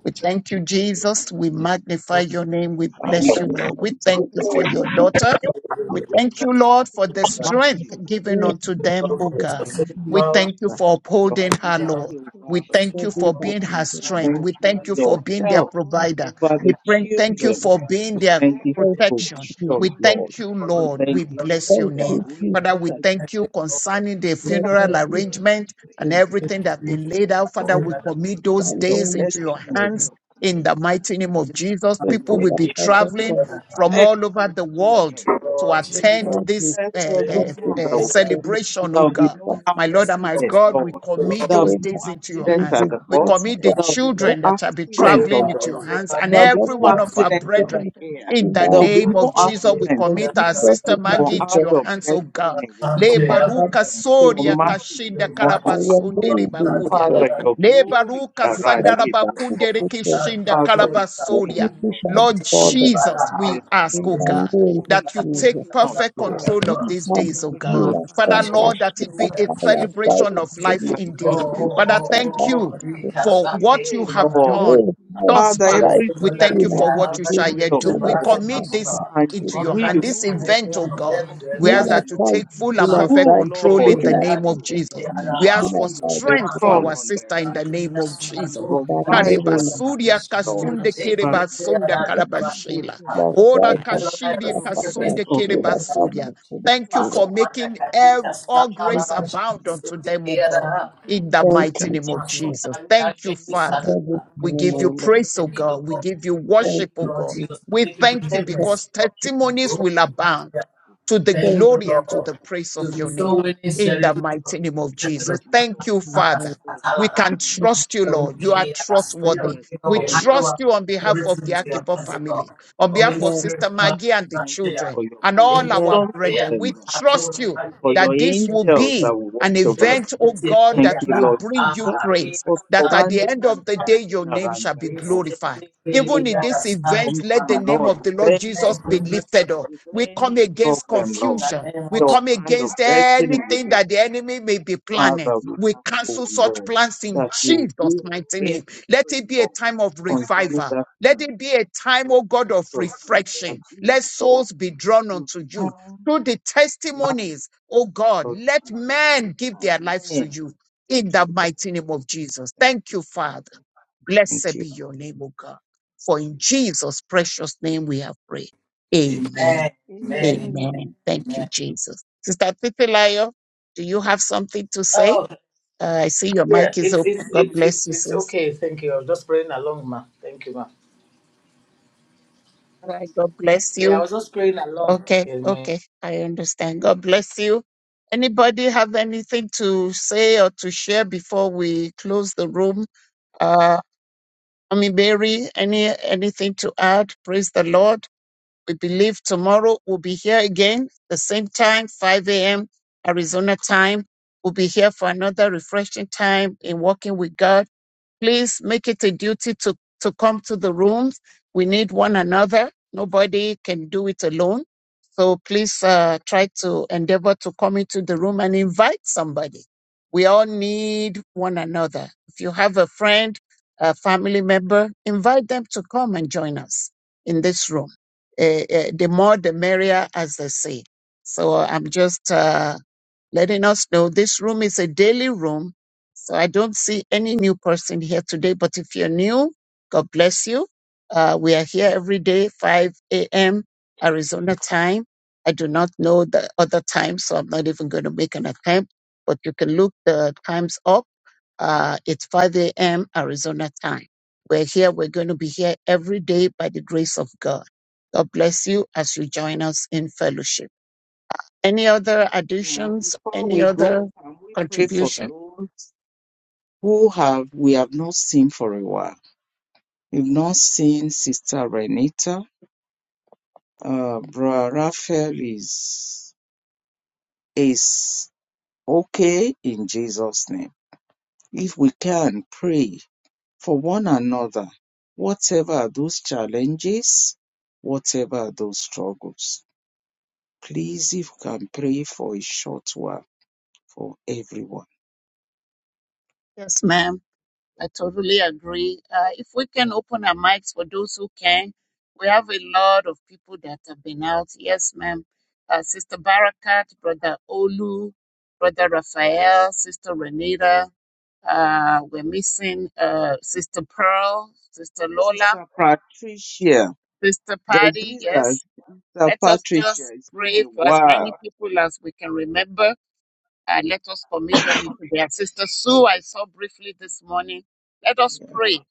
[SPEAKER 1] We thank you, Jesus.
[SPEAKER 2] Thank
[SPEAKER 1] We
[SPEAKER 2] you, Lord
[SPEAKER 1] magnify
[SPEAKER 7] Lord
[SPEAKER 1] your
[SPEAKER 2] Jesus, for
[SPEAKER 1] name.
[SPEAKER 8] God,
[SPEAKER 1] We bless you,
[SPEAKER 2] expanding
[SPEAKER 1] Lord.
[SPEAKER 2] us.
[SPEAKER 1] We thank you
[SPEAKER 2] We
[SPEAKER 8] we
[SPEAKER 1] for
[SPEAKER 8] pray,
[SPEAKER 1] your
[SPEAKER 8] God.
[SPEAKER 1] daughter. We
[SPEAKER 8] women
[SPEAKER 1] thank
[SPEAKER 2] ask
[SPEAKER 1] you,
[SPEAKER 2] for
[SPEAKER 1] Lord, for
[SPEAKER 2] your
[SPEAKER 1] the
[SPEAKER 8] participating in
[SPEAKER 1] strength
[SPEAKER 2] mercy.
[SPEAKER 8] children's
[SPEAKER 1] given
[SPEAKER 6] grace
[SPEAKER 8] youth
[SPEAKER 6] is
[SPEAKER 1] unto them, O
[SPEAKER 7] for your
[SPEAKER 2] We
[SPEAKER 6] needed
[SPEAKER 1] God.
[SPEAKER 8] law
[SPEAKER 2] thank
[SPEAKER 6] in
[SPEAKER 8] are
[SPEAKER 2] you
[SPEAKER 7] sustaining
[SPEAKER 6] you.
[SPEAKER 1] We
[SPEAKER 2] for
[SPEAKER 8] unless
[SPEAKER 7] power.
[SPEAKER 1] thank
[SPEAKER 8] they
[SPEAKER 1] you
[SPEAKER 8] have
[SPEAKER 1] for
[SPEAKER 2] your
[SPEAKER 1] upholding
[SPEAKER 7] Thank
[SPEAKER 8] time
[SPEAKER 7] you,
[SPEAKER 1] her,
[SPEAKER 7] Lord, for your sustaining power. Thank you, Lord, for your sustaining power. Thank you,
[SPEAKER 2] ability
[SPEAKER 7] Lord, for
[SPEAKER 1] Lord.
[SPEAKER 2] over
[SPEAKER 8] to
[SPEAKER 1] We
[SPEAKER 2] her
[SPEAKER 8] official
[SPEAKER 7] your
[SPEAKER 1] thank you
[SPEAKER 6] Thank
[SPEAKER 7] sustaining
[SPEAKER 6] you,
[SPEAKER 2] life.
[SPEAKER 1] for
[SPEAKER 8] lifestyle
[SPEAKER 6] thank
[SPEAKER 1] being
[SPEAKER 8] their
[SPEAKER 1] her
[SPEAKER 6] you,
[SPEAKER 2] We
[SPEAKER 8] dare that
[SPEAKER 1] strength.
[SPEAKER 2] thank
[SPEAKER 7] power.
[SPEAKER 8] is
[SPEAKER 1] We
[SPEAKER 2] you,
[SPEAKER 8] law
[SPEAKER 1] thank you for
[SPEAKER 2] your
[SPEAKER 1] being their
[SPEAKER 2] help
[SPEAKER 8] platform.
[SPEAKER 1] provider.
[SPEAKER 8] I
[SPEAKER 2] over the
[SPEAKER 1] We
[SPEAKER 8] just want
[SPEAKER 1] pray-
[SPEAKER 8] to be
[SPEAKER 1] thank you
[SPEAKER 8] with
[SPEAKER 2] children.
[SPEAKER 1] for
[SPEAKER 8] them
[SPEAKER 1] being
[SPEAKER 2] We
[SPEAKER 8] every
[SPEAKER 1] their
[SPEAKER 2] thank
[SPEAKER 8] step
[SPEAKER 2] you
[SPEAKER 8] of
[SPEAKER 2] for
[SPEAKER 8] the way,
[SPEAKER 1] protection.
[SPEAKER 2] provision,
[SPEAKER 1] We
[SPEAKER 8] knowing that
[SPEAKER 2] Lord.
[SPEAKER 1] thank you,
[SPEAKER 8] it's
[SPEAKER 2] We
[SPEAKER 1] Lord.
[SPEAKER 8] traveling
[SPEAKER 2] thank
[SPEAKER 1] We
[SPEAKER 8] there
[SPEAKER 2] you,
[SPEAKER 8] that they
[SPEAKER 2] Lord,
[SPEAKER 1] bless
[SPEAKER 2] for
[SPEAKER 8] need
[SPEAKER 1] your
[SPEAKER 6] thank
[SPEAKER 8] to
[SPEAKER 2] their
[SPEAKER 1] name.
[SPEAKER 6] you,
[SPEAKER 8] God
[SPEAKER 2] going
[SPEAKER 8] will
[SPEAKER 6] thank
[SPEAKER 1] Father,
[SPEAKER 2] out
[SPEAKER 1] we
[SPEAKER 2] and
[SPEAKER 7] Thank
[SPEAKER 1] thank
[SPEAKER 8] protect
[SPEAKER 2] their
[SPEAKER 1] you
[SPEAKER 7] you,
[SPEAKER 8] them.
[SPEAKER 7] Lord, for your sustaining power. Thank you, Lord, for
[SPEAKER 1] concerning
[SPEAKER 7] your
[SPEAKER 1] the
[SPEAKER 8] Strife
[SPEAKER 2] coming
[SPEAKER 7] sustaining
[SPEAKER 1] funeral
[SPEAKER 8] over
[SPEAKER 2] back.
[SPEAKER 8] the
[SPEAKER 1] arrangement and
[SPEAKER 8] situation
[SPEAKER 1] everything
[SPEAKER 8] had
[SPEAKER 2] We
[SPEAKER 1] that has
[SPEAKER 2] ask,
[SPEAKER 1] been laid
[SPEAKER 2] you
[SPEAKER 1] out. Father,
[SPEAKER 2] Lord,
[SPEAKER 1] we
[SPEAKER 2] that your
[SPEAKER 1] commit
[SPEAKER 8] ultimately
[SPEAKER 1] those
[SPEAKER 2] hand of
[SPEAKER 8] settled
[SPEAKER 1] days into
[SPEAKER 8] things
[SPEAKER 1] your
[SPEAKER 2] destiny will
[SPEAKER 8] before
[SPEAKER 2] be
[SPEAKER 1] hands
[SPEAKER 2] upon
[SPEAKER 8] all
[SPEAKER 1] in the
[SPEAKER 8] the
[SPEAKER 2] them
[SPEAKER 1] mighty name
[SPEAKER 8] suffering
[SPEAKER 1] of Jesus.
[SPEAKER 8] and all
[SPEAKER 2] and
[SPEAKER 1] People
[SPEAKER 2] your
[SPEAKER 8] the
[SPEAKER 1] will be
[SPEAKER 2] mercy, You
[SPEAKER 8] before
[SPEAKER 2] will
[SPEAKER 1] traveling
[SPEAKER 7] power.
[SPEAKER 8] all
[SPEAKER 1] from
[SPEAKER 8] the
[SPEAKER 2] protect
[SPEAKER 1] all over
[SPEAKER 2] those
[SPEAKER 1] the
[SPEAKER 8] discovered the subject of
[SPEAKER 7] Thank
[SPEAKER 1] world
[SPEAKER 8] light
[SPEAKER 2] children.
[SPEAKER 7] you,
[SPEAKER 8] and the
[SPEAKER 1] to
[SPEAKER 7] Lord,
[SPEAKER 2] You
[SPEAKER 7] Jesus,
[SPEAKER 8] glory of
[SPEAKER 1] attend
[SPEAKER 2] will
[SPEAKER 8] God.
[SPEAKER 1] this
[SPEAKER 2] protect
[SPEAKER 1] uh,
[SPEAKER 7] thank
[SPEAKER 8] That is
[SPEAKER 7] you,
[SPEAKER 1] uh,
[SPEAKER 2] everyone
[SPEAKER 8] my
[SPEAKER 2] that
[SPEAKER 1] uh,
[SPEAKER 2] will
[SPEAKER 8] go
[SPEAKER 7] Lord.
[SPEAKER 2] be there.
[SPEAKER 8] smoothly.
[SPEAKER 1] celebration,
[SPEAKER 2] There
[SPEAKER 1] oh
[SPEAKER 2] will be
[SPEAKER 1] God.
[SPEAKER 2] no
[SPEAKER 8] every
[SPEAKER 1] My
[SPEAKER 8] way
[SPEAKER 7] Yes,
[SPEAKER 1] Lord and
[SPEAKER 8] and
[SPEAKER 1] my
[SPEAKER 2] accident,
[SPEAKER 1] God,
[SPEAKER 8] every
[SPEAKER 1] we
[SPEAKER 2] Lord.
[SPEAKER 8] every
[SPEAKER 1] commit
[SPEAKER 7] Lord.
[SPEAKER 2] There will
[SPEAKER 8] step.
[SPEAKER 1] those
[SPEAKER 2] be no
[SPEAKER 1] days into your
[SPEAKER 8] That Like,
[SPEAKER 2] accident
[SPEAKER 8] you
[SPEAKER 1] hands.
[SPEAKER 8] would
[SPEAKER 2] at the
[SPEAKER 1] We
[SPEAKER 2] port.
[SPEAKER 8] comfort
[SPEAKER 1] commit the
[SPEAKER 8] them
[SPEAKER 2] There will
[SPEAKER 8] through
[SPEAKER 2] be
[SPEAKER 8] this
[SPEAKER 2] no
[SPEAKER 1] children
[SPEAKER 8] time,
[SPEAKER 1] that shall be
[SPEAKER 8] to
[SPEAKER 7] Oh,
[SPEAKER 2] accident
[SPEAKER 1] traveling
[SPEAKER 2] on
[SPEAKER 8] remember
[SPEAKER 2] the
[SPEAKER 1] into
[SPEAKER 8] the
[SPEAKER 1] your
[SPEAKER 2] road.
[SPEAKER 8] good
[SPEAKER 1] hands and
[SPEAKER 2] There
[SPEAKER 8] things,
[SPEAKER 2] will be
[SPEAKER 1] every
[SPEAKER 2] no
[SPEAKER 1] one of our
[SPEAKER 2] accident in
[SPEAKER 1] brethren.
[SPEAKER 2] the
[SPEAKER 8] the right
[SPEAKER 2] air.
[SPEAKER 1] In the
[SPEAKER 2] There will be
[SPEAKER 1] name
[SPEAKER 2] no
[SPEAKER 1] of Jesus, we
[SPEAKER 2] accident,
[SPEAKER 8] kindness,
[SPEAKER 2] oh
[SPEAKER 1] commit our
[SPEAKER 2] Lord.
[SPEAKER 1] sister
[SPEAKER 8] love,
[SPEAKER 2] Your
[SPEAKER 1] Maggie into
[SPEAKER 2] hand
[SPEAKER 8] Jesus.
[SPEAKER 1] your
[SPEAKER 2] of
[SPEAKER 1] hands, oh God.
[SPEAKER 2] destiny will be
[SPEAKER 8] Yes,
[SPEAKER 2] upon them.
[SPEAKER 1] Lebaruka
[SPEAKER 8] Father,
[SPEAKER 2] Your
[SPEAKER 1] Soria
[SPEAKER 8] peace
[SPEAKER 2] mercy
[SPEAKER 8] through
[SPEAKER 2] to be
[SPEAKER 1] Kashinda
[SPEAKER 8] this night,
[SPEAKER 2] multiplied, Lord.
[SPEAKER 1] Karabasundere
[SPEAKER 8] difficult time.
[SPEAKER 1] Bakuria.
[SPEAKER 2] Father, your glory
[SPEAKER 1] Lebaruka
[SPEAKER 2] shall
[SPEAKER 8] Cut
[SPEAKER 2] radiate, O Lord.
[SPEAKER 1] Sandarabakundere
[SPEAKER 8] fell on his
[SPEAKER 1] Kishinda
[SPEAKER 8] face,
[SPEAKER 2] Father, we pray,
[SPEAKER 1] Karabasoria.
[SPEAKER 2] O Lord,
[SPEAKER 1] Lord
[SPEAKER 2] that you will
[SPEAKER 1] Jesus, we
[SPEAKER 2] strengthen
[SPEAKER 1] ask, oh
[SPEAKER 2] us.
[SPEAKER 1] God,
[SPEAKER 2] You will
[SPEAKER 1] that you take
[SPEAKER 2] quicken us,
[SPEAKER 1] perfect
[SPEAKER 8] and
[SPEAKER 2] Lord.
[SPEAKER 1] control of these
[SPEAKER 2] You will
[SPEAKER 1] days, oh
[SPEAKER 2] take
[SPEAKER 1] God.
[SPEAKER 2] control,
[SPEAKER 1] Father,
[SPEAKER 2] Lord,
[SPEAKER 1] Lord,
[SPEAKER 2] of
[SPEAKER 1] that it
[SPEAKER 2] those
[SPEAKER 1] be a
[SPEAKER 8] the
[SPEAKER 1] celebration
[SPEAKER 8] hand
[SPEAKER 1] of
[SPEAKER 8] was
[SPEAKER 2] 16
[SPEAKER 1] life
[SPEAKER 2] and
[SPEAKER 8] standing
[SPEAKER 1] indeed.
[SPEAKER 8] up
[SPEAKER 2] 17th
[SPEAKER 7] oh,
[SPEAKER 2] of
[SPEAKER 1] Father,
[SPEAKER 7] oh, oh,
[SPEAKER 1] thank
[SPEAKER 2] October.
[SPEAKER 8] on
[SPEAKER 1] you
[SPEAKER 7] oh,
[SPEAKER 8] the
[SPEAKER 2] You
[SPEAKER 7] Rika,
[SPEAKER 2] will
[SPEAKER 1] for
[SPEAKER 8] route
[SPEAKER 1] what
[SPEAKER 7] take
[SPEAKER 8] before
[SPEAKER 1] you
[SPEAKER 2] prevail,
[SPEAKER 8] he
[SPEAKER 1] have
[SPEAKER 8] even
[SPEAKER 2] Lord.
[SPEAKER 7] you
[SPEAKER 8] looked
[SPEAKER 1] done
[SPEAKER 8] hungry
[SPEAKER 1] thus
[SPEAKER 8] God.
[SPEAKER 2] Father,
[SPEAKER 1] far.
[SPEAKER 8] His
[SPEAKER 1] We
[SPEAKER 2] everything
[SPEAKER 1] thank
[SPEAKER 2] will
[SPEAKER 1] you
[SPEAKER 2] be
[SPEAKER 8] energy
[SPEAKER 1] for
[SPEAKER 2] to
[SPEAKER 1] what
[SPEAKER 2] the
[SPEAKER 1] you shall
[SPEAKER 2] glory
[SPEAKER 1] yet
[SPEAKER 2] of
[SPEAKER 1] do.
[SPEAKER 8] situation
[SPEAKER 2] the
[SPEAKER 1] We
[SPEAKER 2] Lord.
[SPEAKER 1] commit
[SPEAKER 8] protected every
[SPEAKER 1] this
[SPEAKER 8] move
[SPEAKER 2] And you
[SPEAKER 1] into
[SPEAKER 8] that
[SPEAKER 1] your hand,
[SPEAKER 2] will
[SPEAKER 1] this
[SPEAKER 8] would
[SPEAKER 2] rule
[SPEAKER 8] go
[SPEAKER 1] event, oh
[SPEAKER 8] forth
[SPEAKER 1] God.
[SPEAKER 8] in case of her in
[SPEAKER 1] We
[SPEAKER 8] the
[SPEAKER 1] ask
[SPEAKER 8] mighty
[SPEAKER 2] completely,
[SPEAKER 1] that
[SPEAKER 8] name
[SPEAKER 1] you
[SPEAKER 8] of
[SPEAKER 2] Lord.
[SPEAKER 1] take
[SPEAKER 2] You
[SPEAKER 1] full and
[SPEAKER 8] Jesus.
[SPEAKER 2] will
[SPEAKER 1] perfect
[SPEAKER 2] rule,
[SPEAKER 1] control
[SPEAKER 8] And
[SPEAKER 2] Lord.
[SPEAKER 1] in
[SPEAKER 8] he
[SPEAKER 1] the
[SPEAKER 2] You
[SPEAKER 8] saw
[SPEAKER 2] will
[SPEAKER 1] name of
[SPEAKER 2] rule.
[SPEAKER 1] Jesus.
[SPEAKER 8] God
[SPEAKER 2] You
[SPEAKER 1] We
[SPEAKER 2] will
[SPEAKER 1] ask for
[SPEAKER 2] show
[SPEAKER 8] life
[SPEAKER 2] yourself
[SPEAKER 1] strength for
[SPEAKER 2] strong
[SPEAKER 8] bomber.
[SPEAKER 1] our
[SPEAKER 2] on their
[SPEAKER 1] sister in the
[SPEAKER 2] behalf.
[SPEAKER 8] My
[SPEAKER 1] name of
[SPEAKER 8] king,
[SPEAKER 2] You
[SPEAKER 1] Jesus.
[SPEAKER 2] will
[SPEAKER 8] Jesus,
[SPEAKER 2] provide for
[SPEAKER 8] as the
[SPEAKER 2] their
[SPEAKER 8] heal
[SPEAKER 1] Karibasuria
[SPEAKER 2] needs, Lord.
[SPEAKER 1] kasunde
[SPEAKER 8] and power
[SPEAKER 1] kerebasunda
[SPEAKER 8] with calm
[SPEAKER 1] karabashila.
[SPEAKER 8] spirit.
[SPEAKER 1] Ora
[SPEAKER 2] Thank
[SPEAKER 1] kashiri
[SPEAKER 2] you, Lord. for
[SPEAKER 1] kasunde
[SPEAKER 8] All that's memory
[SPEAKER 1] kerebasuria. Thank
[SPEAKER 8] will
[SPEAKER 1] you for
[SPEAKER 8] probably
[SPEAKER 1] making
[SPEAKER 8] like
[SPEAKER 1] ev-
[SPEAKER 8] sin like
[SPEAKER 1] all
[SPEAKER 8] me,
[SPEAKER 1] grace abound unto
[SPEAKER 8] Jesus.
[SPEAKER 7] Thank
[SPEAKER 1] them, O God,
[SPEAKER 7] you.
[SPEAKER 1] in
[SPEAKER 8] Mm,
[SPEAKER 1] the mighty name of
[SPEAKER 7] Russell
[SPEAKER 1] Jesus.
[SPEAKER 7] Time, that
[SPEAKER 1] Thank you,
[SPEAKER 7] it is such
[SPEAKER 1] Father.
[SPEAKER 7] a-
[SPEAKER 1] We give
[SPEAKER 7] Oh,
[SPEAKER 1] you praise, O
[SPEAKER 7] thank you,
[SPEAKER 8] Amen.
[SPEAKER 1] God. We
[SPEAKER 7] Lord.
[SPEAKER 1] give you
[SPEAKER 7] Thank
[SPEAKER 1] worship, O
[SPEAKER 7] you, Lord
[SPEAKER 1] God.
[SPEAKER 7] Jesus, for
[SPEAKER 1] We
[SPEAKER 7] taking
[SPEAKER 1] thank you
[SPEAKER 7] preeminence,
[SPEAKER 1] because
[SPEAKER 7] Lord.
[SPEAKER 1] testimonies
[SPEAKER 7] Oh,
[SPEAKER 1] will abound
[SPEAKER 7] thank you.
[SPEAKER 1] to the
[SPEAKER 6] you,
[SPEAKER 1] glory and to the
[SPEAKER 7] Lord.
[SPEAKER 1] praise of
[SPEAKER 7] To be
[SPEAKER 1] your name.
[SPEAKER 7] so winning
[SPEAKER 1] In the
[SPEAKER 7] celebration,
[SPEAKER 1] mighty name of Jesus.
[SPEAKER 7] celebration of
[SPEAKER 1] Thank
[SPEAKER 7] life.
[SPEAKER 1] you, Father. We
[SPEAKER 7] Katasatalara.
[SPEAKER 1] can
[SPEAKER 2] everything.
[SPEAKER 1] trust you,
[SPEAKER 7] Oh,
[SPEAKER 1] Lord. You are
[SPEAKER 7] yeah, that's here.
[SPEAKER 1] trustworthy.
[SPEAKER 2] Yes,
[SPEAKER 7] We go.
[SPEAKER 1] We
[SPEAKER 7] We
[SPEAKER 2] Lord.
[SPEAKER 7] hand over
[SPEAKER 1] trust you on behalf of the
[SPEAKER 7] everything to
[SPEAKER 2] Yes,
[SPEAKER 7] your
[SPEAKER 1] Akibo
[SPEAKER 2] Father.
[SPEAKER 7] hands, Lord.
[SPEAKER 1] family, on
[SPEAKER 2] Thank
[SPEAKER 1] behalf
[SPEAKER 7] Holy
[SPEAKER 2] you,
[SPEAKER 1] of
[SPEAKER 2] Lord.
[SPEAKER 1] Sister
[SPEAKER 7] Spirit, come,
[SPEAKER 1] Maggie and the
[SPEAKER 7] that's
[SPEAKER 2] Thank you
[SPEAKER 7] here.
[SPEAKER 1] children,
[SPEAKER 2] for your
[SPEAKER 1] and
[SPEAKER 7] It
[SPEAKER 1] all
[SPEAKER 7] is
[SPEAKER 1] our
[SPEAKER 7] that
[SPEAKER 2] provision for
[SPEAKER 7] here.
[SPEAKER 1] brethren.
[SPEAKER 2] them,
[SPEAKER 1] We
[SPEAKER 2] Lord.
[SPEAKER 7] That's all
[SPEAKER 1] trust
[SPEAKER 2] Thank
[SPEAKER 7] that
[SPEAKER 1] you
[SPEAKER 7] I
[SPEAKER 2] you for your
[SPEAKER 1] that this will
[SPEAKER 7] think.
[SPEAKER 2] angels
[SPEAKER 1] be
[SPEAKER 2] that will
[SPEAKER 1] an
[SPEAKER 2] watch
[SPEAKER 7] Thank
[SPEAKER 2] over them.
[SPEAKER 1] event,
[SPEAKER 7] you,
[SPEAKER 1] oh
[SPEAKER 7] Bishop.
[SPEAKER 1] God,
[SPEAKER 2] Thank
[SPEAKER 1] that
[SPEAKER 2] you,
[SPEAKER 1] will
[SPEAKER 2] Lord
[SPEAKER 1] bring you
[SPEAKER 2] Jesus,
[SPEAKER 1] praise,
[SPEAKER 2] for
[SPEAKER 1] that at the
[SPEAKER 2] surrounding
[SPEAKER 1] end
[SPEAKER 2] and
[SPEAKER 1] of the day, your
[SPEAKER 2] carrying
[SPEAKER 1] name
[SPEAKER 2] around
[SPEAKER 1] shall be
[SPEAKER 2] them,
[SPEAKER 7] In
[SPEAKER 2] Lord.
[SPEAKER 1] glorified.
[SPEAKER 2] No
[SPEAKER 1] Even in
[SPEAKER 2] one
[SPEAKER 1] this
[SPEAKER 2] will
[SPEAKER 1] event,
[SPEAKER 2] come
[SPEAKER 1] let the
[SPEAKER 2] down,
[SPEAKER 1] name
[SPEAKER 2] Lord,
[SPEAKER 1] of the
[SPEAKER 2] with
[SPEAKER 1] Lord
[SPEAKER 2] any
[SPEAKER 1] Jesus be
[SPEAKER 2] disease.
[SPEAKER 1] lifted up.
[SPEAKER 2] with
[SPEAKER 1] We come
[SPEAKER 2] any
[SPEAKER 1] against
[SPEAKER 2] problem, Lord.
[SPEAKER 7] the
[SPEAKER 1] confusion.
[SPEAKER 7] name
[SPEAKER 1] We
[SPEAKER 7] of Jesus.
[SPEAKER 2] Your
[SPEAKER 1] come
[SPEAKER 2] hand of
[SPEAKER 1] against
[SPEAKER 2] destiny with
[SPEAKER 1] anything
[SPEAKER 2] your
[SPEAKER 1] that the enemy may be planning.
[SPEAKER 2] Father, we
[SPEAKER 1] We
[SPEAKER 2] ask, oh
[SPEAKER 1] cancel such
[SPEAKER 2] Lord,
[SPEAKER 1] plans in
[SPEAKER 2] that you
[SPEAKER 1] Jesus'
[SPEAKER 2] will
[SPEAKER 1] mighty
[SPEAKER 2] reign
[SPEAKER 1] name. Let it
[SPEAKER 2] supreme,
[SPEAKER 1] be a
[SPEAKER 2] Lord,
[SPEAKER 1] time of
[SPEAKER 2] concerning
[SPEAKER 1] revival.
[SPEAKER 2] that
[SPEAKER 1] Let
[SPEAKER 2] thing.
[SPEAKER 1] it be a time,
[SPEAKER 2] Lord
[SPEAKER 1] oh God, of
[SPEAKER 2] Jesus, may there
[SPEAKER 1] refreshing.
[SPEAKER 2] be,
[SPEAKER 1] Let
[SPEAKER 2] Lord,
[SPEAKER 1] souls be drawn
[SPEAKER 2] you
[SPEAKER 1] unto you.
[SPEAKER 2] turn
[SPEAKER 1] Through the
[SPEAKER 2] life,
[SPEAKER 1] testimonies, oh God,
[SPEAKER 2] Lord
[SPEAKER 1] let
[SPEAKER 2] Jesus, we
[SPEAKER 1] men give their
[SPEAKER 2] return
[SPEAKER 1] lives to
[SPEAKER 2] men
[SPEAKER 1] you
[SPEAKER 2] to
[SPEAKER 1] in the
[SPEAKER 2] you, Lord.
[SPEAKER 1] mighty name of Jesus.
[SPEAKER 2] Thank
[SPEAKER 1] Thank
[SPEAKER 2] you,
[SPEAKER 1] you, Father.
[SPEAKER 2] Father. Thank
[SPEAKER 1] Blessed
[SPEAKER 2] you,
[SPEAKER 1] be your
[SPEAKER 2] Lord
[SPEAKER 1] name, O God. For in
[SPEAKER 2] Jesus.
[SPEAKER 1] Jesus' precious name we have prayed. Amen.
[SPEAKER 7] Amen. Amen. Amen.
[SPEAKER 8] Amen.
[SPEAKER 1] Amen. Thank you, Jesus. Sister Titilayo, do you have something to say?
[SPEAKER 7] Oh,
[SPEAKER 1] Uh, I see your
[SPEAKER 7] yeah,
[SPEAKER 1] mic is
[SPEAKER 7] it's, it's,
[SPEAKER 1] open. God
[SPEAKER 7] it's,
[SPEAKER 1] bless
[SPEAKER 7] it's,
[SPEAKER 1] you,
[SPEAKER 7] it's
[SPEAKER 1] sis.
[SPEAKER 7] okay. Thank you. I was just praying along, ma. Thank you, ma.
[SPEAKER 1] All right. God bless
[SPEAKER 7] Yeah, I
[SPEAKER 1] you.
[SPEAKER 7] was just praying along.
[SPEAKER 1] Okay.
[SPEAKER 7] Amen.
[SPEAKER 1] Okay. I understand. God bless you. Anybody have anything to say or to share before we close the room? Uh, Mommy Mary, any anything to add? Praise the Lord. We believe tomorrow we'll be here again, the same time, 5 a.m. Arizona time. We'll be here for another refreshing time in walking with God please make it a duty to, to come to the rooms. We need one another. Nobody can do it alone. So please uh, try to endeavor to come into the room and invite somebody. We all need one another. If you have a friend, a family member, invite them to come and join us in this room. Uh, uh, the more, the merrier, as they say. So I'm just uh, letting us know this room is a daily room. So I don't see any new person here today, but if you're new, God bless you. Uh, we are here every day, 5 a.m. Arizona time. I do not know the other time, so I'm not even going to make an attempt, but you can look the times up. Uh, it's 5 a.m. Arizona time. We're here. We're going to be here every day by the grace of God. God bless you as you join us in fellowship. Any other
[SPEAKER 2] Now,
[SPEAKER 1] additions?
[SPEAKER 2] before
[SPEAKER 1] Any
[SPEAKER 2] we go,
[SPEAKER 1] other
[SPEAKER 2] can we pray for
[SPEAKER 1] contribution?
[SPEAKER 2] those who have we have not seen for a while? We've not seen Sister Renita. Uh, Brother Raphael is, is okay in Jesus' name. If we can pray for one another, whatever those challenges, whatever those struggles, please, if you can pray for a short while for everyone.
[SPEAKER 1] Yes, ma'am. I totally agree. Uh, if we can open our mics for those who can, we have a lot of people that have been out. Yes, ma'am. Uh, Sister Barakat, Brother Olu, Brother Raphael, Sister Renita. Uh, we're missing uh, Sister Pearl, Sister Lola,
[SPEAKER 2] Sister Patricia,
[SPEAKER 1] Sister
[SPEAKER 2] the
[SPEAKER 1] Patty.
[SPEAKER 2] visa,
[SPEAKER 1] Yes,
[SPEAKER 2] Sister
[SPEAKER 1] let us
[SPEAKER 2] Patricia,
[SPEAKER 1] just
[SPEAKER 2] it's been
[SPEAKER 1] pray
[SPEAKER 2] a
[SPEAKER 1] for as many
[SPEAKER 2] while
[SPEAKER 1] people as we can remember Uh, let us commit them into their sister Sue. I saw briefly this morning. Let us
[SPEAKER 2] yeah,
[SPEAKER 1] pray.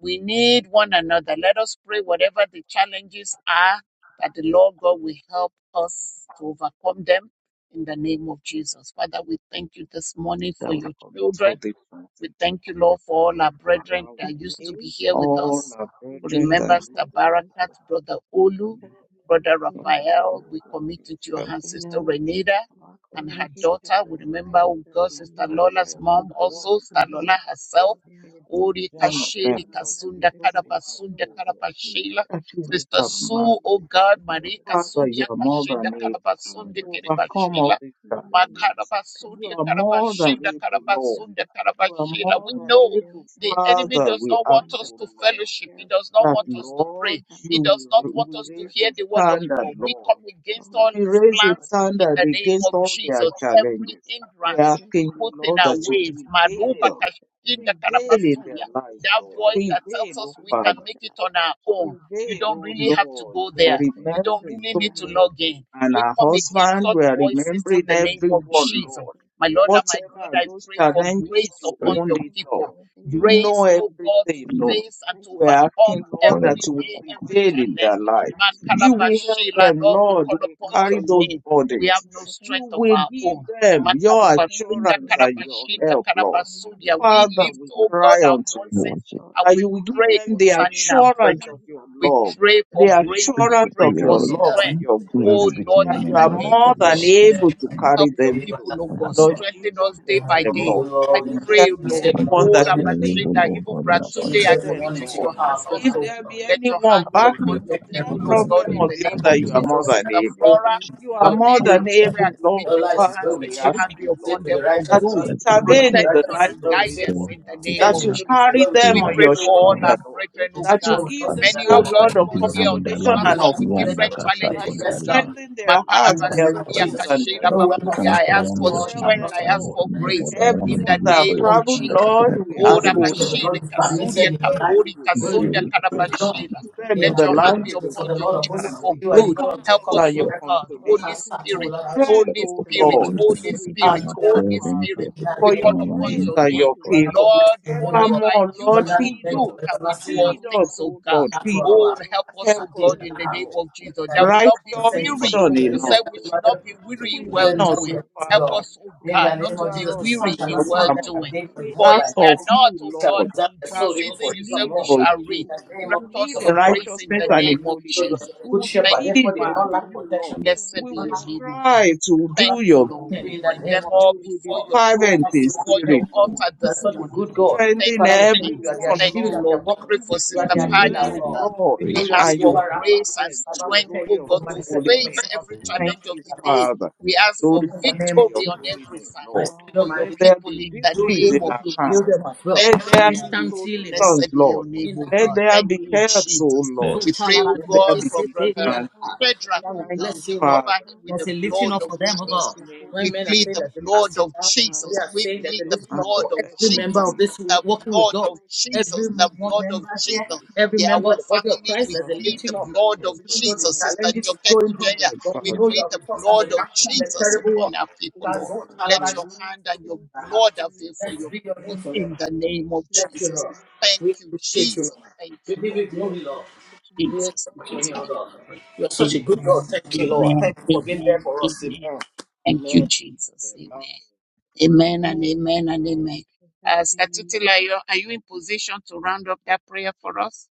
[SPEAKER 1] We need one another. Let us pray whatever the challenges are, that the Lord God will help us to overcome them in the name of Jesus. Father, we thank you this morning for
[SPEAKER 2] that we
[SPEAKER 1] your
[SPEAKER 2] commit
[SPEAKER 1] children.
[SPEAKER 2] all the things
[SPEAKER 1] We
[SPEAKER 2] into.
[SPEAKER 1] thank you, Lord, for all our brethren
[SPEAKER 2] Now,
[SPEAKER 1] that used
[SPEAKER 8] To
[SPEAKER 1] to
[SPEAKER 2] pray
[SPEAKER 1] be here with
[SPEAKER 8] God,
[SPEAKER 2] all
[SPEAKER 1] us.
[SPEAKER 2] our
[SPEAKER 8] we
[SPEAKER 1] We
[SPEAKER 2] brethren
[SPEAKER 8] must
[SPEAKER 2] that
[SPEAKER 1] remember
[SPEAKER 2] you
[SPEAKER 1] Sister
[SPEAKER 8] pray
[SPEAKER 2] to be
[SPEAKER 8] for those
[SPEAKER 1] Barakat,
[SPEAKER 8] that
[SPEAKER 1] Brother Olu,
[SPEAKER 8] that everyone
[SPEAKER 1] Brother
[SPEAKER 2] the
[SPEAKER 8] belongs to
[SPEAKER 1] Raphael.
[SPEAKER 2] coming
[SPEAKER 1] We
[SPEAKER 2] of God,
[SPEAKER 8] anyone.
[SPEAKER 1] commit
[SPEAKER 2] and you,
[SPEAKER 1] into your
[SPEAKER 2] and yourself,
[SPEAKER 1] hands,
[SPEAKER 8] We
[SPEAKER 1] Sister
[SPEAKER 8] know it's
[SPEAKER 1] Renita
[SPEAKER 8] just a lot
[SPEAKER 1] and
[SPEAKER 8] going
[SPEAKER 2] and
[SPEAKER 1] her
[SPEAKER 8] on each and
[SPEAKER 2] Sister
[SPEAKER 1] daughter. We
[SPEAKER 8] everyone's
[SPEAKER 1] remember,
[SPEAKER 8] life,
[SPEAKER 2] Renata,
[SPEAKER 1] oh
[SPEAKER 8] whether it
[SPEAKER 1] God,
[SPEAKER 8] be
[SPEAKER 1] Sister
[SPEAKER 8] work
[SPEAKER 1] Lola's
[SPEAKER 2] and
[SPEAKER 1] mom
[SPEAKER 8] or
[SPEAKER 2] everyone
[SPEAKER 1] also, Sister
[SPEAKER 8] time.
[SPEAKER 1] Lola herself.
[SPEAKER 8] Lord, we ask for
[SPEAKER 2] Every
[SPEAKER 1] Ori
[SPEAKER 8] the
[SPEAKER 2] one of
[SPEAKER 8] grace of
[SPEAKER 2] them,
[SPEAKER 1] Kashiri
[SPEAKER 8] God,
[SPEAKER 2] Lord
[SPEAKER 8] whatever
[SPEAKER 1] Kasunda
[SPEAKER 8] they're
[SPEAKER 2] Jesus,
[SPEAKER 8] going
[SPEAKER 2] we ask,
[SPEAKER 8] through,
[SPEAKER 1] Karapasunda
[SPEAKER 2] oh
[SPEAKER 8] Lord, the
[SPEAKER 2] Lord,
[SPEAKER 8] peace of
[SPEAKER 1] Karapashila.
[SPEAKER 2] that
[SPEAKER 8] God,
[SPEAKER 2] you will
[SPEAKER 1] Sister
[SPEAKER 2] have
[SPEAKER 1] Sue,
[SPEAKER 8] understanding
[SPEAKER 1] oh
[SPEAKER 2] mercy.
[SPEAKER 1] God,
[SPEAKER 8] will be over
[SPEAKER 1] Marie
[SPEAKER 8] them
[SPEAKER 2] Father, you
[SPEAKER 1] Kasudia
[SPEAKER 2] are more
[SPEAKER 8] that they
[SPEAKER 1] Kashinda
[SPEAKER 2] than
[SPEAKER 8] will have
[SPEAKER 2] able
[SPEAKER 8] all
[SPEAKER 1] Karapasundi
[SPEAKER 8] the
[SPEAKER 2] to
[SPEAKER 8] rest
[SPEAKER 2] overcome
[SPEAKER 8] of
[SPEAKER 1] Kiribashila.
[SPEAKER 2] all
[SPEAKER 8] the
[SPEAKER 2] these
[SPEAKER 8] time they need to
[SPEAKER 2] challenges.
[SPEAKER 8] spend
[SPEAKER 2] You
[SPEAKER 8] with
[SPEAKER 1] Makarabasudia
[SPEAKER 2] are
[SPEAKER 8] God
[SPEAKER 2] more
[SPEAKER 8] in
[SPEAKER 2] than
[SPEAKER 8] the
[SPEAKER 1] karabashida
[SPEAKER 8] mighty
[SPEAKER 2] able,
[SPEAKER 8] name of
[SPEAKER 2] Lord.
[SPEAKER 1] karabasunda
[SPEAKER 8] Jesus.
[SPEAKER 2] You are
[SPEAKER 8] And as
[SPEAKER 1] karabashila.
[SPEAKER 8] we
[SPEAKER 2] more
[SPEAKER 1] We
[SPEAKER 8] can
[SPEAKER 2] than
[SPEAKER 1] know
[SPEAKER 8] still
[SPEAKER 2] able,
[SPEAKER 8] in
[SPEAKER 1] the
[SPEAKER 8] the
[SPEAKER 1] enemy
[SPEAKER 8] time,
[SPEAKER 2] Father,
[SPEAKER 1] does
[SPEAKER 2] we
[SPEAKER 1] not
[SPEAKER 2] ask,
[SPEAKER 1] want
[SPEAKER 8] know
[SPEAKER 1] us
[SPEAKER 8] that
[SPEAKER 2] oh
[SPEAKER 1] to
[SPEAKER 8] we're
[SPEAKER 2] Lord,
[SPEAKER 8] always
[SPEAKER 1] fellowship. He
[SPEAKER 8] here
[SPEAKER 1] does not
[SPEAKER 2] that,
[SPEAKER 1] want
[SPEAKER 8] praying and
[SPEAKER 1] us to
[SPEAKER 8] waiting
[SPEAKER 1] pray.
[SPEAKER 2] Lord,
[SPEAKER 8] for them in
[SPEAKER 1] He
[SPEAKER 2] you
[SPEAKER 8] the
[SPEAKER 1] does
[SPEAKER 8] mighty
[SPEAKER 1] not
[SPEAKER 2] will
[SPEAKER 8] name of
[SPEAKER 1] want
[SPEAKER 2] will
[SPEAKER 1] us to
[SPEAKER 2] raise
[SPEAKER 8] Jesus.
[SPEAKER 1] hear
[SPEAKER 2] the
[SPEAKER 1] the word
[SPEAKER 8] Have
[SPEAKER 1] of
[SPEAKER 2] standard,
[SPEAKER 8] God,
[SPEAKER 1] God. We
[SPEAKER 2] Lord.
[SPEAKER 1] come against
[SPEAKER 8] Lord,
[SPEAKER 1] all
[SPEAKER 2] We
[SPEAKER 8] we
[SPEAKER 1] his
[SPEAKER 2] raise
[SPEAKER 8] ask
[SPEAKER 2] the
[SPEAKER 8] for
[SPEAKER 1] plans
[SPEAKER 8] that they
[SPEAKER 1] in
[SPEAKER 2] standard
[SPEAKER 8] would
[SPEAKER 1] the
[SPEAKER 8] not
[SPEAKER 1] name
[SPEAKER 2] against
[SPEAKER 1] of
[SPEAKER 2] all their
[SPEAKER 1] Jesus.
[SPEAKER 8] silence.
[SPEAKER 1] Every
[SPEAKER 2] challenges. We're
[SPEAKER 1] hindrance
[SPEAKER 8] Just still
[SPEAKER 2] asking
[SPEAKER 1] he
[SPEAKER 8] stay
[SPEAKER 2] you,
[SPEAKER 1] puts
[SPEAKER 8] close
[SPEAKER 1] in
[SPEAKER 2] Lord,
[SPEAKER 1] our
[SPEAKER 8] to
[SPEAKER 2] that
[SPEAKER 8] you
[SPEAKER 2] you
[SPEAKER 8] in the
[SPEAKER 1] ways.
[SPEAKER 8] mighty name of
[SPEAKER 1] Maruba
[SPEAKER 2] prevail
[SPEAKER 8] Jesus.
[SPEAKER 1] kashinda
[SPEAKER 8] Let
[SPEAKER 2] Prevail
[SPEAKER 8] every
[SPEAKER 2] in their
[SPEAKER 8] prayer
[SPEAKER 1] karabasudia.
[SPEAKER 8] will be
[SPEAKER 2] lives,
[SPEAKER 1] That
[SPEAKER 2] Lord.
[SPEAKER 8] answered,
[SPEAKER 1] voice
[SPEAKER 8] every
[SPEAKER 1] that
[SPEAKER 8] need
[SPEAKER 2] Prevail,
[SPEAKER 1] tells
[SPEAKER 8] will
[SPEAKER 2] oh
[SPEAKER 1] us
[SPEAKER 8] be
[SPEAKER 1] we
[SPEAKER 8] met
[SPEAKER 1] can
[SPEAKER 2] Father.
[SPEAKER 1] make
[SPEAKER 8] in the
[SPEAKER 1] it
[SPEAKER 8] mighty
[SPEAKER 1] on
[SPEAKER 8] name
[SPEAKER 1] our
[SPEAKER 8] of Jesus.
[SPEAKER 1] own. You
[SPEAKER 2] Prevail,
[SPEAKER 8] And I
[SPEAKER 1] don't
[SPEAKER 2] oh
[SPEAKER 8] will be
[SPEAKER 1] really have
[SPEAKER 8] able
[SPEAKER 1] to
[SPEAKER 8] to
[SPEAKER 2] Lord.
[SPEAKER 1] go
[SPEAKER 2] We
[SPEAKER 8] find
[SPEAKER 2] are
[SPEAKER 1] there. You don't
[SPEAKER 8] clarity,
[SPEAKER 2] remembering
[SPEAKER 1] really
[SPEAKER 2] so
[SPEAKER 1] need to
[SPEAKER 2] many
[SPEAKER 8] balance,
[SPEAKER 1] log in.
[SPEAKER 2] and
[SPEAKER 1] We
[SPEAKER 2] our
[SPEAKER 1] come
[SPEAKER 8] and
[SPEAKER 1] against
[SPEAKER 2] husband.
[SPEAKER 1] such
[SPEAKER 8] in
[SPEAKER 2] We
[SPEAKER 8] the
[SPEAKER 2] are
[SPEAKER 8] mighty name
[SPEAKER 1] voices
[SPEAKER 2] remembering
[SPEAKER 1] in the name of
[SPEAKER 8] you
[SPEAKER 2] everyone,
[SPEAKER 8] first
[SPEAKER 1] Jesus.
[SPEAKER 2] Lord.
[SPEAKER 8] for
[SPEAKER 1] My Lord and my
[SPEAKER 2] Whatever
[SPEAKER 1] God,
[SPEAKER 8] the
[SPEAKER 2] are
[SPEAKER 1] I
[SPEAKER 2] those
[SPEAKER 8] kingdom
[SPEAKER 1] pray
[SPEAKER 8] of
[SPEAKER 1] for
[SPEAKER 8] God,
[SPEAKER 2] challenges,
[SPEAKER 1] grace
[SPEAKER 2] you
[SPEAKER 8] and
[SPEAKER 9] Sorry,
[SPEAKER 1] upon
[SPEAKER 8] that
[SPEAKER 2] own
[SPEAKER 1] your
[SPEAKER 8] all
[SPEAKER 2] it,
[SPEAKER 8] of these
[SPEAKER 2] Lord.
[SPEAKER 1] people.
[SPEAKER 8] other things
[SPEAKER 2] You
[SPEAKER 8] will be
[SPEAKER 2] know
[SPEAKER 8] added
[SPEAKER 1] Grace, oh
[SPEAKER 8] unto
[SPEAKER 1] God,
[SPEAKER 8] us.
[SPEAKER 1] to
[SPEAKER 8] In
[SPEAKER 2] everything, Lord.
[SPEAKER 1] face
[SPEAKER 8] Jesus'
[SPEAKER 1] and to
[SPEAKER 8] mighty
[SPEAKER 2] We're
[SPEAKER 8] name.
[SPEAKER 1] overcome
[SPEAKER 2] asking, Lord,
[SPEAKER 9] whatever.
[SPEAKER 2] that
[SPEAKER 8] Lord,
[SPEAKER 1] every
[SPEAKER 8] we
[SPEAKER 2] you will
[SPEAKER 8] thank
[SPEAKER 9] I
[SPEAKER 1] day,
[SPEAKER 8] you,
[SPEAKER 9] couldn't
[SPEAKER 1] every
[SPEAKER 8] Father
[SPEAKER 2] prevail in
[SPEAKER 9] see.
[SPEAKER 8] God,
[SPEAKER 2] their
[SPEAKER 1] challenge.
[SPEAKER 8] for the
[SPEAKER 9] She-
[SPEAKER 2] life.
[SPEAKER 8] family of
[SPEAKER 9] she-
[SPEAKER 2] You
[SPEAKER 8] God
[SPEAKER 2] will
[SPEAKER 8] that you
[SPEAKER 2] help
[SPEAKER 8] brought
[SPEAKER 1] Makarabashila,
[SPEAKER 2] them,
[SPEAKER 1] Lord,
[SPEAKER 8] together.
[SPEAKER 1] we
[SPEAKER 2] Lord.
[SPEAKER 1] call
[SPEAKER 2] You will
[SPEAKER 8] We
[SPEAKER 1] upon
[SPEAKER 8] will
[SPEAKER 2] carry
[SPEAKER 1] your
[SPEAKER 8] continue
[SPEAKER 2] those
[SPEAKER 8] to
[SPEAKER 1] name.
[SPEAKER 8] pray
[SPEAKER 1] We
[SPEAKER 8] for
[SPEAKER 1] have
[SPEAKER 2] burdens.
[SPEAKER 8] each
[SPEAKER 1] no
[SPEAKER 8] other.
[SPEAKER 1] strength
[SPEAKER 2] You
[SPEAKER 1] of
[SPEAKER 8] We
[SPEAKER 2] will
[SPEAKER 8] will
[SPEAKER 1] our
[SPEAKER 2] give
[SPEAKER 8] continue
[SPEAKER 1] own.
[SPEAKER 8] to
[SPEAKER 2] them
[SPEAKER 8] support each
[SPEAKER 2] your
[SPEAKER 8] other.
[SPEAKER 1] Makarubasinda
[SPEAKER 8] We
[SPEAKER 2] assurance
[SPEAKER 8] will
[SPEAKER 2] and your
[SPEAKER 8] continue
[SPEAKER 1] karabashinda
[SPEAKER 8] to
[SPEAKER 2] help,
[SPEAKER 8] care
[SPEAKER 2] Lord.
[SPEAKER 8] for one
[SPEAKER 1] karabasudia.
[SPEAKER 8] another
[SPEAKER 1] We
[SPEAKER 2] Father,
[SPEAKER 8] and
[SPEAKER 1] lift,
[SPEAKER 2] we
[SPEAKER 1] oh
[SPEAKER 8] be there
[SPEAKER 1] God,
[SPEAKER 2] cry
[SPEAKER 8] for
[SPEAKER 1] our
[SPEAKER 8] one
[SPEAKER 2] unto
[SPEAKER 8] another.
[SPEAKER 9] No
[SPEAKER 2] you
[SPEAKER 9] one
[SPEAKER 1] voices
[SPEAKER 9] said,
[SPEAKER 8] Lord, we
[SPEAKER 1] and
[SPEAKER 2] that
[SPEAKER 1] we
[SPEAKER 2] you will
[SPEAKER 8] are
[SPEAKER 2] give
[SPEAKER 1] pray
[SPEAKER 8] truly
[SPEAKER 2] them the
[SPEAKER 8] grateful
[SPEAKER 1] concerning
[SPEAKER 8] for
[SPEAKER 1] our
[SPEAKER 8] the
[SPEAKER 2] assurance
[SPEAKER 8] day
[SPEAKER 2] of
[SPEAKER 1] brethren.
[SPEAKER 8] you
[SPEAKER 2] your
[SPEAKER 8] are
[SPEAKER 1] We
[SPEAKER 8] in
[SPEAKER 2] love,
[SPEAKER 8] the
[SPEAKER 1] pray
[SPEAKER 8] midst
[SPEAKER 2] the
[SPEAKER 8] of
[SPEAKER 1] for
[SPEAKER 8] us,
[SPEAKER 1] grace.
[SPEAKER 8] Lord.
[SPEAKER 1] We
[SPEAKER 2] assurance
[SPEAKER 1] pray
[SPEAKER 2] of
[SPEAKER 8] We
[SPEAKER 9] "Baby,
[SPEAKER 1] for
[SPEAKER 2] your
[SPEAKER 8] thank
[SPEAKER 9] I'll-
[SPEAKER 7] Yeah,
[SPEAKER 8] you,
[SPEAKER 2] love
[SPEAKER 7] that's
[SPEAKER 8] God,
[SPEAKER 1] strength.
[SPEAKER 2] and
[SPEAKER 9] you
[SPEAKER 8] for
[SPEAKER 2] your
[SPEAKER 8] this
[SPEAKER 9] know,
[SPEAKER 1] Oh
[SPEAKER 8] one
[SPEAKER 2] grace,
[SPEAKER 9] repeat
[SPEAKER 1] Lord,
[SPEAKER 2] that
[SPEAKER 9] your
[SPEAKER 1] in
[SPEAKER 2] you
[SPEAKER 9] name,
[SPEAKER 1] the
[SPEAKER 2] are
[SPEAKER 8] wonderful
[SPEAKER 9] Lord, I
[SPEAKER 1] name
[SPEAKER 2] more
[SPEAKER 9] give
[SPEAKER 1] of
[SPEAKER 8] community
[SPEAKER 9] you
[SPEAKER 2] than
[SPEAKER 9] all
[SPEAKER 8] of
[SPEAKER 1] Jesus,
[SPEAKER 9] thanks
[SPEAKER 2] able to
[SPEAKER 8] loving
[SPEAKER 9] and
[SPEAKER 1] help
[SPEAKER 2] carry
[SPEAKER 1] your
[SPEAKER 2] them
[SPEAKER 8] people
[SPEAKER 1] people,
[SPEAKER 2] through.
[SPEAKER 9] praise
[SPEAKER 1] Lord
[SPEAKER 8] and
[SPEAKER 9] on
[SPEAKER 8] I
[SPEAKER 1] God.
[SPEAKER 8] will
[SPEAKER 9] that."
[SPEAKER 2] Lord
[SPEAKER 8] reach out
[SPEAKER 2] Jesus,
[SPEAKER 1] Strengthen
[SPEAKER 8] to
[SPEAKER 2] help
[SPEAKER 1] us
[SPEAKER 8] them,
[SPEAKER 1] day by
[SPEAKER 8] Lord,
[SPEAKER 2] them,
[SPEAKER 1] day.
[SPEAKER 7] Oh,
[SPEAKER 2] Lord.
[SPEAKER 8] and I
[SPEAKER 1] I
[SPEAKER 7] Lord.
[SPEAKER 2] If
[SPEAKER 8] will
[SPEAKER 2] there
[SPEAKER 1] pray,
[SPEAKER 8] pick
[SPEAKER 1] oh
[SPEAKER 8] it
[SPEAKER 2] be
[SPEAKER 8] up,
[SPEAKER 1] Lord.
[SPEAKER 7] Save
[SPEAKER 9] My
[SPEAKER 8] know
[SPEAKER 2] anyone
[SPEAKER 8] that
[SPEAKER 1] Oh,
[SPEAKER 2] that
[SPEAKER 9] Jesus,
[SPEAKER 8] you
[SPEAKER 9] you
[SPEAKER 2] is
[SPEAKER 8] are
[SPEAKER 9] are
[SPEAKER 7] me.
[SPEAKER 9] the
[SPEAKER 2] sick,
[SPEAKER 8] seeing,
[SPEAKER 9] one,
[SPEAKER 1] Rabashinda,
[SPEAKER 9] Lord
[SPEAKER 2] Lord,
[SPEAKER 1] even
[SPEAKER 9] God,
[SPEAKER 8] know
[SPEAKER 9] you are
[SPEAKER 8] that you
[SPEAKER 7] And
[SPEAKER 8] are
[SPEAKER 1] Bratunde,
[SPEAKER 9] Father.
[SPEAKER 2] heal
[SPEAKER 1] I
[SPEAKER 7] so we
[SPEAKER 2] them,
[SPEAKER 1] commit
[SPEAKER 8] mending,
[SPEAKER 7] wanted
[SPEAKER 1] it to
[SPEAKER 7] to
[SPEAKER 1] your
[SPEAKER 2] Lord.
[SPEAKER 8] know
[SPEAKER 7] call
[SPEAKER 8] that
[SPEAKER 1] hands
[SPEAKER 8] you
[SPEAKER 7] for
[SPEAKER 8] are
[SPEAKER 2] If
[SPEAKER 7] my
[SPEAKER 1] also.
[SPEAKER 2] there
[SPEAKER 8] making
[SPEAKER 7] bill.
[SPEAKER 2] be
[SPEAKER 1] Let your
[SPEAKER 8] breakthrough in
[SPEAKER 2] anyone
[SPEAKER 8] their
[SPEAKER 1] hand be
[SPEAKER 7] We're,
[SPEAKER 8] lives,
[SPEAKER 1] upon
[SPEAKER 7] we're
[SPEAKER 9] And
[SPEAKER 8] know
[SPEAKER 2] battling
[SPEAKER 1] your
[SPEAKER 2] with
[SPEAKER 8] that
[SPEAKER 7] taking
[SPEAKER 9] I
[SPEAKER 8] you
[SPEAKER 7] them
[SPEAKER 8] are
[SPEAKER 1] people,
[SPEAKER 2] one
[SPEAKER 9] give
[SPEAKER 7] over.
[SPEAKER 9] you
[SPEAKER 8] there
[SPEAKER 1] oh
[SPEAKER 7] It's
[SPEAKER 9] all
[SPEAKER 1] God,
[SPEAKER 2] problem
[SPEAKER 8] for
[SPEAKER 1] in
[SPEAKER 8] them,
[SPEAKER 2] or
[SPEAKER 1] the
[SPEAKER 8] like
[SPEAKER 9] praise.
[SPEAKER 2] the
[SPEAKER 9] I
[SPEAKER 1] name
[SPEAKER 8] you
[SPEAKER 2] other,
[SPEAKER 1] of
[SPEAKER 9] give
[SPEAKER 8] are
[SPEAKER 2] you
[SPEAKER 9] you
[SPEAKER 2] are
[SPEAKER 9] all
[SPEAKER 2] more
[SPEAKER 1] Jesus.
[SPEAKER 8] keeping
[SPEAKER 9] praise.
[SPEAKER 2] than
[SPEAKER 1] Sister
[SPEAKER 2] able.
[SPEAKER 8] every
[SPEAKER 1] Flora,
[SPEAKER 8] need
[SPEAKER 2] You
[SPEAKER 8] shall
[SPEAKER 2] are
[SPEAKER 8] be
[SPEAKER 1] out
[SPEAKER 7] well
[SPEAKER 9] That's
[SPEAKER 1] there
[SPEAKER 7] with
[SPEAKER 2] more
[SPEAKER 9] my
[SPEAKER 1] in
[SPEAKER 8] met,
[SPEAKER 7] you.
[SPEAKER 2] than
[SPEAKER 1] Nigeria,
[SPEAKER 9] time.
[SPEAKER 1] I
[SPEAKER 2] able,
[SPEAKER 7] It's
[SPEAKER 8] everything
[SPEAKER 1] commit
[SPEAKER 7] a
[SPEAKER 8] that
[SPEAKER 7] low
[SPEAKER 2] Lord.
[SPEAKER 1] it
[SPEAKER 8] is
[SPEAKER 1] to
[SPEAKER 7] light,
[SPEAKER 1] your
[SPEAKER 7] it's
[SPEAKER 2] Father,
[SPEAKER 8] missing
[SPEAKER 1] hands.
[SPEAKER 7] well
[SPEAKER 1] Let
[SPEAKER 8] shall
[SPEAKER 2] we
[SPEAKER 7] with
[SPEAKER 1] your
[SPEAKER 8] be
[SPEAKER 7] you.
[SPEAKER 2] ask
[SPEAKER 1] hand be
[SPEAKER 8] found,
[SPEAKER 2] you,
[SPEAKER 7] Say
[SPEAKER 1] upon
[SPEAKER 2] Lord
[SPEAKER 7] to the
[SPEAKER 1] them
[SPEAKER 8] in
[SPEAKER 1] for
[SPEAKER 8] the mighty name
[SPEAKER 2] that
[SPEAKER 7] righteous, the
[SPEAKER 8] of
[SPEAKER 9] Let's
[SPEAKER 2] you
[SPEAKER 1] good,
[SPEAKER 7] Lord
[SPEAKER 9] set the
[SPEAKER 7] say
[SPEAKER 9] uh,
[SPEAKER 7] to
[SPEAKER 2] intervene
[SPEAKER 8] Jesus,
[SPEAKER 7] the
[SPEAKER 2] in
[SPEAKER 8] Lord,
[SPEAKER 2] the
[SPEAKER 1] protection,
[SPEAKER 7] righteous, is
[SPEAKER 2] life
[SPEAKER 8] this
[SPEAKER 1] and
[SPEAKER 2] of
[SPEAKER 7] well
[SPEAKER 8] is
[SPEAKER 7] with
[SPEAKER 2] this
[SPEAKER 7] you.
[SPEAKER 8] what
[SPEAKER 1] guidance
[SPEAKER 9] prayer
[SPEAKER 8] I
[SPEAKER 2] one,
[SPEAKER 1] in the
[SPEAKER 8] know,
[SPEAKER 7] It's
[SPEAKER 8] and
[SPEAKER 1] name
[SPEAKER 7] said
[SPEAKER 9] to
[SPEAKER 2] that
[SPEAKER 8] as
[SPEAKER 1] of
[SPEAKER 7] to
[SPEAKER 8] I
[SPEAKER 2] you
[SPEAKER 9] your
[SPEAKER 7] you,
[SPEAKER 8] sight
[SPEAKER 1] Jesus.
[SPEAKER 7] it's
[SPEAKER 2] carry
[SPEAKER 8] these
[SPEAKER 7] well with you
[SPEAKER 2] them
[SPEAKER 1] We
[SPEAKER 8] two
[SPEAKER 2] on
[SPEAKER 9] prayers.
[SPEAKER 7] and
[SPEAKER 1] pray
[SPEAKER 2] your
[SPEAKER 8] things
[SPEAKER 7] every
[SPEAKER 1] for
[SPEAKER 8] that
[SPEAKER 7] one
[SPEAKER 1] all
[SPEAKER 7] of
[SPEAKER 8] must
[SPEAKER 2] shoulder,
[SPEAKER 1] our
[SPEAKER 7] us.
[SPEAKER 8] go
[SPEAKER 2] Lord,
[SPEAKER 8] through,
[SPEAKER 1] brethren,
[SPEAKER 7] It
[SPEAKER 1] oh
[SPEAKER 7] is
[SPEAKER 2] that
[SPEAKER 8] thank
[SPEAKER 2] you
[SPEAKER 1] God.
[SPEAKER 7] well
[SPEAKER 8] you,
[SPEAKER 7] with
[SPEAKER 2] give
[SPEAKER 7] us
[SPEAKER 8] God,
[SPEAKER 7] in
[SPEAKER 2] them
[SPEAKER 1] Many,
[SPEAKER 7] that
[SPEAKER 8] that
[SPEAKER 1] oh
[SPEAKER 2] that
[SPEAKER 9] Asta
[SPEAKER 7] name
[SPEAKER 1] Lord,
[SPEAKER 8] you
[SPEAKER 2] word
[SPEAKER 7] of
[SPEAKER 2] of
[SPEAKER 8] are
[SPEAKER 1] even
[SPEAKER 8] still
[SPEAKER 7] Jesus.
[SPEAKER 1] here
[SPEAKER 8] with
[SPEAKER 1] on
[SPEAKER 9] behind the
[SPEAKER 8] them,
[SPEAKER 1] this
[SPEAKER 7] The
[SPEAKER 2] consolation
[SPEAKER 7] good
[SPEAKER 9] labo
[SPEAKER 2] and
[SPEAKER 8] that it
[SPEAKER 7] Lord
[SPEAKER 2] of
[SPEAKER 1] platform
[SPEAKER 7] is
[SPEAKER 1] with
[SPEAKER 9] chini
[SPEAKER 8] shall be
[SPEAKER 9] and
[SPEAKER 8] a
[SPEAKER 7] blessed,
[SPEAKER 9] the
[SPEAKER 2] comfort,
[SPEAKER 1] different
[SPEAKER 7] the
[SPEAKER 8] miracle
[SPEAKER 9] kasa
[SPEAKER 7] coming is
[SPEAKER 2] that
[SPEAKER 1] challenges,
[SPEAKER 2] you
[SPEAKER 1] oh
[SPEAKER 7] blessed.
[SPEAKER 8] transformation
[SPEAKER 1] God.
[SPEAKER 8] in the
[SPEAKER 2] strengthen
[SPEAKER 8] mighty
[SPEAKER 2] their
[SPEAKER 8] name of
[SPEAKER 7] In
[SPEAKER 2] hearts,
[SPEAKER 7] the
[SPEAKER 9] That's
[SPEAKER 8] Jesus.
[SPEAKER 2] their
[SPEAKER 7] name of
[SPEAKER 9] what
[SPEAKER 1] Makarabasuria
[SPEAKER 9] I
[SPEAKER 8] We
[SPEAKER 2] souls,
[SPEAKER 9] put
[SPEAKER 8] know
[SPEAKER 7] Jesus.
[SPEAKER 2] and
[SPEAKER 8] that
[SPEAKER 9] things
[SPEAKER 8] there
[SPEAKER 2] their
[SPEAKER 1] Kashira
[SPEAKER 8] are
[SPEAKER 9] up
[SPEAKER 7] No
[SPEAKER 8] people
[SPEAKER 2] spirit,
[SPEAKER 7] weapon
[SPEAKER 8] that are
[SPEAKER 1] kashirabakuria.
[SPEAKER 9] And
[SPEAKER 7] formed
[SPEAKER 9] that's
[SPEAKER 1] I
[SPEAKER 9] what I
[SPEAKER 2] that
[SPEAKER 1] ask
[SPEAKER 7] against
[SPEAKER 9] want
[SPEAKER 8] so
[SPEAKER 1] for
[SPEAKER 2] you
[SPEAKER 7] you
[SPEAKER 9] to
[SPEAKER 7] all
[SPEAKER 9] just
[SPEAKER 2] help
[SPEAKER 7] shall
[SPEAKER 1] strength.
[SPEAKER 2] them,
[SPEAKER 7] prosper.
[SPEAKER 9] magnify
[SPEAKER 1] I ask
[SPEAKER 9] your
[SPEAKER 2] Lord.
[SPEAKER 1] for
[SPEAKER 7] And
[SPEAKER 9] name,
[SPEAKER 7] every
[SPEAKER 8] clean
[SPEAKER 1] grace
[SPEAKER 9] Lord.
[SPEAKER 8] have
[SPEAKER 9] I
[SPEAKER 7] tongue that
[SPEAKER 9] want
[SPEAKER 8] stop
[SPEAKER 7] is
[SPEAKER 9] to
[SPEAKER 1] in
[SPEAKER 8] the
[SPEAKER 1] the
[SPEAKER 2] Everyone
[SPEAKER 9] give
[SPEAKER 2] that
[SPEAKER 9] you
[SPEAKER 8] path
[SPEAKER 2] have
[SPEAKER 7] against
[SPEAKER 1] name
[SPEAKER 7] you,
[SPEAKER 8] that
[SPEAKER 7] you
[SPEAKER 1] of
[SPEAKER 8] I
[SPEAKER 9] praise.
[SPEAKER 7] will
[SPEAKER 8] want
[SPEAKER 2] traveled,
[SPEAKER 9] Thank
[SPEAKER 8] to do
[SPEAKER 7] condemn.
[SPEAKER 1] Jesus.
[SPEAKER 9] you.
[SPEAKER 2] Lord,
[SPEAKER 9] Lord.
[SPEAKER 8] things
[SPEAKER 2] we
[SPEAKER 9] Thank
[SPEAKER 7] Only
[SPEAKER 1] Oh,
[SPEAKER 9] you.
[SPEAKER 8] for
[SPEAKER 9] Lord.
[SPEAKER 7] the
[SPEAKER 2] ask,
[SPEAKER 7] hand
[SPEAKER 2] oh
[SPEAKER 7] of the
[SPEAKER 2] Lord,
[SPEAKER 8] give
[SPEAKER 1] Rabashiri
[SPEAKER 7] Lord is
[SPEAKER 8] up
[SPEAKER 2] that
[SPEAKER 8] that
[SPEAKER 7] permitted
[SPEAKER 1] Kasuria
[SPEAKER 2] you
[SPEAKER 8] I
[SPEAKER 7] in your
[SPEAKER 2] will
[SPEAKER 7] life.
[SPEAKER 8] be
[SPEAKER 2] be
[SPEAKER 1] Kambori
[SPEAKER 2] with
[SPEAKER 9] Thank
[SPEAKER 8] my
[SPEAKER 2] them.
[SPEAKER 7] Only the
[SPEAKER 1] Kasunda
[SPEAKER 7] will
[SPEAKER 9] you.
[SPEAKER 7] of God
[SPEAKER 2] You
[SPEAKER 8] melody
[SPEAKER 7] is
[SPEAKER 2] will
[SPEAKER 8] to
[SPEAKER 2] speak
[SPEAKER 7] done.
[SPEAKER 1] Karabashila.
[SPEAKER 8] be
[SPEAKER 2] to
[SPEAKER 8] God
[SPEAKER 2] them
[SPEAKER 7] In
[SPEAKER 2] in
[SPEAKER 7] the
[SPEAKER 9] Lord.
[SPEAKER 1] Let
[SPEAKER 8] for
[SPEAKER 2] the
[SPEAKER 1] your
[SPEAKER 8] that
[SPEAKER 7] name
[SPEAKER 1] hand
[SPEAKER 7] of
[SPEAKER 1] be
[SPEAKER 2] language they
[SPEAKER 7] Jesus, for
[SPEAKER 1] upon
[SPEAKER 7] the
[SPEAKER 2] will
[SPEAKER 1] your
[SPEAKER 8] and
[SPEAKER 7] Lord of
[SPEAKER 1] people
[SPEAKER 7] hosts,
[SPEAKER 2] understand,
[SPEAKER 7] is
[SPEAKER 1] for
[SPEAKER 7] with
[SPEAKER 8] schedule
[SPEAKER 7] you
[SPEAKER 8] my
[SPEAKER 2] with
[SPEAKER 7] and the
[SPEAKER 1] good.
[SPEAKER 8] day
[SPEAKER 7] God of
[SPEAKER 1] Help
[SPEAKER 7] Jacob,
[SPEAKER 8] Jesus
[SPEAKER 9] Thank
[SPEAKER 2] comfort
[SPEAKER 7] is
[SPEAKER 1] us,
[SPEAKER 2] and
[SPEAKER 9] you.
[SPEAKER 8] for
[SPEAKER 7] your
[SPEAKER 1] oh
[SPEAKER 2] your
[SPEAKER 9] Lord.
[SPEAKER 7] refuge.
[SPEAKER 1] God.
[SPEAKER 8] God
[SPEAKER 1] Holy
[SPEAKER 2] consolation,
[SPEAKER 7] Cast
[SPEAKER 8] that I
[SPEAKER 7] out, O
[SPEAKER 2] with
[SPEAKER 1] Spirit,
[SPEAKER 8] be
[SPEAKER 7] Lord,
[SPEAKER 8] have
[SPEAKER 7] as you
[SPEAKER 2] strength,
[SPEAKER 1] Holy
[SPEAKER 8] increased
[SPEAKER 2] O
[SPEAKER 8] your
[SPEAKER 7] say,
[SPEAKER 1] Spirit,
[SPEAKER 2] Lord
[SPEAKER 7] you
[SPEAKER 9] Thank you. Lord. Thank
[SPEAKER 8] this
[SPEAKER 7] will
[SPEAKER 9] you.
[SPEAKER 7] so
[SPEAKER 8] for
[SPEAKER 1] Holy
[SPEAKER 2] we
[SPEAKER 8] time
[SPEAKER 2] ask,
[SPEAKER 1] Spirit,
[SPEAKER 9] Lord.
[SPEAKER 2] O
[SPEAKER 9] Thank you.
[SPEAKER 1] Holy
[SPEAKER 8] to
[SPEAKER 9] Lord. Thank you. Thank you. Thank you. Thank you. Thank
[SPEAKER 2] Father,
[SPEAKER 1] Spirit.
[SPEAKER 9] you.
[SPEAKER 8] our
[SPEAKER 7] In the
[SPEAKER 8] whole
[SPEAKER 1] We
[SPEAKER 2] for
[SPEAKER 7] name
[SPEAKER 1] call
[SPEAKER 8] church
[SPEAKER 2] your
[SPEAKER 7] of
[SPEAKER 9] Thank
[SPEAKER 8] shows
[SPEAKER 1] upon
[SPEAKER 7] Jesus.
[SPEAKER 2] grace
[SPEAKER 8] that
[SPEAKER 1] your
[SPEAKER 8] my
[SPEAKER 2] and
[SPEAKER 9] you.
[SPEAKER 1] name.
[SPEAKER 2] your
[SPEAKER 8] team
[SPEAKER 9] Thank
[SPEAKER 7] Father,
[SPEAKER 2] favor.
[SPEAKER 7] we bless
[SPEAKER 1] Lord,
[SPEAKER 7] your name, O
[SPEAKER 1] only
[SPEAKER 7] God.
[SPEAKER 1] by
[SPEAKER 2] Evermore,
[SPEAKER 1] you,
[SPEAKER 2] Lord,
[SPEAKER 7] Wondering
[SPEAKER 1] through
[SPEAKER 2] feed
[SPEAKER 7] then
[SPEAKER 8] if
[SPEAKER 7] is
[SPEAKER 1] you,
[SPEAKER 8] you
[SPEAKER 2] us.
[SPEAKER 7] your
[SPEAKER 1] can we do
[SPEAKER 7] everlasting
[SPEAKER 8] put a
[SPEAKER 7] hand.
[SPEAKER 1] all
[SPEAKER 2] Feed us,
[SPEAKER 8] lot of
[SPEAKER 1] things, oh
[SPEAKER 2] O
[SPEAKER 1] God.
[SPEAKER 2] Lord,
[SPEAKER 8] if you
[SPEAKER 7] Sato
[SPEAKER 2] feed
[SPEAKER 8] skip
[SPEAKER 2] us.
[SPEAKER 7] Abba,
[SPEAKER 1] Oh,
[SPEAKER 8] your
[SPEAKER 1] help
[SPEAKER 8] last
[SPEAKER 1] us,
[SPEAKER 2] Help
[SPEAKER 8] life,
[SPEAKER 1] oh
[SPEAKER 8] like
[SPEAKER 7] Sati
[SPEAKER 2] us,
[SPEAKER 1] God,
[SPEAKER 8] come
[SPEAKER 1] in
[SPEAKER 2] O
[SPEAKER 1] the
[SPEAKER 8] back
[SPEAKER 7] Abba.
[SPEAKER 1] name
[SPEAKER 2] Lord.
[SPEAKER 1] of
[SPEAKER 7] In
[SPEAKER 8] and
[SPEAKER 1] Jesus,
[SPEAKER 8] spend
[SPEAKER 1] that we
[SPEAKER 8] your
[SPEAKER 2] Bright
[SPEAKER 1] not
[SPEAKER 7] the
[SPEAKER 1] be
[SPEAKER 7] name
[SPEAKER 2] your
[SPEAKER 8] quality
[SPEAKER 7] of Jesus, thank you for
[SPEAKER 1] weary.
[SPEAKER 8] time,
[SPEAKER 2] vision
[SPEAKER 7] giving your
[SPEAKER 2] in
[SPEAKER 1] You
[SPEAKER 2] us,
[SPEAKER 7] angels
[SPEAKER 1] said we
[SPEAKER 7] and
[SPEAKER 2] O
[SPEAKER 8] Lord,
[SPEAKER 1] should
[SPEAKER 8] that
[SPEAKER 2] Lord.
[SPEAKER 1] not
[SPEAKER 7] brother
[SPEAKER 1] be
[SPEAKER 7] to
[SPEAKER 1] weary in
[SPEAKER 8] even
[SPEAKER 7] keep
[SPEAKER 8] if
[SPEAKER 1] well
[SPEAKER 2] Quicken
[SPEAKER 7] them
[SPEAKER 8] they're
[SPEAKER 7] in all
[SPEAKER 8] not
[SPEAKER 2] us,
[SPEAKER 1] doing.
[SPEAKER 2] O
[SPEAKER 7] your
[SPEAKER 8] there
[SPEAKER 7] ways
[SPEAKER 8] for
[SPEAKER 7] to
[SPEAKER 1] Help
[SPEAKER 8] your
[SPEAKER 7] go.
[SPEAKER 2] Father.
[SPEAKER 1] us,
[SPEAKER 8] spending
[SPEAKER 1] oh
[SPEAKER 7] In
[SPEAKER 8] quality
[SPEAKER 1] God,
[SPEAKER 7] the
[SPEAKER 1] not
[SPEAKER 7] name
[SPEAKER 8] time
[SPEAKER 1] to
[SPEAKER 7] of
[SPEAKER 8] with
[SPEAKER 1] be
[SPEAKER 7] Jesus,
[SPEAKER 2] Deliver us
[SPEAKER 7] the
[SPEAKER 8] you,
[SPEAKER 7] sun
[SPEAKER 2] to
[SPEAKER 1] weary
[SPEAKER 8] Lord,
[SPEAKER 2] the
[SPEAKER 7] shall not
[SPEAKER 1] in
[SPEAKER 8] it's not
[SPEAKER 1] well
[SPEAKER 7] smite
[SPEAKER 8] the
[SPEAKER 7] them
[SPEAKER 2] ultimate.
[SPEAKER 7] by
[SPEAKER 1] doing.
[SPEAKER 8] perfect
[SPEAKER 7] day,
[SPEAKER 8] in
[SPEAKER 7] nor
[SPEAKER 8] the
[SPEAKER 2] We
[SPEAKER 7] the
[SPEAKER 1] For
[SPEAKER 7] moon
[SPEAKER 8] microphone.
[SPEAKER 1] if
[SPEAKER 7] by
[SPEAKER 2] ask
[SPEAKER 1] we
[SPEAKER 2] of
[SPEAKER 7] night.
[SPEAKER 1] are
[SPEAKER 8] Jesus.
[SPEAKER 1] not,
[SPEAKER 2] you,
[SPEAKER 1] oh
[SPEAKER 7] You shall
[SPEAKER 1] God,
[SPEAKER 2] Lord,
[SPEAKER 7] preserve
[SPEAKER 1] in
[SPEAKER 7] their
[SPEAKER 1] due
[SPEAKER 2] that
[SPEAKER 7] soul
[SPEAKER 8] Lord,
[SPEAKER 7] even
[SPEAKER 1] season,
[SPEAKER 8] and
[SPEAKER 1] you said
[SPEAKER 2] we live
[SPEAKER 1] we
[SPEAKER 7] forevermore.
[SPEAKER 2] for
[SPEAKER 1] shall
[SPEAKER 8] Lord, let
[SPEAKER 1] reap.
[SPEAKER 2] you.
[SPEAKER 7] In the
[SPEAKER 2] We
[SPEAKER 7] name of
[SPEAKER 2] will
[SPEAKER 1] Grant
[SPEAKER 8] God
[SPEAKER 1] us
[SPEAKER 2] live
[SPEAKER 7] Jesus,
[SPEAKER 1] your
[SPEAKER 2] in
[SPEAKER 7] God.
[SPEAKER 8] do
[SPEAKER 1] grace in
[SPEAKER 2] righteousness
[SPEAKER 1] the
[SPEAKER 7] We are
[SPEAKER 2] and
[SPEAKER 8] it
[SPEAKER 2] in
[SPEAKER 1] name
[SPEAKER 7] protected
[SPEAKER 1] of
[SPEAKER 7] because
[SPEAKER 2] holiness.
[SPEAKER 7] you
[SPEAKER 1] Jesus.
[SPEAKER 7] are the
[SPEAKER 2] We
[SPEAKER 7] good
[SPEAKER 2] will be
[SPEAKER 1] Thank
[SPEAKER 7] shepherd,
[SPEAKER 1] you,
[SPEAKER 8] and
[SPEAKER 7] therefore they
[SPEAKER 8] to
[SPEAKER 7] will
[SPEAKER 2] diligent
[SPEAKER 1] Father.
[SPEAKER 7] not
[SPEAKER 2] in
[SPEAKER 7] lack
[SPEAKER 2] you,
[SPEAKER 8] do
[SPEAKER 2] Lord.
[SPEAKER 8] the
[SPEAKER 7] protection.
[SPEAKER 8] will
[SPEAKER 1] Blessed
[SPEAKER 2] We
[SPEAKER 8] of
[SPEAKER 1] be
[SPEAKER 2] will
[SPEAKER 1] your
[SPEAKER 8] God in
[SPEAKER 1] name, O
[SPEAKER 8] her
[SPEAKER 1] God.
[SPEAKER 2] strive
[SPEAKER 8] life,
[SPEAKER 2] to
[SPEAKER 8] God.
[SPEAKER 2] do
[SPEAKER 1] Thank you,
[SPEAKER 2] your
[SPEAKER 8] That
[SPEAKER 1] Lord.
[SPEAKER 8] every
[SPEAKER 1] We
[SPEAKER 2] bidding.
[SPEAKER 7] In the
[SPEAKER 1] bring
[SPEAKER 8] desire
[SPEAKER 7] name
[SPEAKER 1] them
[SPEAKER 7] of
[SPEAKER 2] We
[SPEAKER 8] shall
[SPEAKER 7] Jesus,
[SPEAKER 1] all
[SPEAKER 8] be
[SPEAKER 2] will be
[SPEAKER 1] before
[SPEAKER 7] Lord.
[SPEAKER 1] your
[SPEAKER 8] met in the mighty
[SPEAKER 1] throne
[SPEAKER 2] fervent
[SPEAKER 7] Father,
[SPEAKER 1] and
[SPEAKER 8] name
[SPEAKER 2] in
[SPEAKER 8] of
[SPEAKER 7] we
[SPEAKER 1] before
[SPEAKER 7] thank
[SPEAKER 1] your
[SPEAKER 2] spirit,
[SPEAKER 8] Jesus.
[SPEAKER 7] you.
[SPEAKER 9] you.
[SPEAKER 2] Lord.
[SPEAKER 1] altar
[SPEAKER 7] You
[SPEAKER 8] Father,
[SPEAKER 7] are
[SPEAKER 8] I
[SPEAKER 1] this
[SPEAKER 7] such
[SPEAKER 2] You
[SPEAKER 7] a
[SPEAKER 2] will
[SPEAKER 1] morning.
[SPEAKER 7] good
[SPEAKER 8] desire
[SPEAKER 7] God.
[SPEAKER 8] to meet
[SPEAKER 1] Thank
[SPEAKER 2] strengthen
[SPEAKER 7] Father,
[SPEAKER 8] you,
[SPEAKER 1] you,
[SPEAKER 7] we thank you. You are
[SPEAKER 8] Father
[SPEAKER 1] Jesus.
[SPEAKER 7] their
[SPEAKER 2] everyone,
[SPEAKER 1] Thank
[SPEAKER 8] Jesus,
[SPEAKER 7] shield
[SPEAKER 1] you,
[SPEAKER 7] and
[SPEAKER 2] Lord.
[SPEAKER 7] their
[SPEAKER 1] Lord.
[SPEAKER 8] to
[SPEAKER 1] We
[SPEAKER 8] the
[SPEAKER 7] buckler.
[SPEAKER 1] pray
[SPEAKER 2] You will
[SPEAKER 1] for
[SPEAKER 7] You
[SPEAKER 8] righteous,
[SPEAKER 2] speak
[SPEAKER 7] are
[SPEAKER 1] Sister
[SPEAKER 7] their
[SPEAKER 2] to
[SPEAKER 8] I
[SPEAKER 9] Give
[SPEAKER 7] healer,
[SPEAKER 1] Patty,
[SPEAKER 8] thank
[SPEAKER 1] oh
[SPEAKER 2] them,
[SPEAKER 8] you,
[SPEAKER 9] you
[SPEAKER 1] God.
[SPEAKER 7] Lord.
[SPEAKER 8] God,
[SPEAKER 2] Lord,
[SPEAKER 7] We know
[SPEAKER 1] We
[SPEAKER 9] praise.
[SPEAKER 7] you
[SPEAKER 8] for
[SPEAKER 7] are the
[SPEAKER 1] ask
[SPEAKER 8] your
[SPEAKER 2] and you
[SPEAKER 1] for
[SPEAKER 2] will
[SPEAKER 7] river
[SPEAKER 8] strength, O
[SPEAKER 7] rapper.
[SPEAKER 2] carry
[SPEAKER 1] grace
[SPEAKER 8] God.
[SPEAKER 1] and
[SPEAKER 2] them to
[SPEAKER 7] Father,
[SPEAKER 2] the
[SPEAKER 7] we
[SPEAKER 1] strength,
[SPEAKER 8] Lord,
[SPEAKER 7] thank
[SPEAKER 2] glory
[SPEAKER 1] oh
[SPEAKER 8] for
[SPEAKER 7] you
[SPEAKER 2] of
[SPEAKER 7] for
[SPEAKER 1] God,
[SPEAKER 8] your
[SPEAKER 2] your
[SPEAKER 1] to
[SPEAKER 7] manifesting
[SPEAKER 2] holy
[SPEAKER 7] yourself
[SPEAKER 1] face
[SPEAKER 2] name.
[SPEAKER 8] God,
[SPEAKER 7] as the
[SPEAKER 1] every
[SPEAKER 8] calling
[SPEAKER 7] river
[SPEAKER 2] Thank
[SPEAKER 1] challenge
[SPEAKER 8] to
[SPEAKER 7] in
[SPEAKER 1] of
[SPEAKER 2] you,
[SPEAKER 1] the
[SPEAKER 8] your
[SPEAKER 7] the
[SPEAKER 1] day.
[SPEAKER 7] lives.
[SPEAKER 2] Father.
[SPEAKER 1] We ask
[SPEAKER 8] perfectly
[SPEAKER 1] for
[SPEAKER 2] Glory
[SPEAKER 7] In
[SPEAKER 8] well,
[SPEAKER 2] be
[SPEAKER 7] the
[SPEAKER 8] God.
[SPEAKER 7] name
[SPEAKER 2] to
[SPEAKER 7] of
[SPEAKER 2] your
[SPEAKER 8] And
[SPEAKER 1] victory on
[SPEAKER 8] I
[SPEAKER 7] Jesus.
[SPEAKER 2] holy
[SPEAKER 8] want to
[SPEAKER 1] every
[SPEAKER 2] name,
[SPEAKER 8] get
[SPEAKER 1] side
[SPEAKER 7] My
[SPEAKER 2] Lord.
[SPEAKER 7] Savior,
[SPEAKER 1] for
[SPEAKER 8] all
[SPEAKER 7] my
[SPEAKER 1] your
[SPEAKER 2] Let
[SPEAKER 7] Redeemer,
[SPEAKER 2] there
[SPEAKER 1] people
[SPEAKER 2] be
[SPEAKER 8] these
[SPEAKER 1] in
[SPEAKER 8] people,
[SPEAKER 1] the
[SPEAKER 7] you
[SPEAKER 2] victories
[SPEAKER 7] heal
[SPEAKER 1] name
[SPEAKER 2] in
[SPEAKER 8] Lord,
[SPEAKER 1] of
[SPEAKER 7] them,
[SPEAKER 2] our
[SPEAKER 7] you
[SPEAKER 8] Father,
[SPEAKER 2] camp.
[SPEAKER 7] heal
[SPEAKER 1] Jesus.
[SPEAKER 7] them
[SPEAKER 8] every
[SPEAKER 7] as well.
[SPEAKER 8] single
[SPEAKER 1] Thank
[SPEAKER 2] Let
[SPEAKER 1] you,
[SPEAKER 2] there
[SPEAKER 8] person,
[SPEAKER 2] be
[SPEAKER 1] Lord.
[SPEAKER 7] Instant healing, oh God.
[SPEAKER 2] solutions,
[SPEAKER 8] that
[SPEAKER 1] Blessed
[SPEAKER 8] you
[SPEAKER 1] be
[SPEAKER 8] be
[SPEAKER 1] your
[SPEAKER 2] Lord.
[SPEAKER 8] with
[SPEAKER 1] name,
[SPEAKER 7] In
[SPEAKER 1] oh
[SPEAKER 7] the
[SPEAKER 8] each
[SPEAKER 7] name.
[SPEAKER 2] Let
[SPEAKER 8] and
[SPEAKER 1] God.
[SPEAKER 8] every
[SPEAKER 7] of
[SPEAKER 2] there
[SPEAKER 1] Thank
[SPEAKER 8] one
[SPEAKER 2] be
[SPEAKER 8] of
[SPEAKER 1] you,
[SPEAKER 7] Jesus.
[SPEAKER 8] them,
[SPEAKER 2] helps,
[SPEAKER 8] my
[SPEAKER 2] O
[SPEAKER 1] Jesus.
[SPEAKER 2] Lord.
[SPEAKER 1] We
[SPEAKER 9] Bless
[SPEAKER 1] pray, oh
[SPEAKER 8] Lord,
[SPEAKER 2] Let
[SPEAKER 7] God, we
[SPEAKER 2] there
[SPEAKER 1] God,
[SPEAKER 2] be
[SPEAKER 1] for
[SPEAKER 8] Thank you,
[SPEAKER 1] brother.
[SPEAKER 2] deliverance.
[SPEAKER 8] God, for
[SPEAKER 1] Shadrach,
[SPEAKER 8] every
[SPEAKER 1] oh
[SPEAKER 2] Thank
[SPEAKER 8] member of
[SPEAKER 1] God.
[SPEAKER 2] you,
[SPEAKER 7] bless
[SPEAKER 1] We
[SPEAKER 7] you, Lord.
[SPEAKER 8] Father
[SPEAKER 1] cover
[SPEAKER 2] Father.
[SPEAKER 1] him
[SPEAKER 8] God.
[SPEAKER 1] with the
[SPEAKER 7] There's a
[SPEAKER 8] In
[SPEAKER 7] lifting
[SPEAKER 8] the
[SPEAKER 1] blood
[SPEAKER 2] In
[SPEAKER 7] up
[SPEAKER 1] of
[SPEAKER 7] for
[SPEAKER 8] name
[SPEAKER 7] them, oh
[SPEAKER 8] not
[SPEAKER 1] Jesus.
[SPEAKER 2] Jesus'
[SPEAKER 7] God.
[SPEAKER 8] be here
[SPEAKER 2] name,
[SPEAKER 8] and
[SPEAKER 7] When
[SPEAKER 1] We
[SPEAKER 2] we
[SPEAKER 8] like
[SPEAKER 7] men are
[SPEAKER 1] plead
[SPEAKER 2] pray.
[SPEAKER 7] saying
[SPEAKER 8] here,
[SPEAKER 1] the
[SPEAKER 7] that they
[SPEAKER 8] Jesus.
[SPEAKER 1] blood
[SPEAKER 7] passed
[SPEAKER 1] of
[SPEAKER 7] down,
[SPEAKER 8] And all
[SPEAKER 7] we
[SPEAKER 1] Jesus.
[SPEAKER 8] that
[SPEAKER 7] are
[SPEAKER 8] you
[SPEAKER 1] We
[SPEAKER 7] saying
[SPEAKER 8] will
[SPEAKER 2] Let
[SPEAKER 8] be
[SPEAKER 7] that the
[SPEAKER 1] plead
[SPEAKER 2] your
[SPEAKER 8] with
[SPEAKER 1] the
[SPEAKER 8] them.
[SPEAKER 7] lifting up
[SPEAKER 2] hand of
[SPEAKER 1] blood
[SPEAKER 7] for
[SPEAKER 1] of
[SPEAKER 7] every
[SPEAKER 2] blessing
[SPEAKER 8] Love
[SPEAKER 7] member
[SPEAKER 8] you
[SPEAKER 1] Jesus.
[SPEAKER 2] be
[SPEAKER 7] of
[SPEAKER 2] upon
[SPEAKER 8] so
[SPEAKER 7] this
[SPEAKER 1] The
[SPEAKER 2] us.
[SPEAKER 8] much. In the
[SPEAKER 7] walking with
[SPEAKER 1] blood
[SPEAKER 7] God.
[SPEAKER 1] of
[SPEAKER 8] mighty name
[SPEAKER 7] Every
[SPEAKER 1] Jesus.
[SPEAKER 2] in
[SPEAKER 1] The
[SPEAKER 8] of
[SPEAKER 7] one
[SPEAKER 1] blood of
[SPEAKER 8] Jesus.
[SPEAKER 2] Jesus'
[SPEAKER 7] member
[SPEAKER 2] name
[SPEAKER 7] here,
[SPEAKER 1] Jesus.
[SPEAKER 2] we
[SPEAKER 7] every
[SPEAKER 1] The
[SPEAKER 8] Father,
[SPEAKER 2] pray.
[SPEAKER 7] member
[SPEAKER 1] our
[SPEAKER 7] of
[SPEAKER 8] thank
[SPEAKER 7] the
[SPEAKER 8] you
[SPEAKER 7] body of
[SPEAKER 1] family,
[SPEAKER 7] Christ,
[SPEAKER 1] we
[SPEAKER 7] there's a
[SPEAKER 8] for
[SPEAKER 1] plead
[SPEAKER 8] my
[SPEAKER 2] Father,
[SPEAKER 1] the
[SPEAKER 7] lifting up.
[SPEAKER 1] blood
[SPEAKER 2] help
[SPEAKER 1] of
[SPEAKER 8] prayer.
[SPEAKER 7] Even though
[SPEAKER 2] them,
[SPEAKER 7] the
[SPEAKER 2] Lord.
[SPEAKER 1] Jesus.
[SPEAKER 8] Glory
[SPEAKER 1] Sister
[SPEAKER 8] to the
[SPEAKER 7] challenges
[SPEAKER 1] Joke
[SPEAKER 7] is going
[SPEAKER 8] God.
[SPEAKER 2] Quicken
[SPEAKER 7] on,
[SPEAKER 1] Kujenya,
[SPEAKER 8] Almighty,
[SPEAKER 2] them,
[SPEAKER 7] but
[SPEAKER 8] Thank
[SPEAKER 7] we
[SPEAKER 1] we
[SPEAKER 7] know
[SPEAKER 2] Father.
[SPEAKER 7] you
[SPEAKER 8] you,
[SPEAKER 1] plead
[SPEAKER 7] are
[SPEAKER 1] the
[SPEAKER 7] with
[SPEAKER 8] God.
[SPEAKER 7] us as a
[SPEAKER 1] blood
[SPEAKER 2] Oh,
[SPEAKER 1] of
[SPEAKER 7] mighty
[SPEAKER 8] Thank
[SPEAKER 7] and a
[SPEAKER 8] you,
[SPEAKER 2] Jesus.
[SPEAKER 1] Jesus
[SPEAKER 7] terrible one.
[SPEAKER 1] upon our people,
[SPEAKER 8] Thank
[SPEAKER 7] God,
[SPEAKER 1] Lord.
[SPEAKER 8] you,
[SPEAKER 1] Let
[SPEAKER 2] To
[SPEAKER 8] mighty
[SPEAKER 1] your
[SPEAKER 8] God.
[SPEAKER 1] hand and your
[SPEAKER 8] Glory,
[SPEAKER 1] blood
[SPEAKER 8] glory,
[SPEAKER 1] avail for
[SPEAKER 7] Let's
[SPEAKER 1] your
[SPEAKER 7] be your name
[SPEAKER 1] people in
[SPEAKER 7] forever.
[SPEAKER 1] the
[SPEAKER 8] glory.
[SPEAKER 1] name
[SPEAKER 8] Bless
[SPEAKER 1] of
[SPEAKER 8] your
[SPEAKER 7] Thank you,
[SPEAKER 8] holy
[SPEAKER 1] Jesus.
[SPEAKER 7] Lord.
[SPEAKER 8] name.
[SPEAKER 1] Thank
[SPEAKER 7] We
[SPEAKER 8] Thank you,
[SPEAKER 1] you,
[SPEAKER 8] Father
[SPEAKER 7] appreciate you,
[SPEAKER 1] Jesus.
[SPEAKER 8] God.
[SPEAKER 7] Lord.
[SPEAKER 1] Thank
[SPEAKER 7] We
[SPEAKER 1] you,
[SPEAKER 7] give
[SPEAKER 1] Lord.
[SPEAKER 7] you
[SPEAKER 8] Thank you,
[SPEAKER 7] glory, Lord.
[SPEAKER 8] mighty God.
[SPEAKER 7] We
[SPEAKER 8] we
[SPEAKER 1] Jesus'
[SPEAKER 8] pray.
[SPEAKER 7] exalt your
[SPEAKER 1] mighty
[SPEAKER 7] name,
[SPEAKER 1] name.
[SPEAKER 7] Lord.
[SPEAKER 1] Pray.
[SPEAKER 7] You are such a good Lord.
[SPEAKER 1] Amen.
[SPEAKER 7] Thank you, Lord.
[SPEAKER 1] Amen.
[SPEAKER 7] Thank you for being there
[SPEAKER 1] Amen.
[SPEAKER 7] for us.
[SPEAKER 1] Amen.
[SPEAKER 7] Amen.
[SPEAKER 1] Thank you,
[SPEAKER 7] Amen.
[SPEAKER 1] Jesus. Amen. Amen and
[SPEAKER 8] Amen.
[SPEAKER 1] amen and amen.
[SPEAKER 8] Amen. In Jesus'
[SPEAKER 1] Uh,
[SPEAKER 8] name, amen.
[SPEAKER 1] Statutila, are you are you in position to round up that prayer for us?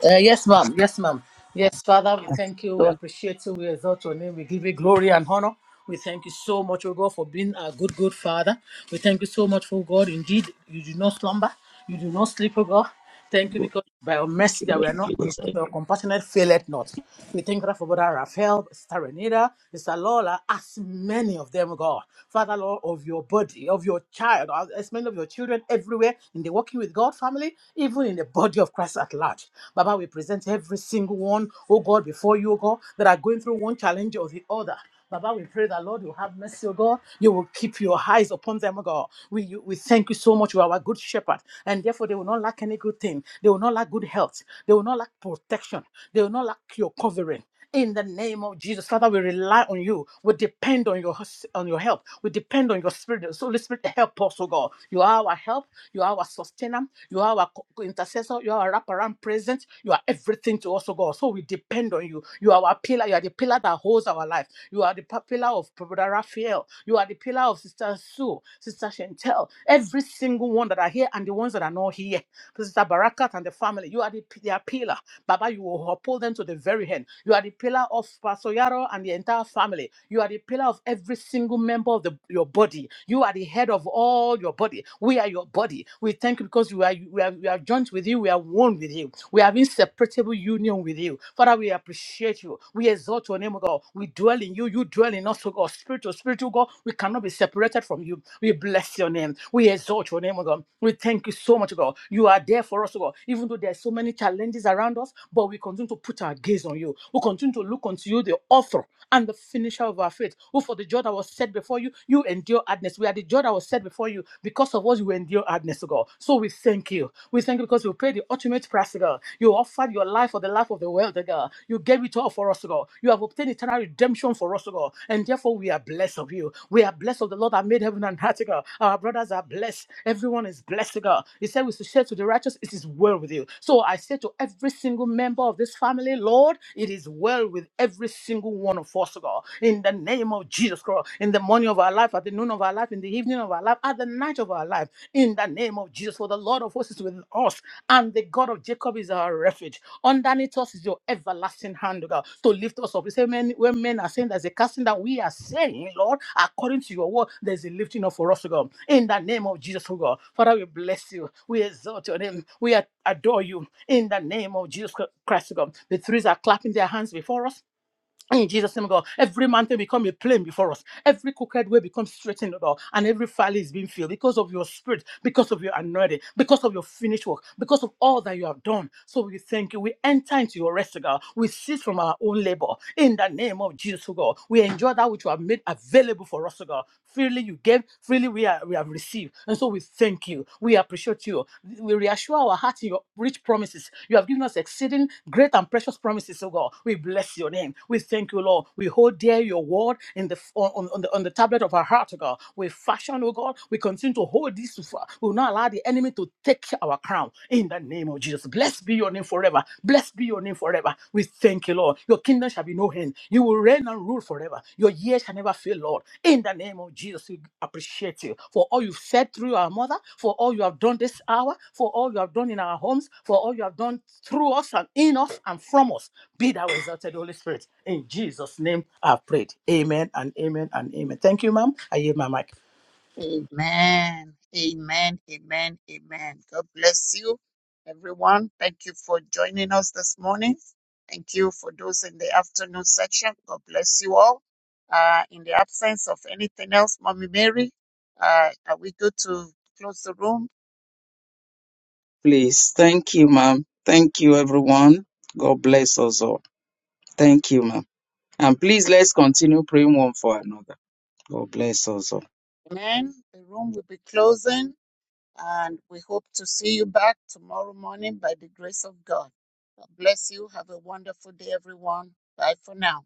[SPEAKER 7] Uh, yes, ma'am. Yes, ma'am. Yes, Father, we
[SPEAKER 1] Yes.
[SPEAKER 7] thank you. We
[SPEAKER 1] Go
[SPEAKER 7] appreciate you. We exalt your name. We give you glory and honor. We thank you so much, oh God, for being a good, good Father. We thank you so much, oh God. Indeed, you do not slumber. You do not sleep, oh God. Thank you
[SPEAKER 9] you,
[SPEAKER 7] because by your mercy that
[SPEAKER 9] Lord
[SPEAKER 7] we are not
[SPEAKER 9] Jesus. I
[SPEAKER 7] consumed, your compassionate faileth not. We thank you for Brother Raphael, Sister Renita, Sister Lola, as many of them, oh God. Father, Lord, of your body, of your child or as many of your children everywhere in the Walking with God family, even in the body of Christ at large. Baba, we present every single one, oh God, before you, oh God, that are going through one challenge or the other. Baba, we pray that Lord, you have mercy, O God. You will keep your eyes upon them, O God. We, you, we thank you so much. You are our good shepherd. And therefore, they will not lack any good thing. They will not lack good health. They will not lack protection. They will not lack your covering in the name of Jesus. Father, we rely on you. We depend on your on your help. We depend on your spirit. So Holy Spirit, help us, oh God. You are our help. You are our sustainer. You are our co- intercessor. You are our wraparound presence. You are everything to us, oh God. So we depend on you. You are our pillar. You are the pillar that holds our life. You are the pa- pillar of Brother Raphael. You are the pillar of Sister Sue, Sister Chantel. Every single one that are here and the ones that are not here to Sister Barakat and the family. You are the, their pillar. Baba, you will uphold them to the very end. You are the pillar of Pastor Yaro and the entire family. You are the pillar of every single member of the, your body. You are the head of all your body. We are your body. We thank you because we are, we are, we are joined with you. We are one with you. We have inseparable union with you. Father, we appreciate you. We exalt your name, O God. We dwell in you. You dwell in us, O God. Spirit to spirit spiritual God, we cannot be separated from you. We bless your name. We exalt your name, oh God. We thank you so much, oh God. You are there for us, oh God. Even though there are so many challenges around us, but we continue to put our gaze on you. We continue to look unto you, the author and the finisher of our faith. Who for the joy that was set before you, you endure hardness. We are the joy that was set before you. Because of us, you endure hardness, oh God. So we thank you. We thank you because you paid the ultimate price, oh God. You offered your your life for the life of the world, oh God. You gave it all for us, oh God. You have obtained eternal redemption for us, oh God. And therefore, we are blessed of you. We are blessed of the Lord that made heaven and earth, oh God. Our brothers are blessed. Everyone is blessed, oh God. He said, We should share to the righteous, it is well with you. So I say to every single member of this family, Lord, it is well with every single one of us, oh God. In the name of Jesus Christ, in the morning of our life, at the noon of our life, in the evening of our life, other night of our life. In the name of Jesus, for the Lord of hosts is with us, and the God of Jacob is our refuge. Underneath us is your everlasting hand, O God, to lift us up. You say, men, when men are saying there's a casting down, we are saying, Lord, according to your word, there's a lifting up for us, O God. In the name of Jesus, O God. Father, we bless you. We exalt your name. We adore you. In the name of Jesus Christ, O God. The threes are clapping their hands before us in Jesus' name, God, every mountain become a plain before us. Every crooked way becomes straightened, God, and every valley is being filled because of your spirit, because of your anointing, because of your finished work, because of all that you have done. So we thank you. We enter into your rest, God. We cease from our own labor in the name of Jesus, oh God. We enjoy that which you have made available for us, oh God. Freely you gave, freely we, are, we have received. And so so we thank you. We appreciate you. We reassure our hearts in your rich promises. You have given us exceeding great and precious promises, oh God. We bless your name. We thank you, Lord. We hold dear your word in the on, on, the on the tablet of our heart, oh God. We fashion, oh God. We continue to hold this. far. We will not allow the enemy to take our crown in the name of Jesus. Blessed be your name forever. Blessed be your name forever. We thank you, Lord. Your kingdom shall be no end. You will reign and rule forever. Your years shall never fail, Lord. In the name of Jesus, we appreciate you for all you've said through our mother, for all you have done this hour, for all you have done in our homes, for all you have done through us and in us and from us. Be thou exalted, Holy Spirit. In Jesus' name I've prayed. Amen and amen and amen. Thank you, ma'am. I yield my mic.
[SPEAKER 1] Amen. Amen. Amen. Amen. God bless you, everyone. Thank you for joining us this morning. Thank you for those in the afternoon section. God bless you all. Uh, in the absence of anything else, Mommy Mary, uh, are we good to close the room?
[SPEAKER 2] Please, thank you, ma'am. Thank you, everyone. God bless us all. Thank you, ma'am. And please, let's continue praying one for another. God bless us all.
[SPEAKER 1] Amen. The room will be closing, and we hope to see you back tomorrow morning by the grace of God. God bless you. Have a wonderful day, everyone. Bye for now.